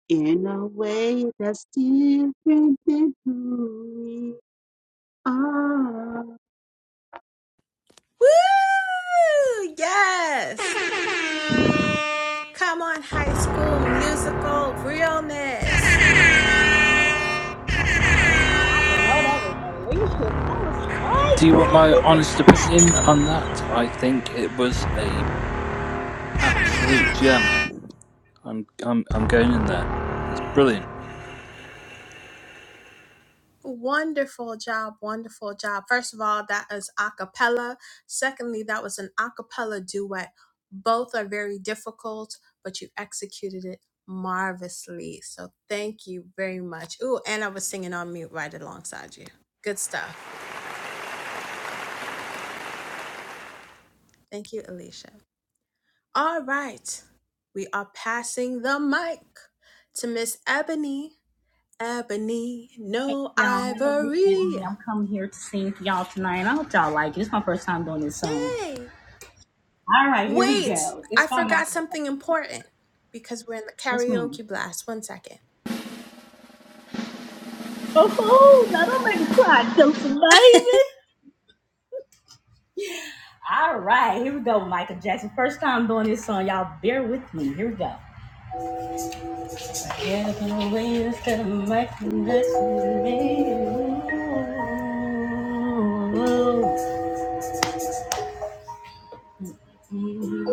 Speaker 9: in a way that's different than who we are.
Speaker 2: Woo! Yes! Come on, high school musical realness.
Speaker 13: I didn't know that was Alicia. That was great,
Speaker 12: Do you want
Speaker 13: girl.
Speaker 12: my
Speaker 13: Keep it
Speaker 12: honest
Speaker 13: on.
Speaker 12: opinion on that? I think it was a absolute gem. I'm I'm I'm going in there. That's brilliant.
Speaker 2: Wonderful job, wonderful job. First of all, that is a cappella. Secondly, that was an a cappella duet. Both are very difficult, but you executed it marvelously. So thank you very much. Ooh, and I was singing on mute right alongside you. Good stuff. Thank you, Alicia. All right, we are passing the mic to Miss Ebony. Ebony, no
Speaker 13: Y'all, my name is Ebony.
Speaker 2: ivory.
Speaker 13: I'm coming here to sing for y'all tonight. I hope y'all like it. It's my first time doing this song.
Speaker 2: Yay!
Speaker 13: All right, here we
Speaker 2: Wait,
Speaker 13: go. It's
Speaker 2: I
Speaker 13: by my
Speaker 2: forgot something important because we're in the
Speaker 13: Yes, ma'am.
Speaker 2: karaoke blast. One second.
Speaker 13: Oh, now don't make me cry, Deuce, baby. All right, here we go, Michael Jackson. First time doing this song. Y'all bear with me. Here we go. Yeah, the way you said Michael Jackson. baby.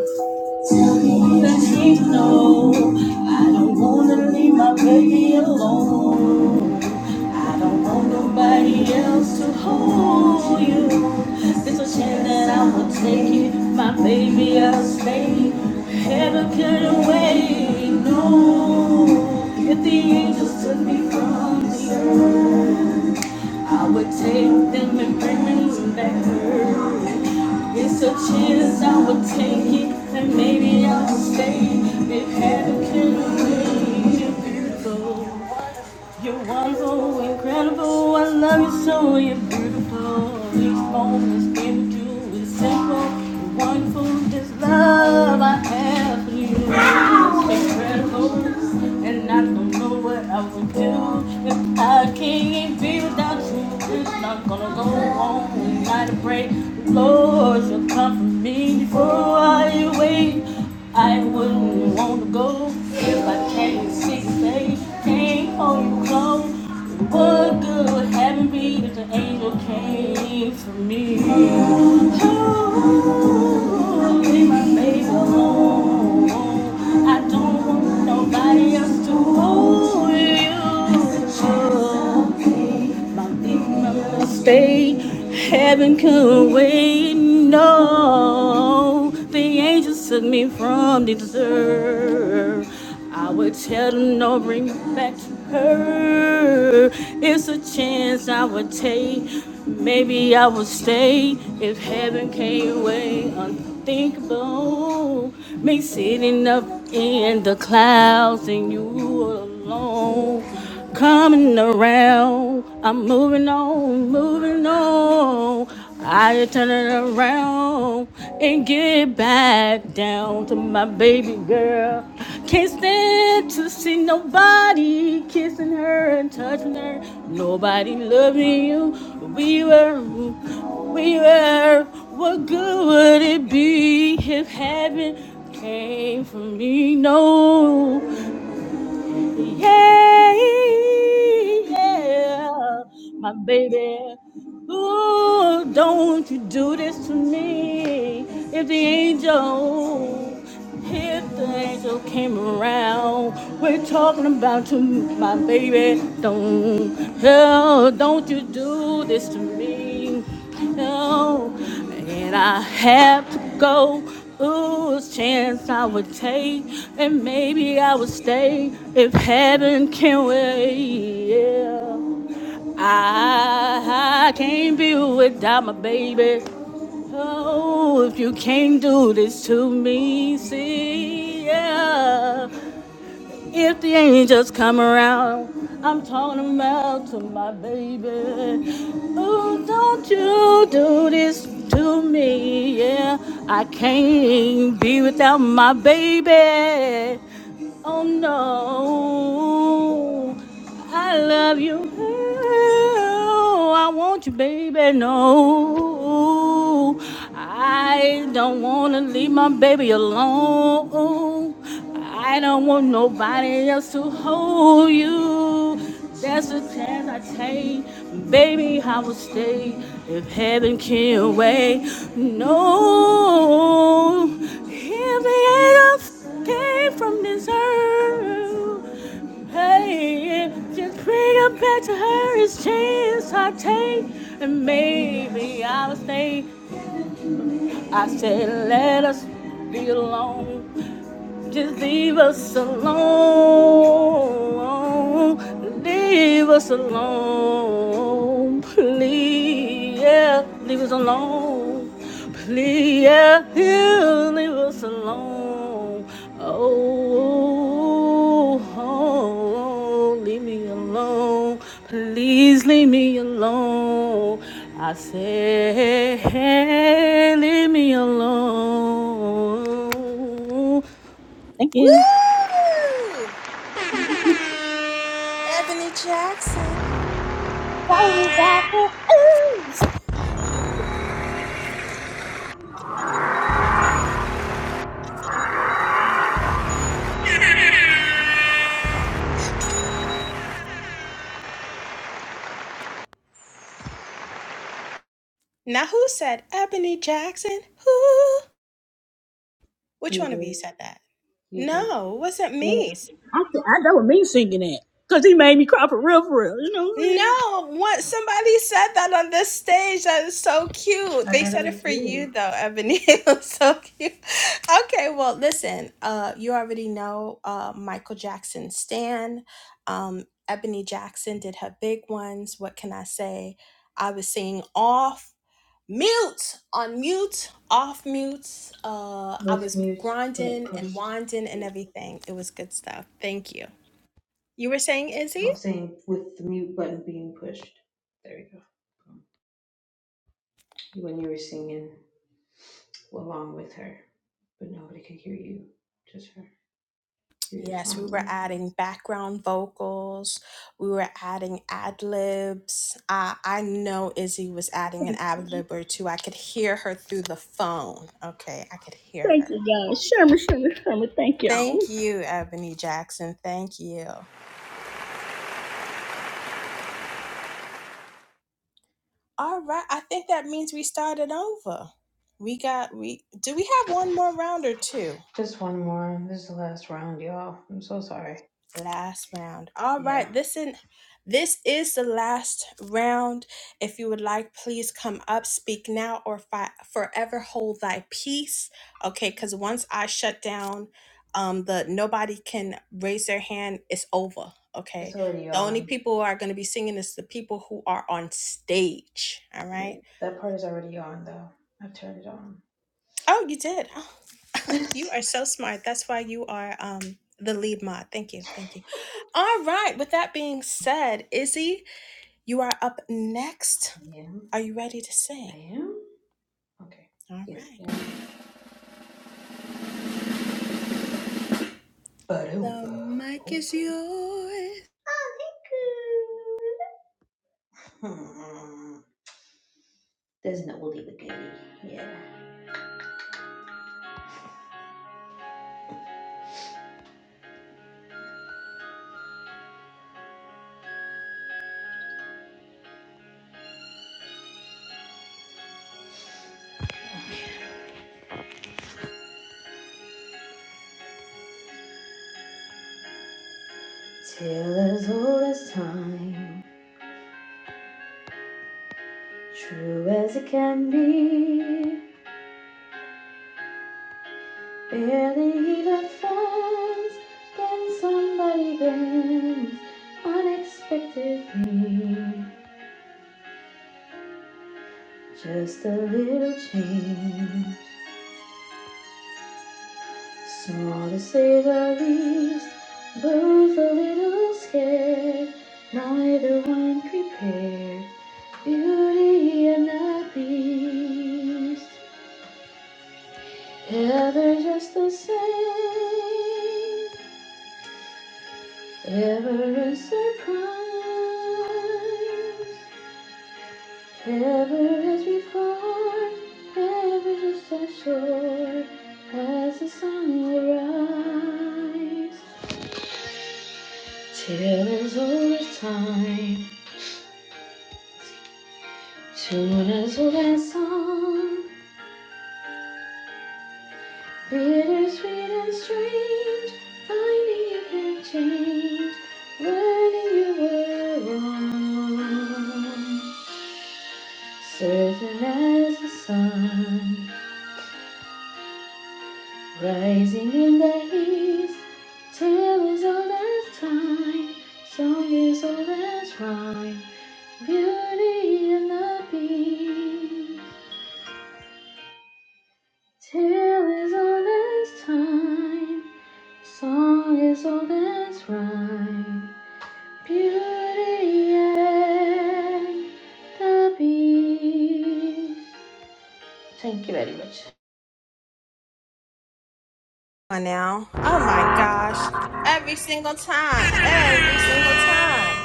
Speaker 13: Let him know I don't wanna leave my baby alone. I don't want nobody else to hold you. There's a chance that I will take it, my baby. I'll stay. Heaven couldn't wait. No, if the angels took me from the earth. I would take them and bring them back to earth. It's a chance I would take it, and maybe I would stay. If heaven can be beautiful. You're wonderful, incredible. I love you so. You're beautiful. These moments came to do is simple. you wonderful. This love I have for you is incredible. And I don't know what I would do if I can't be without you. It's not gonna go on. Not a break. Lord, you'll come for me before I wait. I wouldn't you wanna go. If I can't see face, can't hold you close. What good having me if the angel came for me? Ooh, leave my baby alone. I don't want nobody else to hold you. My big mama heaven couldn't wait. No, the angels took me from this earth. I would tell them no, bring me back to her. It's a chance I would take. Maybe I would stay if heaven came away. Unthinkable, me sitting up in the clouds and you alone on, coming around. I'm moving on, moving on. I turn it around and get back down to my baby girl. Can't stand to see nobody kissing her and touching her. Nobody loving you. We were, we were. What good would it be if heaven came for me? No, yeah, yeah, my baby. Ooh, don't you do this to me. If the angel, if the angel came around, we're talking about you, my baby. Don't, hell, don't you do this to me. No, and I have to go. Ooh, a chance I would take, and maybe I would stay if heaven can wait. Yeah, I, I can't be without my baby. Oh, if you can't do this to me, see, yeah. If the angels come around, I'm talking about to my baby. Oh, don't you do this to me, yeah. I can't be without my baby. Oh no. I love you. Oh, I want you, baby. No, I don't want to leave my baby alone. I don't want nobody else to hold you. That's the chance I take. Baby, I will stay if heaven can wait. No, if the angels came from this earth. Hey, just bring him back to her his chance I take, and maybe I'll stay. I said, let us be alone. Just leave us alone. Leave us alone. Please, yeah. Leave us alone. Please, yeah. yeah leave us alone. Oh, oh, oh, leave me alone. Please leave me alone. I say, leave me alone. Thank you.
Speaker 2: Woo! Ebony Jackson.
Speaker 13: Sorry about the ooze.
Speaker 2: Now, who said Ebony Jackson? Who? Which
Speaker 1: You
Speaker 2: one of
Speaker 1: did.
Speaker 2: you said that?
Speaker 1: You did.
Speaker 2: No, it wasn't
Speaker 13: Man,
Speaker 2: me.
Speaker 13: I, th- I know what me singing that. Because he made me cry for real, for real. You know what I'm saying?
Speaker 2: No, what somebody said that on this stage. That is so cute.
Speaker 1: I
Speaker 2: They
Speaker 1: thought it
Speaker 2: said it
Speaker 1: was
Speaker 2: for
Speaker 1: you
Speaker 2: you though, Ebony. It was so cute. Okay, well, listen. Uh, you already know uh Michael Jackson Stan. Um, Ebony Jackson did her big ones. What can I say? I was singing off mute on mute off mute. Uh, I
Speaker 1: with
Speaker 2: was
Speaker 1: mute but
Speaker 2: grinding and
Speaker 1: pushed.
Speaker 2: winding and everything. It was good stuff. Thank you. You were saying Izzy?
Speaker 1: I was saying with the mute button being pushed. There we go. When you were singing along with her, but nobody could hear you, just her. You're just
Speaker 2: Yes, we
Speaker 1: on
Speaker 2: were
Speaker 1: mute.
Speaker 2: adding background vocals. We were adding ad libs. Uh, I know Izzy was adding an ad lib or two. I could hear her through the phone. Okay, I could hear
Speaker 13: Thank
Speaker 2: her.
Speaker 13: you, y'all. Sherman, Sherman, Sherman. Thank y'all.
Speaker 2: Thank you, Ebony Jackson. Thank you. All right, I think that means we started over. We got we. Do we have one more round or two?
Speaker 1: Just one more. This is the last round, y'all. I'm so sorry.
Speaker 2: last round. All
Speaker 1: Yeah,
Speaker 2: right, listen. This is the last round. If you would like, please come up, speak now, or fi- forever hold thy peace. Okay, because once I shut down, um, the nobody can raise their hand. It's over. Okay,
Speaker 1: it's already
Speaker 2: the only
Speaker 1: on.
Speaker 2: people who are going to be singing is the people who are on stage. All
Speaker 1: Yeah,
Speaker 2: right.
Speaker 1: that part is already on though. I've turned it on.
Speaker 2: Oh, you did. Oh, you are
Speaker 1: I
Speaker 2: so smart. That's why you are um the lead mod. Thank you. Thank you. All right. With that being said, Izzy. You are up next.
Speaker 1: am.
Speaker 2: Are you ready to sing?
Speaker 1: I am. Okay.
Speaker 2: All
Speaker 1: Yes,
Speaker 2: right.
Speaker 1: I am.
Speaker 2: The
Speaker 1: Ba-doom-ba.
Speaker 2: mic
Speaker 1: Okay.
Speaker 2: is yours.
Speaker 1: Oh, thank you. There's an oldie but goodie, yeah. Tale as old as time, true as it can be. Barely even friends, then somebody bends unexpectedly. Just a little change, small to say the least. Both a little scared, neither one prepared. Beauty and the Beast. Yeah, they're just the same. Ever a surprise. Ever as before. Ever just as sure as the sun will rise. Till as old as time. Tune as old as song. Bittersweet and strange, finding you can change, learning you were wrong. Certain as the sun, rising in the east, tale is old as time, song is old as rhyme, beauty and the beast. Tale is old as time, song is old as rhyme. Beauty and the Beast. Thank you very much.
Speaker 2: Come on now. Oh my gosh. Every single time. Every single time.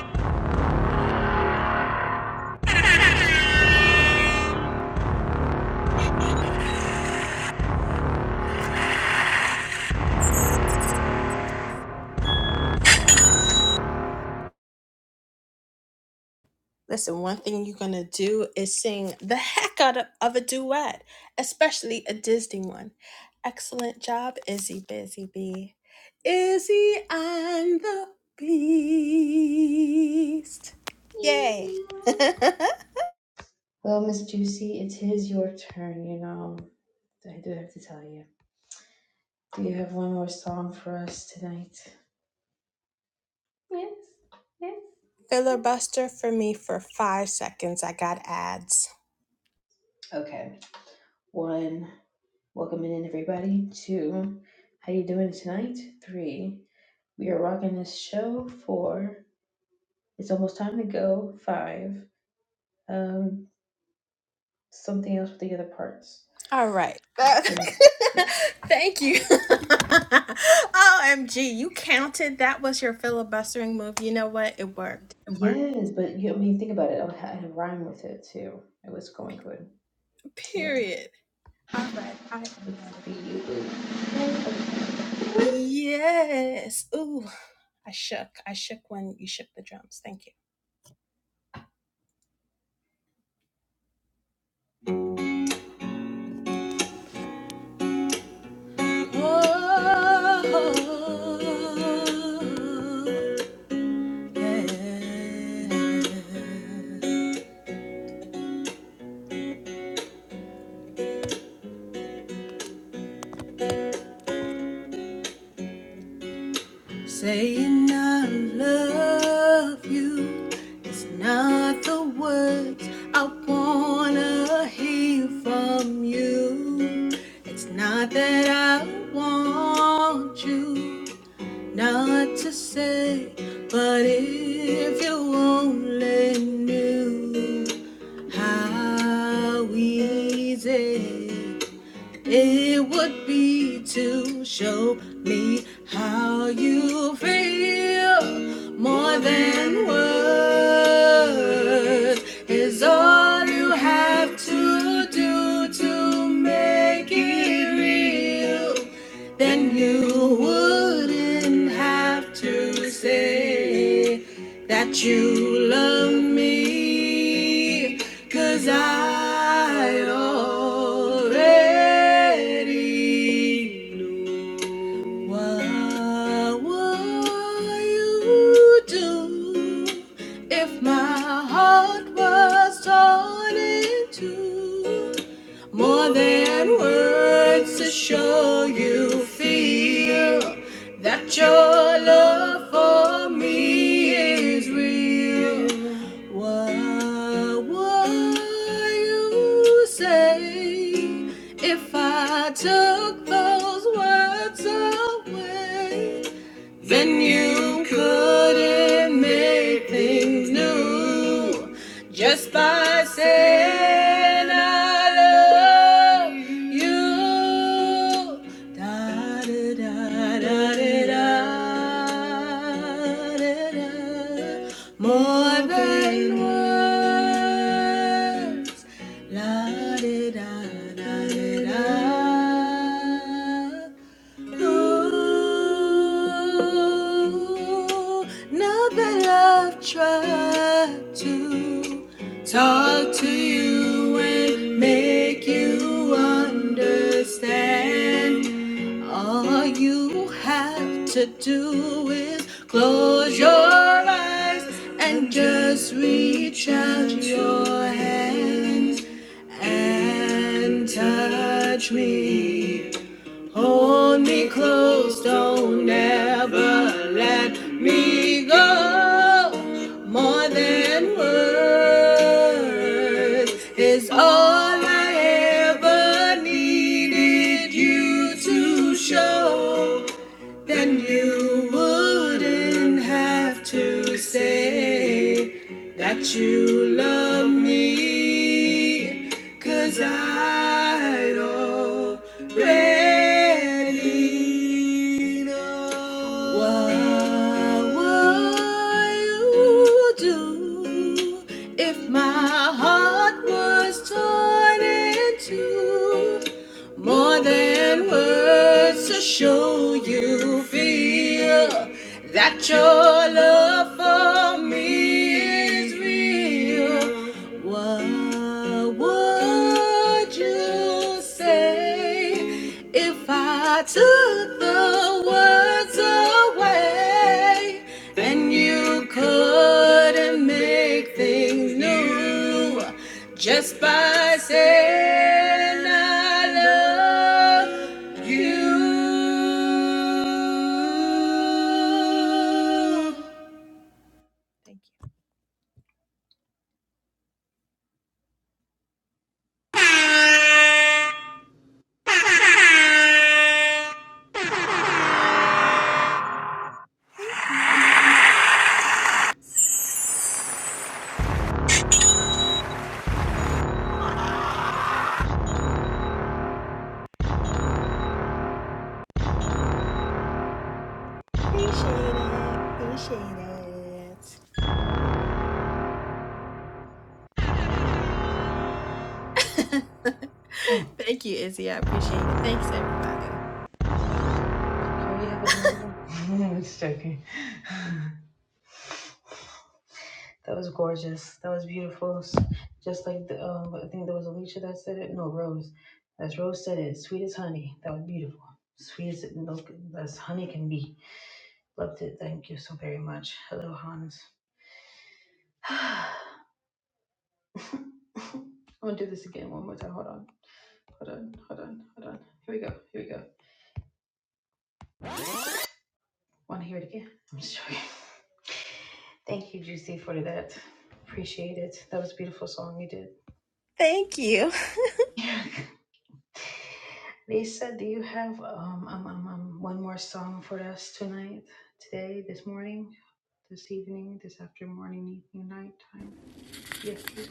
Speaker 2: Listen, one thing you're going to do is sing the heck out of, of a duet, especially a Disney one. Excellent job, Izzy Busy Bee. Izzy and the Beast.
Speaker 1: Thank
Speaker 2: Yay.
Speaker 1: you. Well, Miss Juicy, it is your turn, you know. I do have to tell you. Do you have one more song for us tonight? Yes, yes, yes.
Speaker 2: Filibuster for me for five seconds. I got ads.
Speaker 1: Okay. One, Welcome in everybody. Two, how you doing tonight? Three, we are rocking this show. Four, it's almost time to go. Five, um, something else with the other parts.
Speaker 2: All right.
Speaker 1: Is
Speaker 2: Uh,
Speaker 1: the yes,
Speaker 2: thank you. OMG, you counted. That was your filibustering move. You know what? It worked. It worked.
Speaker 1: yes, but you, I mean, think about it. I had a rhyme with it too. It was going good. It went
Speaker 2: Period. All right. I am
Speaker 1: be
Speaker 2: ready.
Speaker 1: you.
Speaker 2: Yes. Ooh, I shook. I shook when you shook the drums. Thank you. Oh, yeah. Saying I love you is not the words I wanna hear from you. It's not that I want you not to say, but if you only knew how easy it would be to show me how you feel more than words is all you have to do to make it real then you wouldn't have to say that you love me, 'cause I already knew. What would you do if my heart was torn in two? More than words to show you feel that your love for me is real. What would you say if I took those words away? Then you couldn't make things new just by saying I love you. Da da da da da da More than words. La da da da da da. Ooh, now that I've tried to talk to you and make you understand, all you have to do is close your eyes and just reach out your hands and touch me. Hold me close, don't ever let me go. More than words is all I ever needed you to show. Then you wouldn't have to say that you love me. Cause I already know what would you do if my heart was torn in two? More than words to show you feel that your love for me is real. What would you say? If I took the words away, then you couldn't make things new just by saying I love you. Appreciate it. Appreciate it.
Speaker 1: Oh,
Speaker 2: Thank you, Izzy. I appreciate it. Thanks, everybody.
Speaker 1: can we have another one? I'm just joking. that was gorgeous. That was beautiful. S- Just like the, um, I think there was Alicia that said it. No, Rose. That's Rose said it. Sweet as honey. That was beautiful. Sweet as milk, as honey can be. Loved it. Thank you so very much. Hello, Hans. I'm gonna do this again one more time. Hold on. Hold on. Hold on. Hold on. Here we go. Here we go. Want to hear it again? I'm just joking. Thank you, Juicy, for that. Appreciate it. That was a beautiful song you did.
Speaker 2: Thank you.
Speaker 1: Lisa, do you have um, um, um, um one more song for us tonight, today, this morning, this evening, this after morning, evening, night time, after?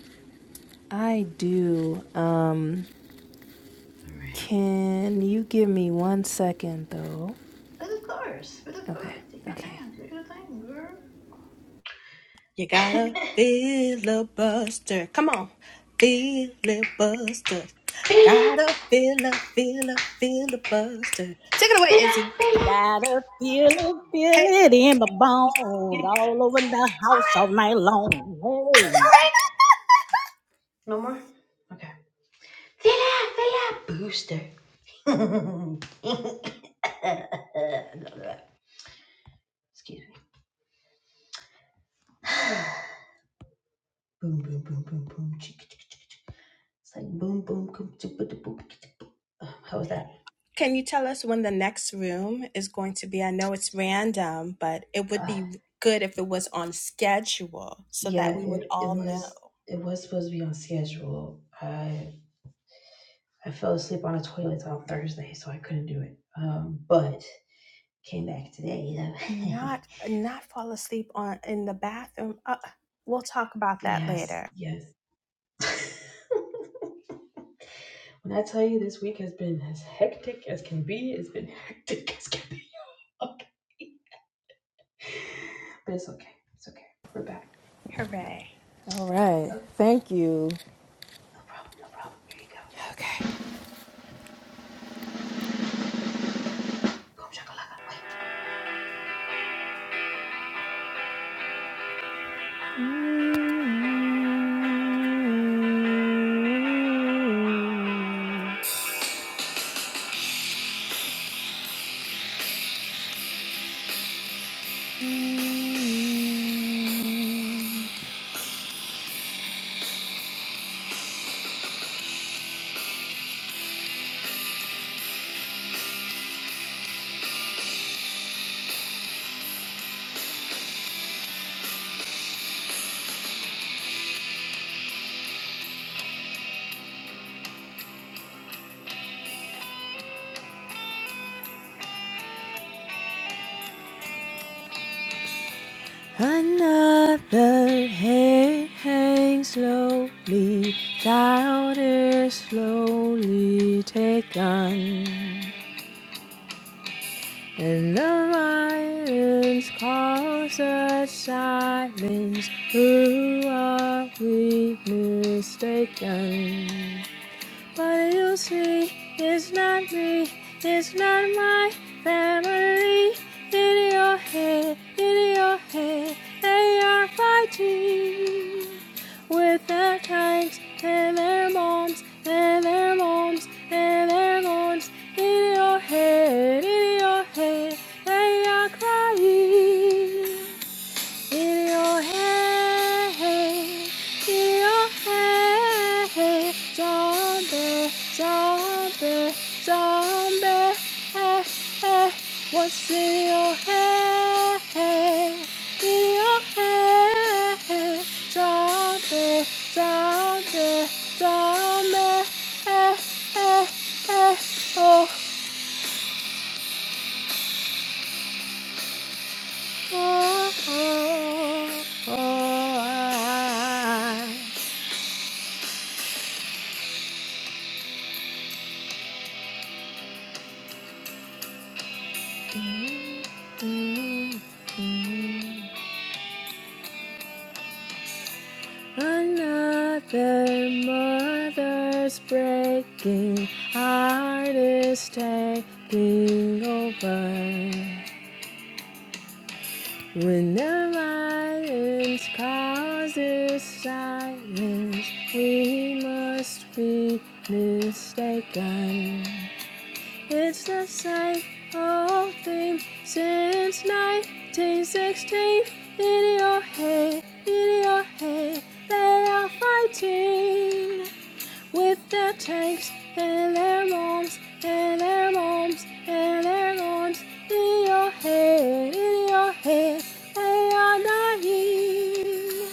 Speaker 5: I do. Um,
Speaker 1: All right.
Speaker 5: can you give me one second, though?
Speaker 1: But of course, but of
Speaker 5: Okay.
Speaker 1: course, take your
Speaker 5: Okay.
Speaker 1: time, take your time, girl.
Speaker 2: You gotta filibuster. Come on, filibuster.
Speaker 1: Villa,
Speaker 2: Gotta fila, fila, filibuster.
Speaker 1: villa, villa.
Speaker 13: Got to feel it, feel it in my bones. All over the house all night long. Hey.
Speaker 1: No more. Okay. Villa, villa, booster. Excuse me. Boom, boom, boom, boom, boom. It's like boom, boom, boom, boom, boom. Uh, How was that?
Speaker 2: Can you tell us when the next room is going to be? I know it's random, but it would
Speaker 1: Uh,
Speaker 2: be good if it was on schedule so
Speaker 1: yeah,
Speaker 2: that we would
Speaker 1: it, it
Speaker 2: all know.
Speaker 1: was. It was supposed to be on schedule. I I fell asleep on a toilet on Thursday, so I couldn't do it. Um, but came back today. though.
Speaker 2: Not not fall asleep on in the bathroom. Uh, we'll talk about that
Speaker 1: yes,
Speaker 2: later.
Speaker 1: yes. when I tell you this week has been as hectic as can be, it's been hectic as can be. Okay. But it's okay. It's okay. We're back.
Speaker 2: Hooray!
Speaker 5: All right.
Speaker 1: Oh,
Speaker 5: Thank you.
Speaker 1: no problem.
Speaker 5: Okay. Another head hangs slowly, louder, slowly taken. And the lions calls the sirens, who are we mistaken? What you see is not me, it's not my family. In your head, in your head, they are fighting with their tanks and their moms and their moms and their moms. In your head, in your head, they are crying. In in your head, in your head, zombie zombie zombie hey, hey. what's in your head in your head zombie zombie zombie hey, hey, hey. oh oh oh oh I Mm, mm. Another mother's breaking heart is taking over. When the violence causes silence, we must be mistaken. It's the same old theme since 1916. In your head, in your head, they are fighting with their tanks and their bombs and their bombs and their guns. In your head, in your head, they are dying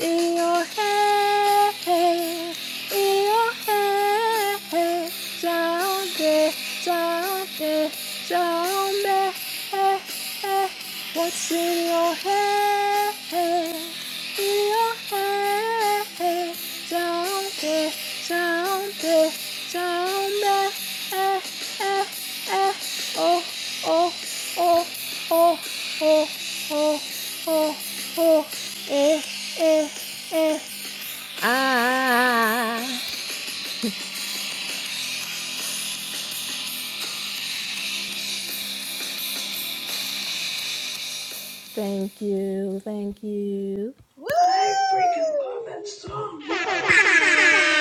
Speaker 5: in your head, in your head. Zombie, zombie, zombie. What's in your head? 이렇게 저렇게 저렇게 저렇게 에에에오오오오오오오에에에 Ah, thank you, thank you.
Speaker 2: Woo!
Speaker 1: I freaking love that song. Yeah.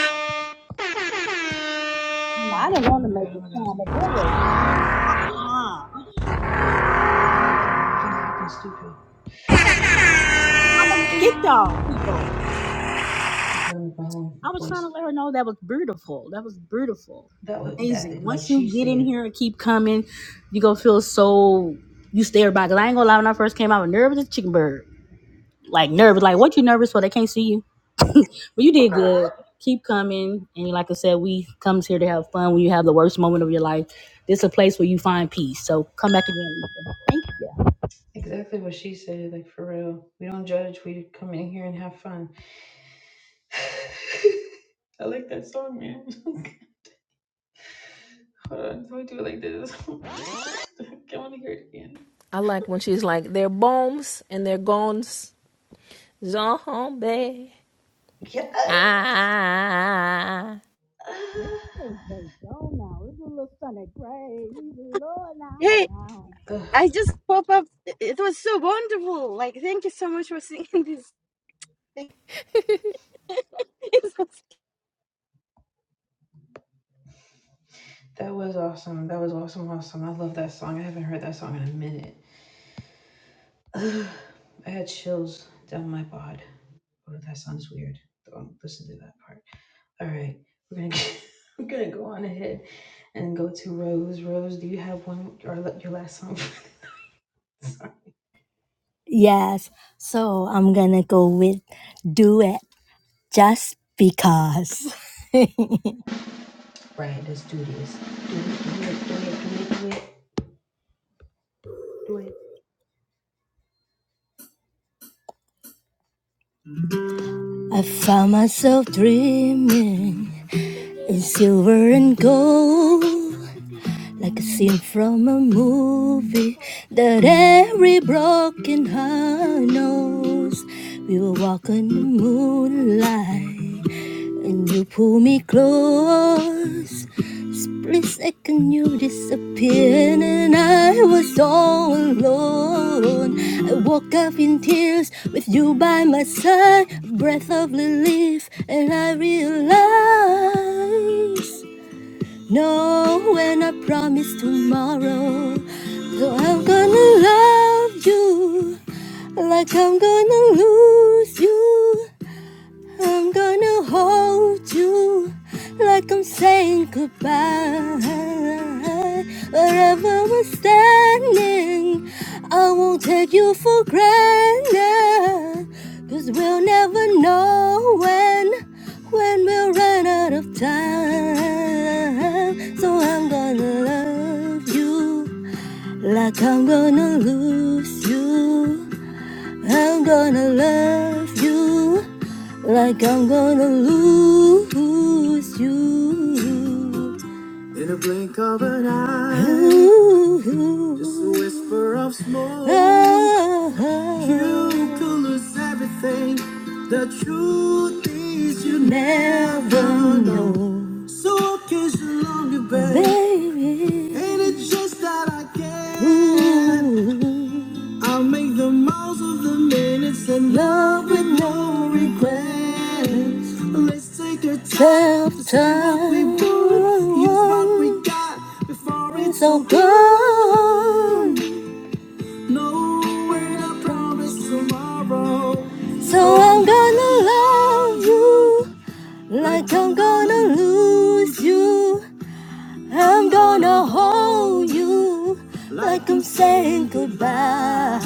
Speaker 1: Oh my
Speaker 13: I didn't
Speaker 1: god, oh my god,
Speaker 13: want
Speaker 1: oh
Speaker 13: to
Speaker 1: my
Speaker 13: make
Speaker 1: god, oh
Speaker 13: it
Speaker 1: my god.
Speaker 13: sound, but boy. Uh-uh.
Speaker 1: Oh my god, my thing's acting stupid.
Speaker 13: I, didn't,
Speaker 1: Doo,
Speaker 13: I
Speaker 1: doo,
Speaker 13: was
Speaker 1: doo,
Speaker 13: get y'all
Speaker 1: doo.
Speaker 13: people.
Speaker 1: I'm trying to make my own
Speaker 13: I was trying to
Speaker 1: voice.
Speaker 13: let her know that was beautiful. That was beautiful.
Speaker 1: That was
Speaker 13: Amazing.
Speaker 1: that like
Speaker 13: Once
Speaker 1: she
Speaker 13: you get in
Speaker 1: said.
Speaker 13: here and keep coming, you gonna feel so you stay back. I ain't gonna lie, when I first came out, I was nervous as a chicken bird. Like nervous. Like what you nervous for? They can't see you. But you did good. Keep coming. And like I said, we comes here to have fun when you have the worst moment of your life. This is a place where you find peace. So come back again.
Speaker 1: Exactly what she said, like for real. We don't judge, we come in here and have fun. I like that song, man. Hold on, do I do it like this? I wanna hear it again.
Speaker 5: I like when she's like, they're bombs and they're gones. Zombie.
Speaker 1: Yeah.
Speaker 5: Ah.
Speaker 13: Oh, thank God now. It's a little Sunday. Praise the Lord now.
Speaker 14: Hey,
Speaker 13: Wow.
Speaker 1: Ugh,
Speaker 14: I just pop up. It was so wonderful. Like, thank you so much for singing this. Thank you so
Speaker 1: that was awesome. That was awesome, awesome. I love that song. I haven't heard that song in a minute. Ugh, I had chills down my bod. Oh, that sounds weird. Don't listen to that part. All right, we're gonna get, we're gonna go on ahead and go to Rose. Rose, do you have one or la- your last song? Sorry.
Speaker 7: Yes, so I'm gonna go with duet. just because. I
Speaker 1: Right, let's do this. Do it, do it, do it, do it, do it, do it.
Speaker 7: found myself dreaming in silver and gold. like a scene from a movie that every broken heart knows. We were walking in the moonlight, and you pulled me close. Split second, you disappeared, and I was all alone. I woke up in tears with you by my side, breath of relief, and I realized. No, when I promise tomorrow, though I'm gonna love you like I'm gonna lose you. I'm gonna hold you like I'm saying goodbye. Wherever we're standing, I won't take you for granted. Cause we'll never know when, when we'll run out of time. So I'm gonna love you like I'm gonna lose you. I'm gonna love you like I'm gonna lose you. oh, you could never know, baby. In love with no regrets. Take your time, time. Use what we got before it's all gone. So I'm gonna love you like I'm gonna lose you. I'm gonna hold you like I'm saying goodbye.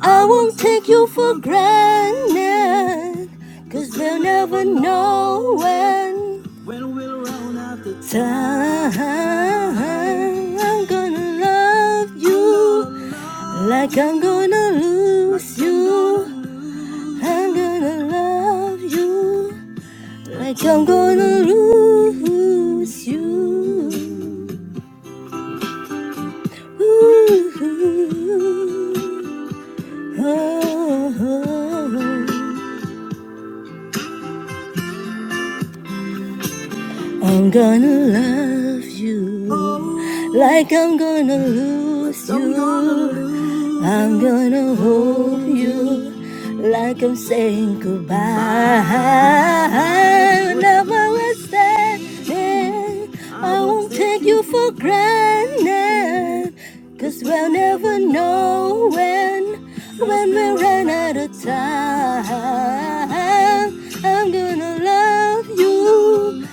Speaker 7: I won't take you for granted, cause they'll never know when. Time I'm gonna love you like I'm gonna lose you. I'm gonna love you like I'm gonna lose you. Ooh, oh, oh. I'm gonna love you like I'm gonna lose you. I'm gonna hold you like I'm saying goodbye. Whenever we're standing, I won't take you for granted. we we'll never know when, when we run out of time. I'm gonna love you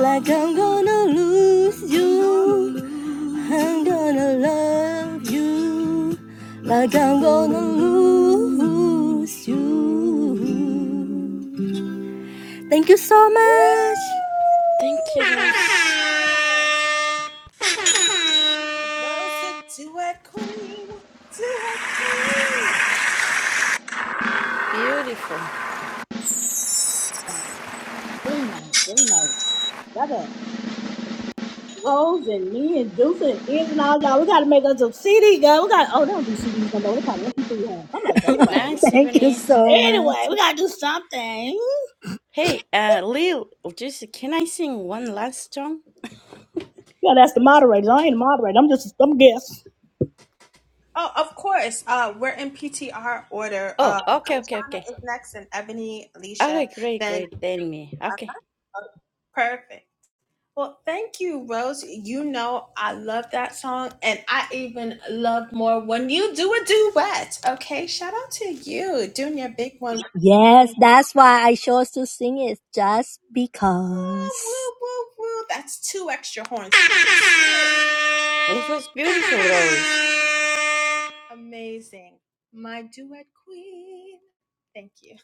Speaker 7: like I'm gonna lose you. I'm gonna love you like I'm gonna lose you. Thank you so much.
Speaker 14: Thank you, Rose.
Speaker 2: do it, queen.
Speaker 14: Beautiful.
Speaker 13: Very nice. Very nice. Love it. Rose and me and Juice and Iz and all y'all. We gotta make us a CD, girl. We got to oh they don't do CDs no more. They call them MP3 huh? I'm like anyway,
Speaker 14: Nice
Speaker 7: Thank you
Speaker 14: evening.
Speaker 7: so much.
Speaker 13: anyway, we gotta do something.
Speaker 14: Hey, uh, Lil, just can I sing one last song?
Speaker 13: Yeah, that's
Speaker 14: Is
Speaker 13: the
Speaker 14: that-
Speaker 13: moderators. I ain't a moderator. I'm just I'm guest.
Speaker 2: Oh, of course. Uh, we're in PTR order.
Speaker 14: Oh,
Speaker 2: Uh,
Speaker 14: okay, okay,
Speaker 2: Kanchana
Speaker 14: okay.
Speaker 2: is next, and Ebony,
Speaker 14: Okay,
Speaker 2: Alicia,
Speaker 14: great,
Speaker 2: then.
Speaker 14: great. Then me.
Speaker 2: Uh,
Speaker 14: Okay.
Speaker 2: perfect. Well, thank you, Rose. You know I love that song, and I even love more when you do a duet. Okay, shout out to you doing your big one.
Speaker 7: Yes, that's why I chose to sing it just because.
Speaker 2: Woo, woo, woo. That's two extra horns.
Speaker 14: It was beautiful, Rose.
Speaker 2: Amazing. My duet queen. Thank you.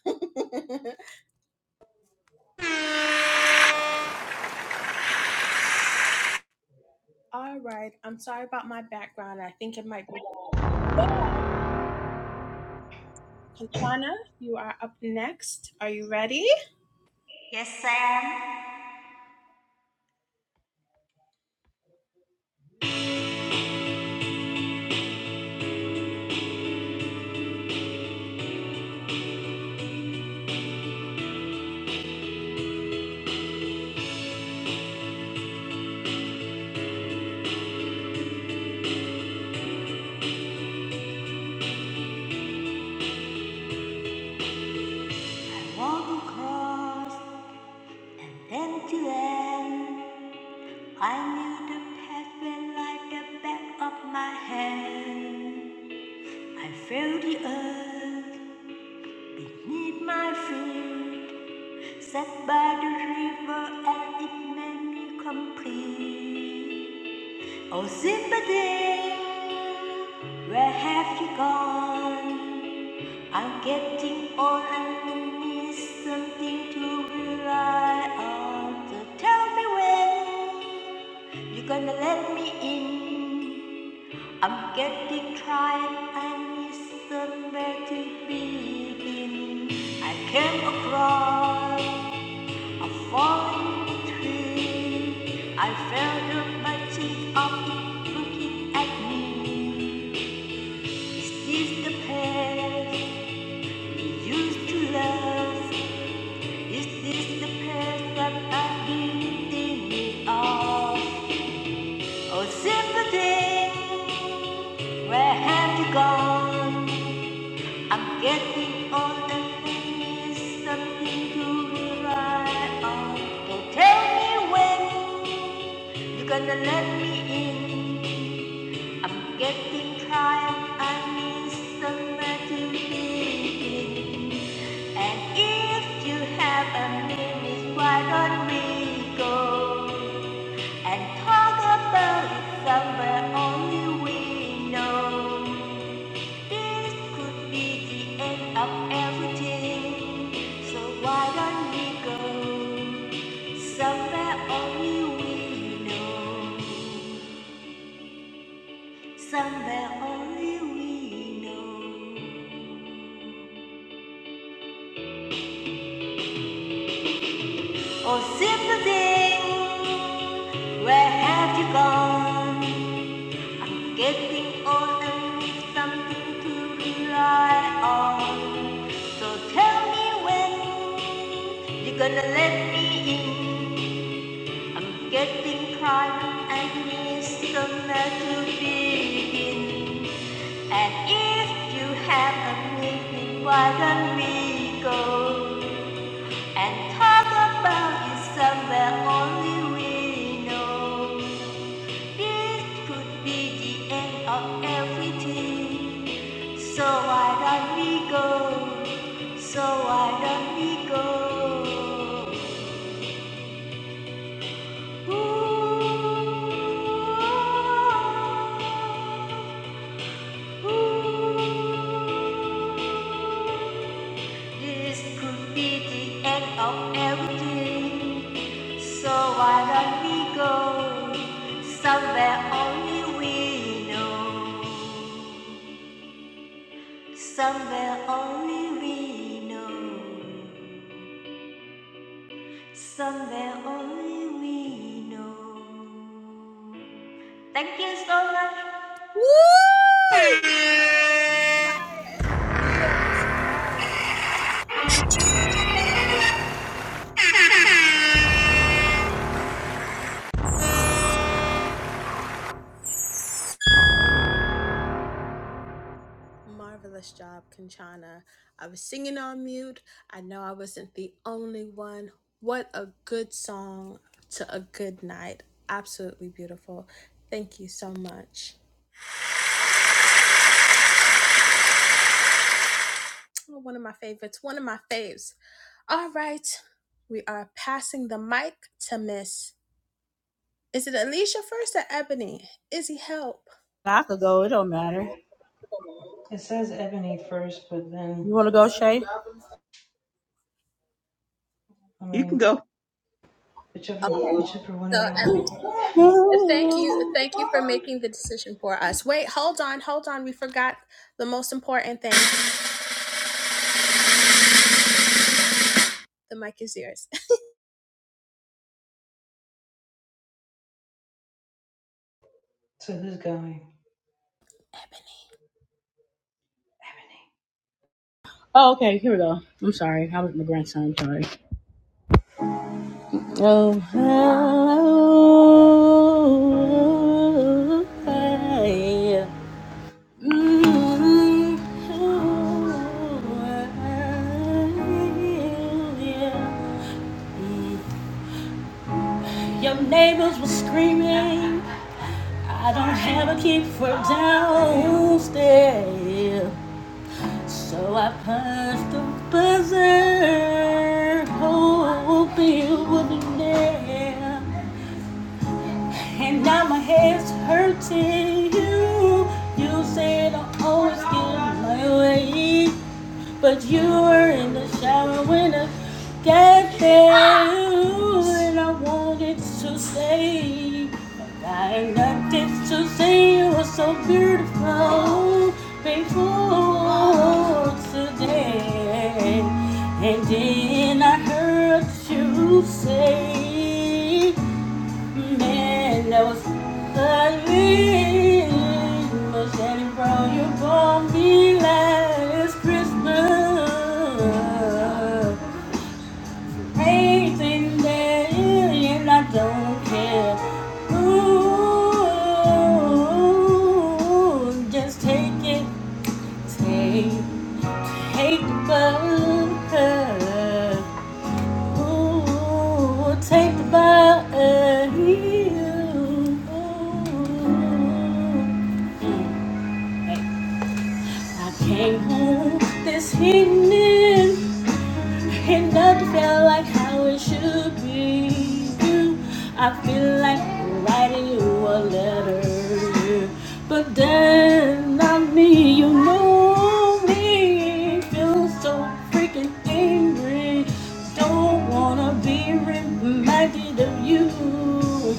Speaker 2: All right. I'm sorry about my background. I think it might be. Kanchana, you are up next. Are you ready?
Speaker 10: Yes, Sam. I walked across and then to end. I knew the path went like the back of my hand. I felt the earth beneath my feet. Set by the river and it made me complete. Oh, sympathy, where have you gone? I'm getting old and need something to rely on. So tell me when you're gonna let me in. I'm getting tired and need somewhere to begin. I came across. A falling tree. I felt her my teeth up looking at me. Is this the past we used to love? Is this the past that I've been thinking of? Oh, simple day, where have you gone? I'm getting old and I need something to rely on. Don't tell me when. You're gonna let me in. I'm getting tired. I need somewhere to begin. And if you have a minute, why don't we go and talk about it somewhere only we know? This could be the end of everything. So why don't we go somewhere only we know? Somewhere only we know. Oh, simple thing, where have you gone? Getting old and need something to rely on. So tell me when you're gonna let me in. I'm getting tired and need somewhere to begin. And if you have a meeting, why don't we go? And talk about it somewhere only we know. This could be the end of everything. So why don't we go? So why don't we go? Ooh, ooh. This could be the end of everything. So why don't we go somewhere only we know? Somewhere only we know. Somewhere only we know. Thank you so much.
Speaker 2: Woo! Marvelous job, Kanchana. I was singing on mute. I know I wasn't the only one. What a good song to a good night. Absolutely beautiful. Thank you so much. Oh, One of my favorites. One of my faves. All right. We are passing the mic to Miss. Is it Alicia first or Ebony? Izzy, help.
Speaker 13: I could go. It don't matter.
Speaker 1: It says Ebony first, but then
Speaker 13: You wanna go, Shay?
Speaker 1: I
Speaker 9: You can
Speaker 1: mean
Speaker 9: go.
Speaker 1: whichever
Speaker 2: Okay.
Speaker 1: whichever one
Speaker 2: So,
Speaker 1: of
Speaker 2: um,
Speaker 1: y'all want to go.
Speaker 2: thank you. Thank you for making the decision for us. Wait, hold on. Hold on. We forgot the most important thing. The mic is yours.
Speaker 1: So who's going? Ebony.
Speaker 13: Oh, okay. Here we go. I'm sorry. I was my grandson. I'm sorry. Oh, how Your neighbors were screaming. I don't have a key for downstairs, so I punched the buzzer, hoping you wouldn't there. And now my head's hurting. You, you said I always get my way. But you were in the shower when I got there, and I wanted to say, but I had nothing to say. You were so beautiful before today, and then I heard you say. Man, that was ugly. But Shannon, bro, you gon' be last it's Christmas. Anything that you and I don't care. Ooh, just take it, take, take the bug. Ooh, take the body. I came home this evening. It doesn't feel like how it should be. I feel like writing you a letter, yeah. but then not me. You know me. Feel so freaking angry. Don't wanna be reminded of you.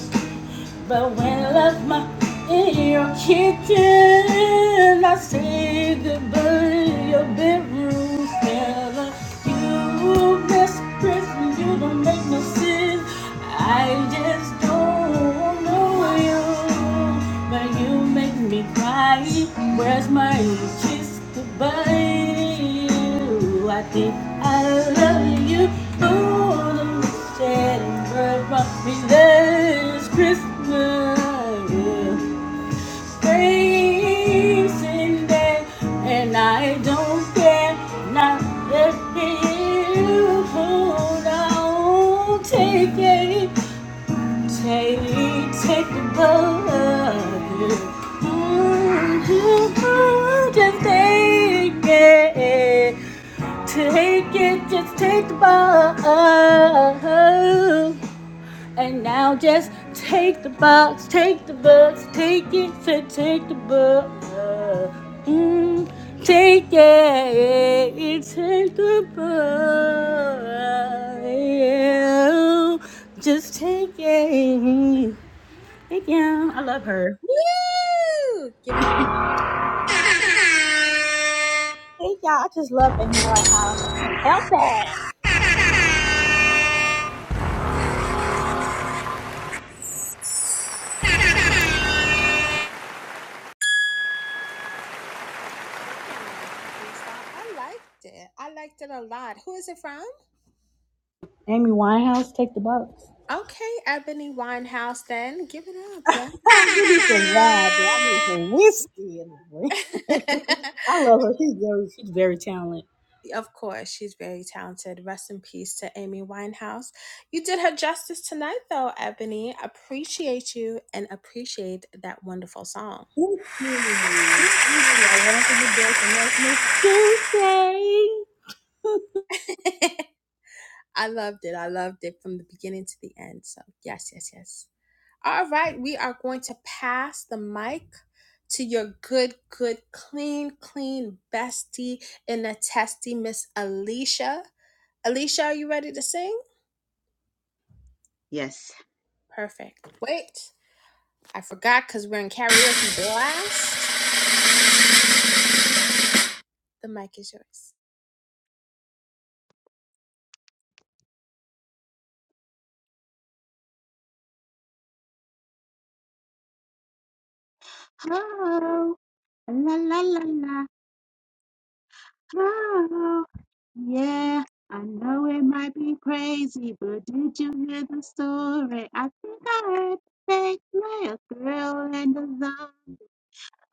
Speaker 13: But when I left my in your kitchen, I say goodbye to your bedroom smell. You miss Christmas, you don't make no sense. I just don't know you, but you. make make me cry. Where's my kiss goodbye? I think I love you more than the Shattered brought me this Christmas. Thanks in there, and I don't care. Not if you hold on, take it. Take, take the blood. Mm-hmm. Just take it. Take it, just take the blood. And now just take the box, take the box, take it, So take the blood. Mm, take it, take the blood. Just take it. Hey, yeah, I love her.
Speaker 2: Woo! Give it up.
Speaker 13: Hey y'all, I just love Amy Winehouse. I can't help it.
Speaker 2: I liked it. I liked it a lot. Who is it from?
Speaker 13: Amy Winehouse, take the box.
Speaker 2: Okay, Ebony Winehouse, then give it up. Yeah.
Speaker 13: I Give me some wine, man. I need some whiskey in the drink. I love her. She's very, She's very talented.
Speaker 2: of course, she's very talented. Rest in peace to Amy Winehouse. You did her justice tonight, though, Ebony. Appreciate you and appreciate that wonderful song.
Speaker 13: thank you. Thank you. I
Speaker 2: I
Speaker 13: love her the best, and that's Miss Tuesday.
Speaker 2: loved it. I loved it from the beginning to the end. So, yes, yes, yes. All right, we are going to pass the mic to your good, good, clean, clean bestie in the testy, Miss Alicia. Alicia, are you ready to sing?
Speaker 9: Yes.
Speaker 2: Perfect. Wait, I forgot because we're in karaoke blast. The mic is yours.
Speaker 9: Oh, la la la la. Oh, yeah, I know it might be crazy, but did you hear the story? I think I heard they play a girl and a zombie.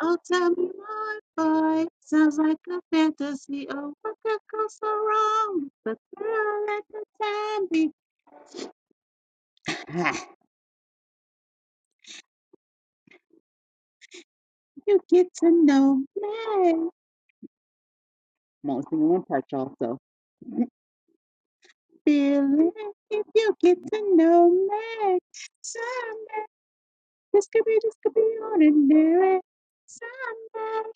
Speaker 9: Oh, tell me more, boy. Sounds like a fantasy. Oh, what could go so wrong? The girl and the zombie. Ah, you get to know me. I'm only singing one part, y'all, so feel it if you get to know me. someday. This could be, this could be ordinary. Someday,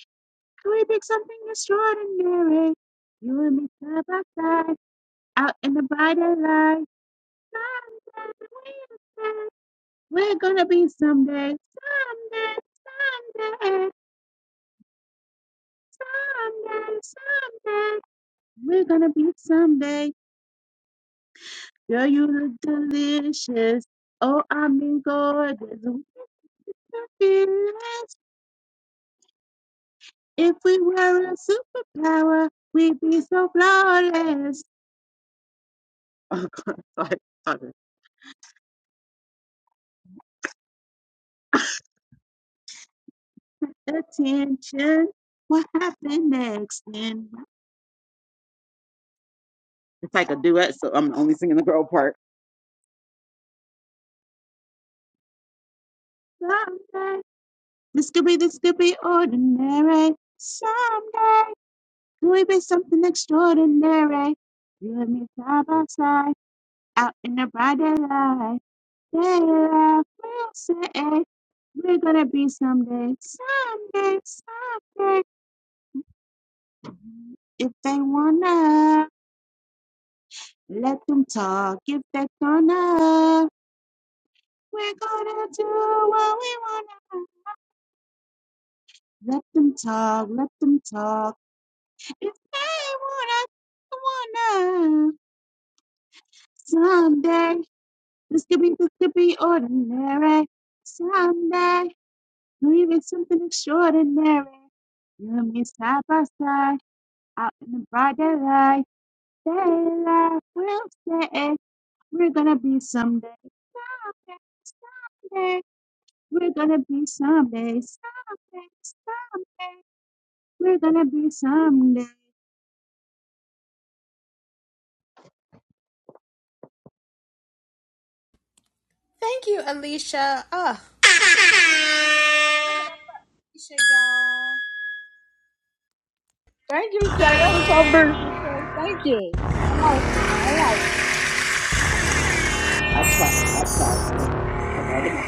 Speaker 9: could we make something extraordinary? You and me side by side, out in the brighter light. Someday, we said we're gonna be someday. Someday, someday, someday, someday. We're gonna be someday. Girl, you look delicious. Oh, I mean gorgeous. We can feel If we were a superpower, we'd be so flawless. Oh, God. Sorry. Sorry. Attention. What happened next? And it's like a duet, so I'm only singing the girl part. Someday. This could be, this could be ordinary. Someday. Could we be something extraordinary? You and me side by side, out in the bright daylight. Yeah, yeah, we'll say it. We're gonna be someday, someday, someday. If they wanna, let them talk. If they gonna, we're gonna do what we wanna. Let them talk, let them talk. If they wanna, wanna. Someday, this could be, this could be ordinary. Someday, we'll even something extraordinary. You and me side by side. Out in the brighter light, daylight, we'll stay. We're gonna be someday. Someday, we're gonna be someday. Someday, someday, we're gonna be someday.
Speaker 2: Thank you, Alicia. Oh, Alicia, y'all.
Speaker 13: Thank you, Shay. That was so beautiful, Shay. Thank you. I like it. I like it.
Speaker 9: I tried, I tried, okay? That's all that matters.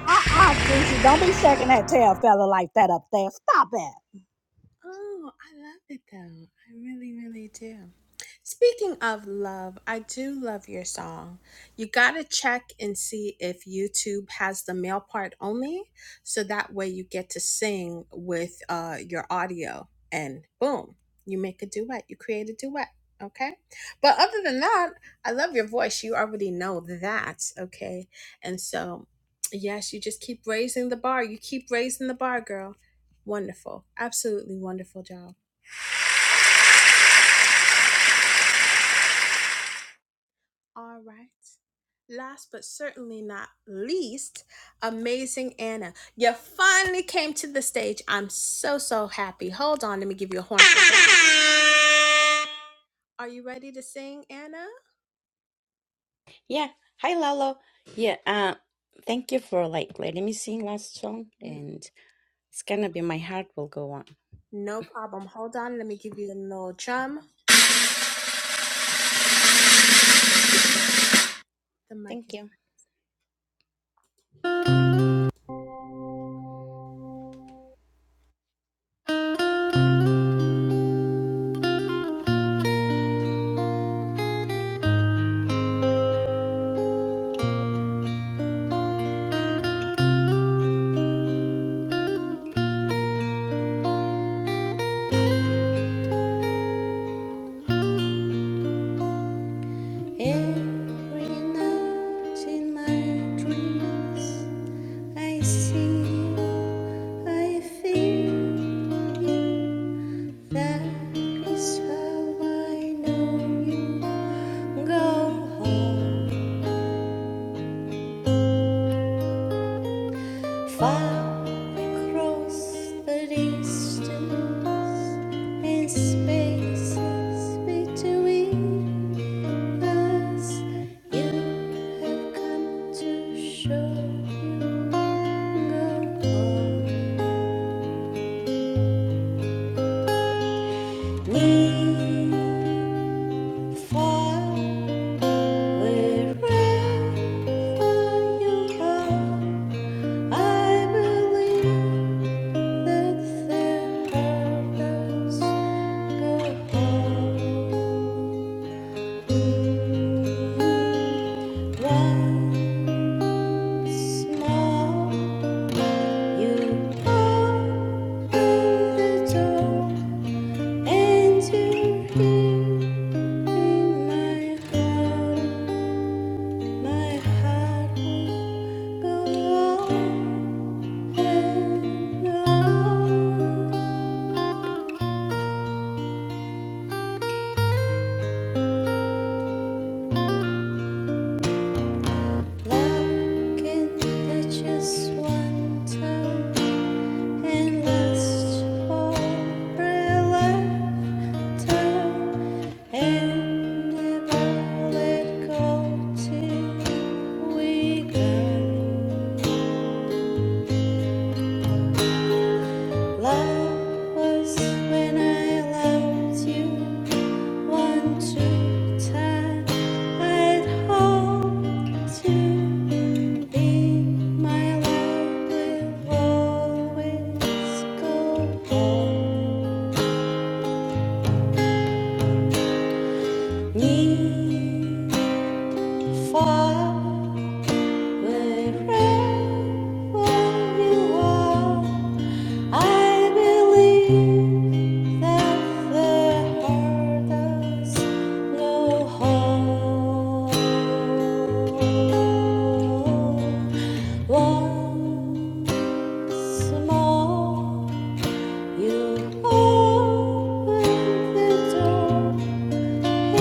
Speaker 13: Uh-uh, Brucey. Don't be shaking that tail fella like that up there. Stop it.
Speaker 2: Oh, I love it though. I really, really do. Speaking of love, I do love your song. You got to check and see if YouTube has the male part only. So that way you get to sing with uh, your audio and boom, you make a duet. You create a duet. Okay. But other than that, I love your voice. You already know that. Okay. And so, yes, you just keep raising the bar. You keep raising the bar, girl. Wonderful. Absolutely wonderful job. All right. Last but certainly not least, amazing Anna. You finally came to the stage. I'm so, so happy. Hold on, let me give you a horn. Are you ready to sing, Anna?
Speaker 14: Yeah. Hi, Lalo. Yeah. Uh, thank you for like letting me sing last song, and it's gonna be my heart will go on.
Speaker 2: No problem. Hold on, let me give you a little drum. The mic
Speaker 14: Thank
Speaker 2: is.
Speaker 14: you. Every night in my dreams, I see, I feel you. That is how I know you. Go home, far across the distance and spaces between. Us, you have come to show you no wherever you are. I believe that their hearts go home. Once more. You the door and you my heart, my heart will go on and Love can touch us one time and last forever? And if all had gone to we got love was when I loved you one true time I'd hope to be my love will always go on me far. When you are, I believe that the heart does no harm. Once more, you open the door.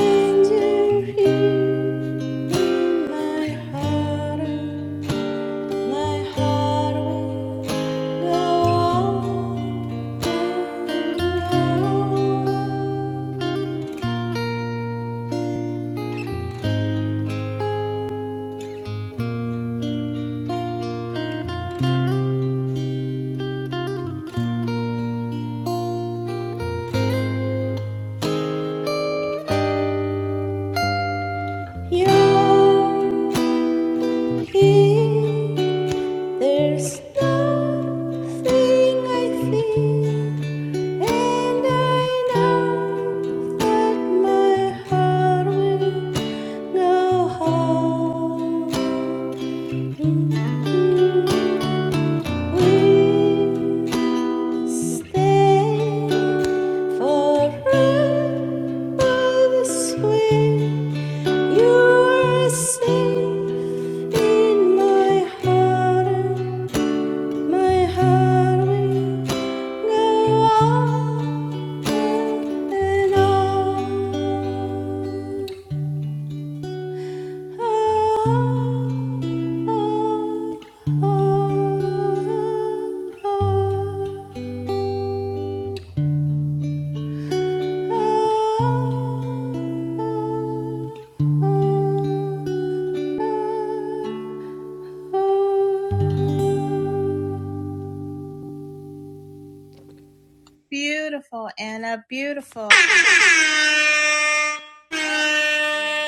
Speaker 14: And you hear my heart my heart will go on. You're here. There's nothing I fear, and I know that my heart will go home. We Stay forever this You are safe in my heart. My heart will go on and on. Oh, oh, oh, oh, oh.
Speaker 2: Beautiful, Anna. Beautiful. Oh, dear.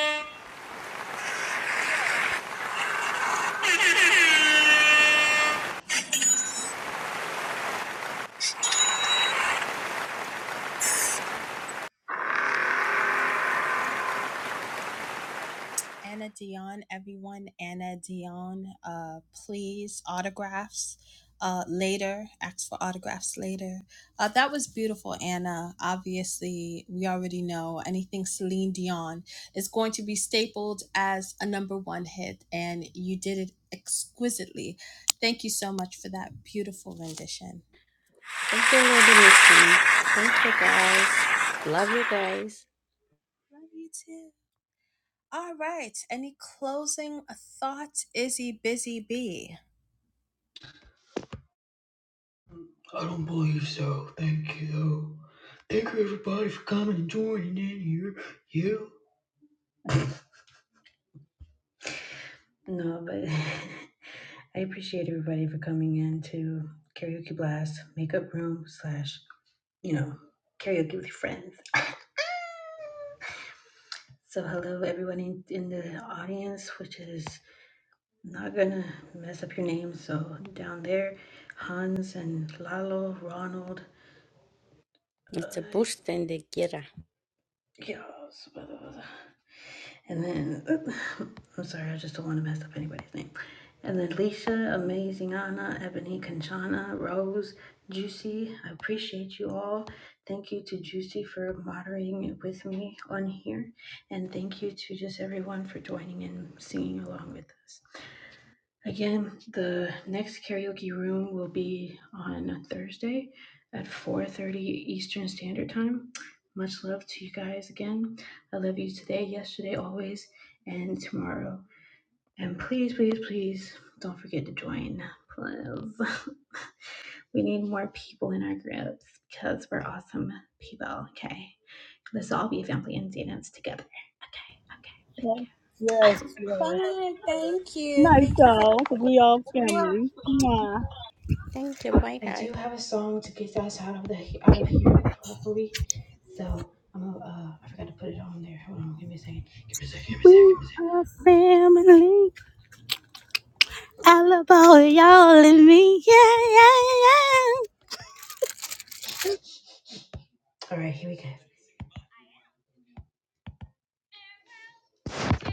Speaker 2: Anna Dion, everyone. Anna Dion, uh, please, autographs uh, later. Ask for autographs later. Uh, that was beautiful, Anna. Obviously, we already know anything Celine Dion is going to be stapled as a number one hit, and you did it exquisitely. Thank you so much for that beautiful rendition.
Speaker 14: Thank you, Lady Missing. Thank you, guys. Love you guys.
Speaker 2: Love you too. All right. Any closing thoughts, Izzy Busy Bee?
Speaker 1: I don't believe so. Thank you. Thank you everybody for coming and joining in here. You. No, but I appreciate everybody for coming in to karaoke blast, makeup room slash, you know, karaoke with friends. So hello everyone in, in the audience, which is not gonna mess up your name. So down there, Hans and Lalo, Ronald, uh,
Speaker 14: It's a boost and a gira.
Speaker 1: yeah, and then I'm sorry, I just don't want to mess up anybody's name. And then Lisa, Amazing Anna, Ebony Kanchana, Rose, Juicy, I appreciate you all. Thank you to Juicy for moderating it with me on here. And thank you to just everyone for joining and singing along with us. Again, the next karaoke room will be on Thursday at 4.30 Eastern Standard Time. Much love to you guys again. I love you today, yesterday, always, and tomorrow. And please, please, please don't forget to join Medium PA. Listen,
Speaker 13: Yes, yes.
Speaker 2: Bye. Thank you. Thank you for
Speaker 13: Michael, because we all
Speaker 2: the
Speaker 13: family. Mwah.
Speaker 14: Thank you. Bye,
Speaker 1: I
Speaker 14: guys.
Speaker 1: do have a song to get us out of the out of here properly, so I'm gonna. Uh, I forgot to put it on there. Hold on, give me a second. Give me a second. Give me a second.
Speaker 13: We
Speaker 1: Give me a
Speaker 13: are family. I love all y'all and me. Yeah, yeah, yeah. yeah.
Speaker 1: second. All right.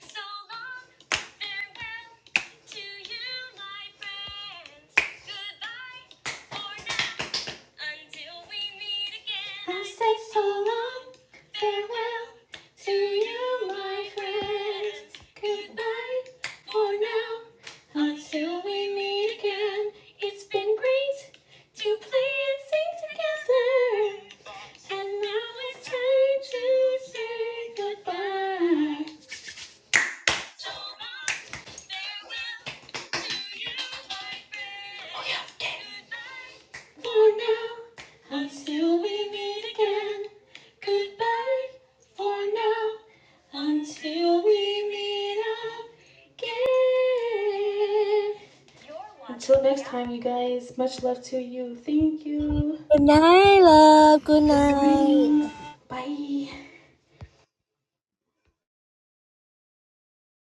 Speaker 1: So long, farewell to you, my friends. Goodbye for now, until we meet again. I say so long, farewell to you, my friends. Goodbye for now, until we meet again. It's been great to play and sing together, and now it's time to say goodbye. So long. Oh, yeah, okay. For now, until we meet again. Goodbye. For now, until we meet again. Until next time, you guys. Much love to you. Thank you.
Speaker 7: Good night, love. Good
Speaker 1: Good
Speaker 7: night.
Speaker 1: mornings. Bye.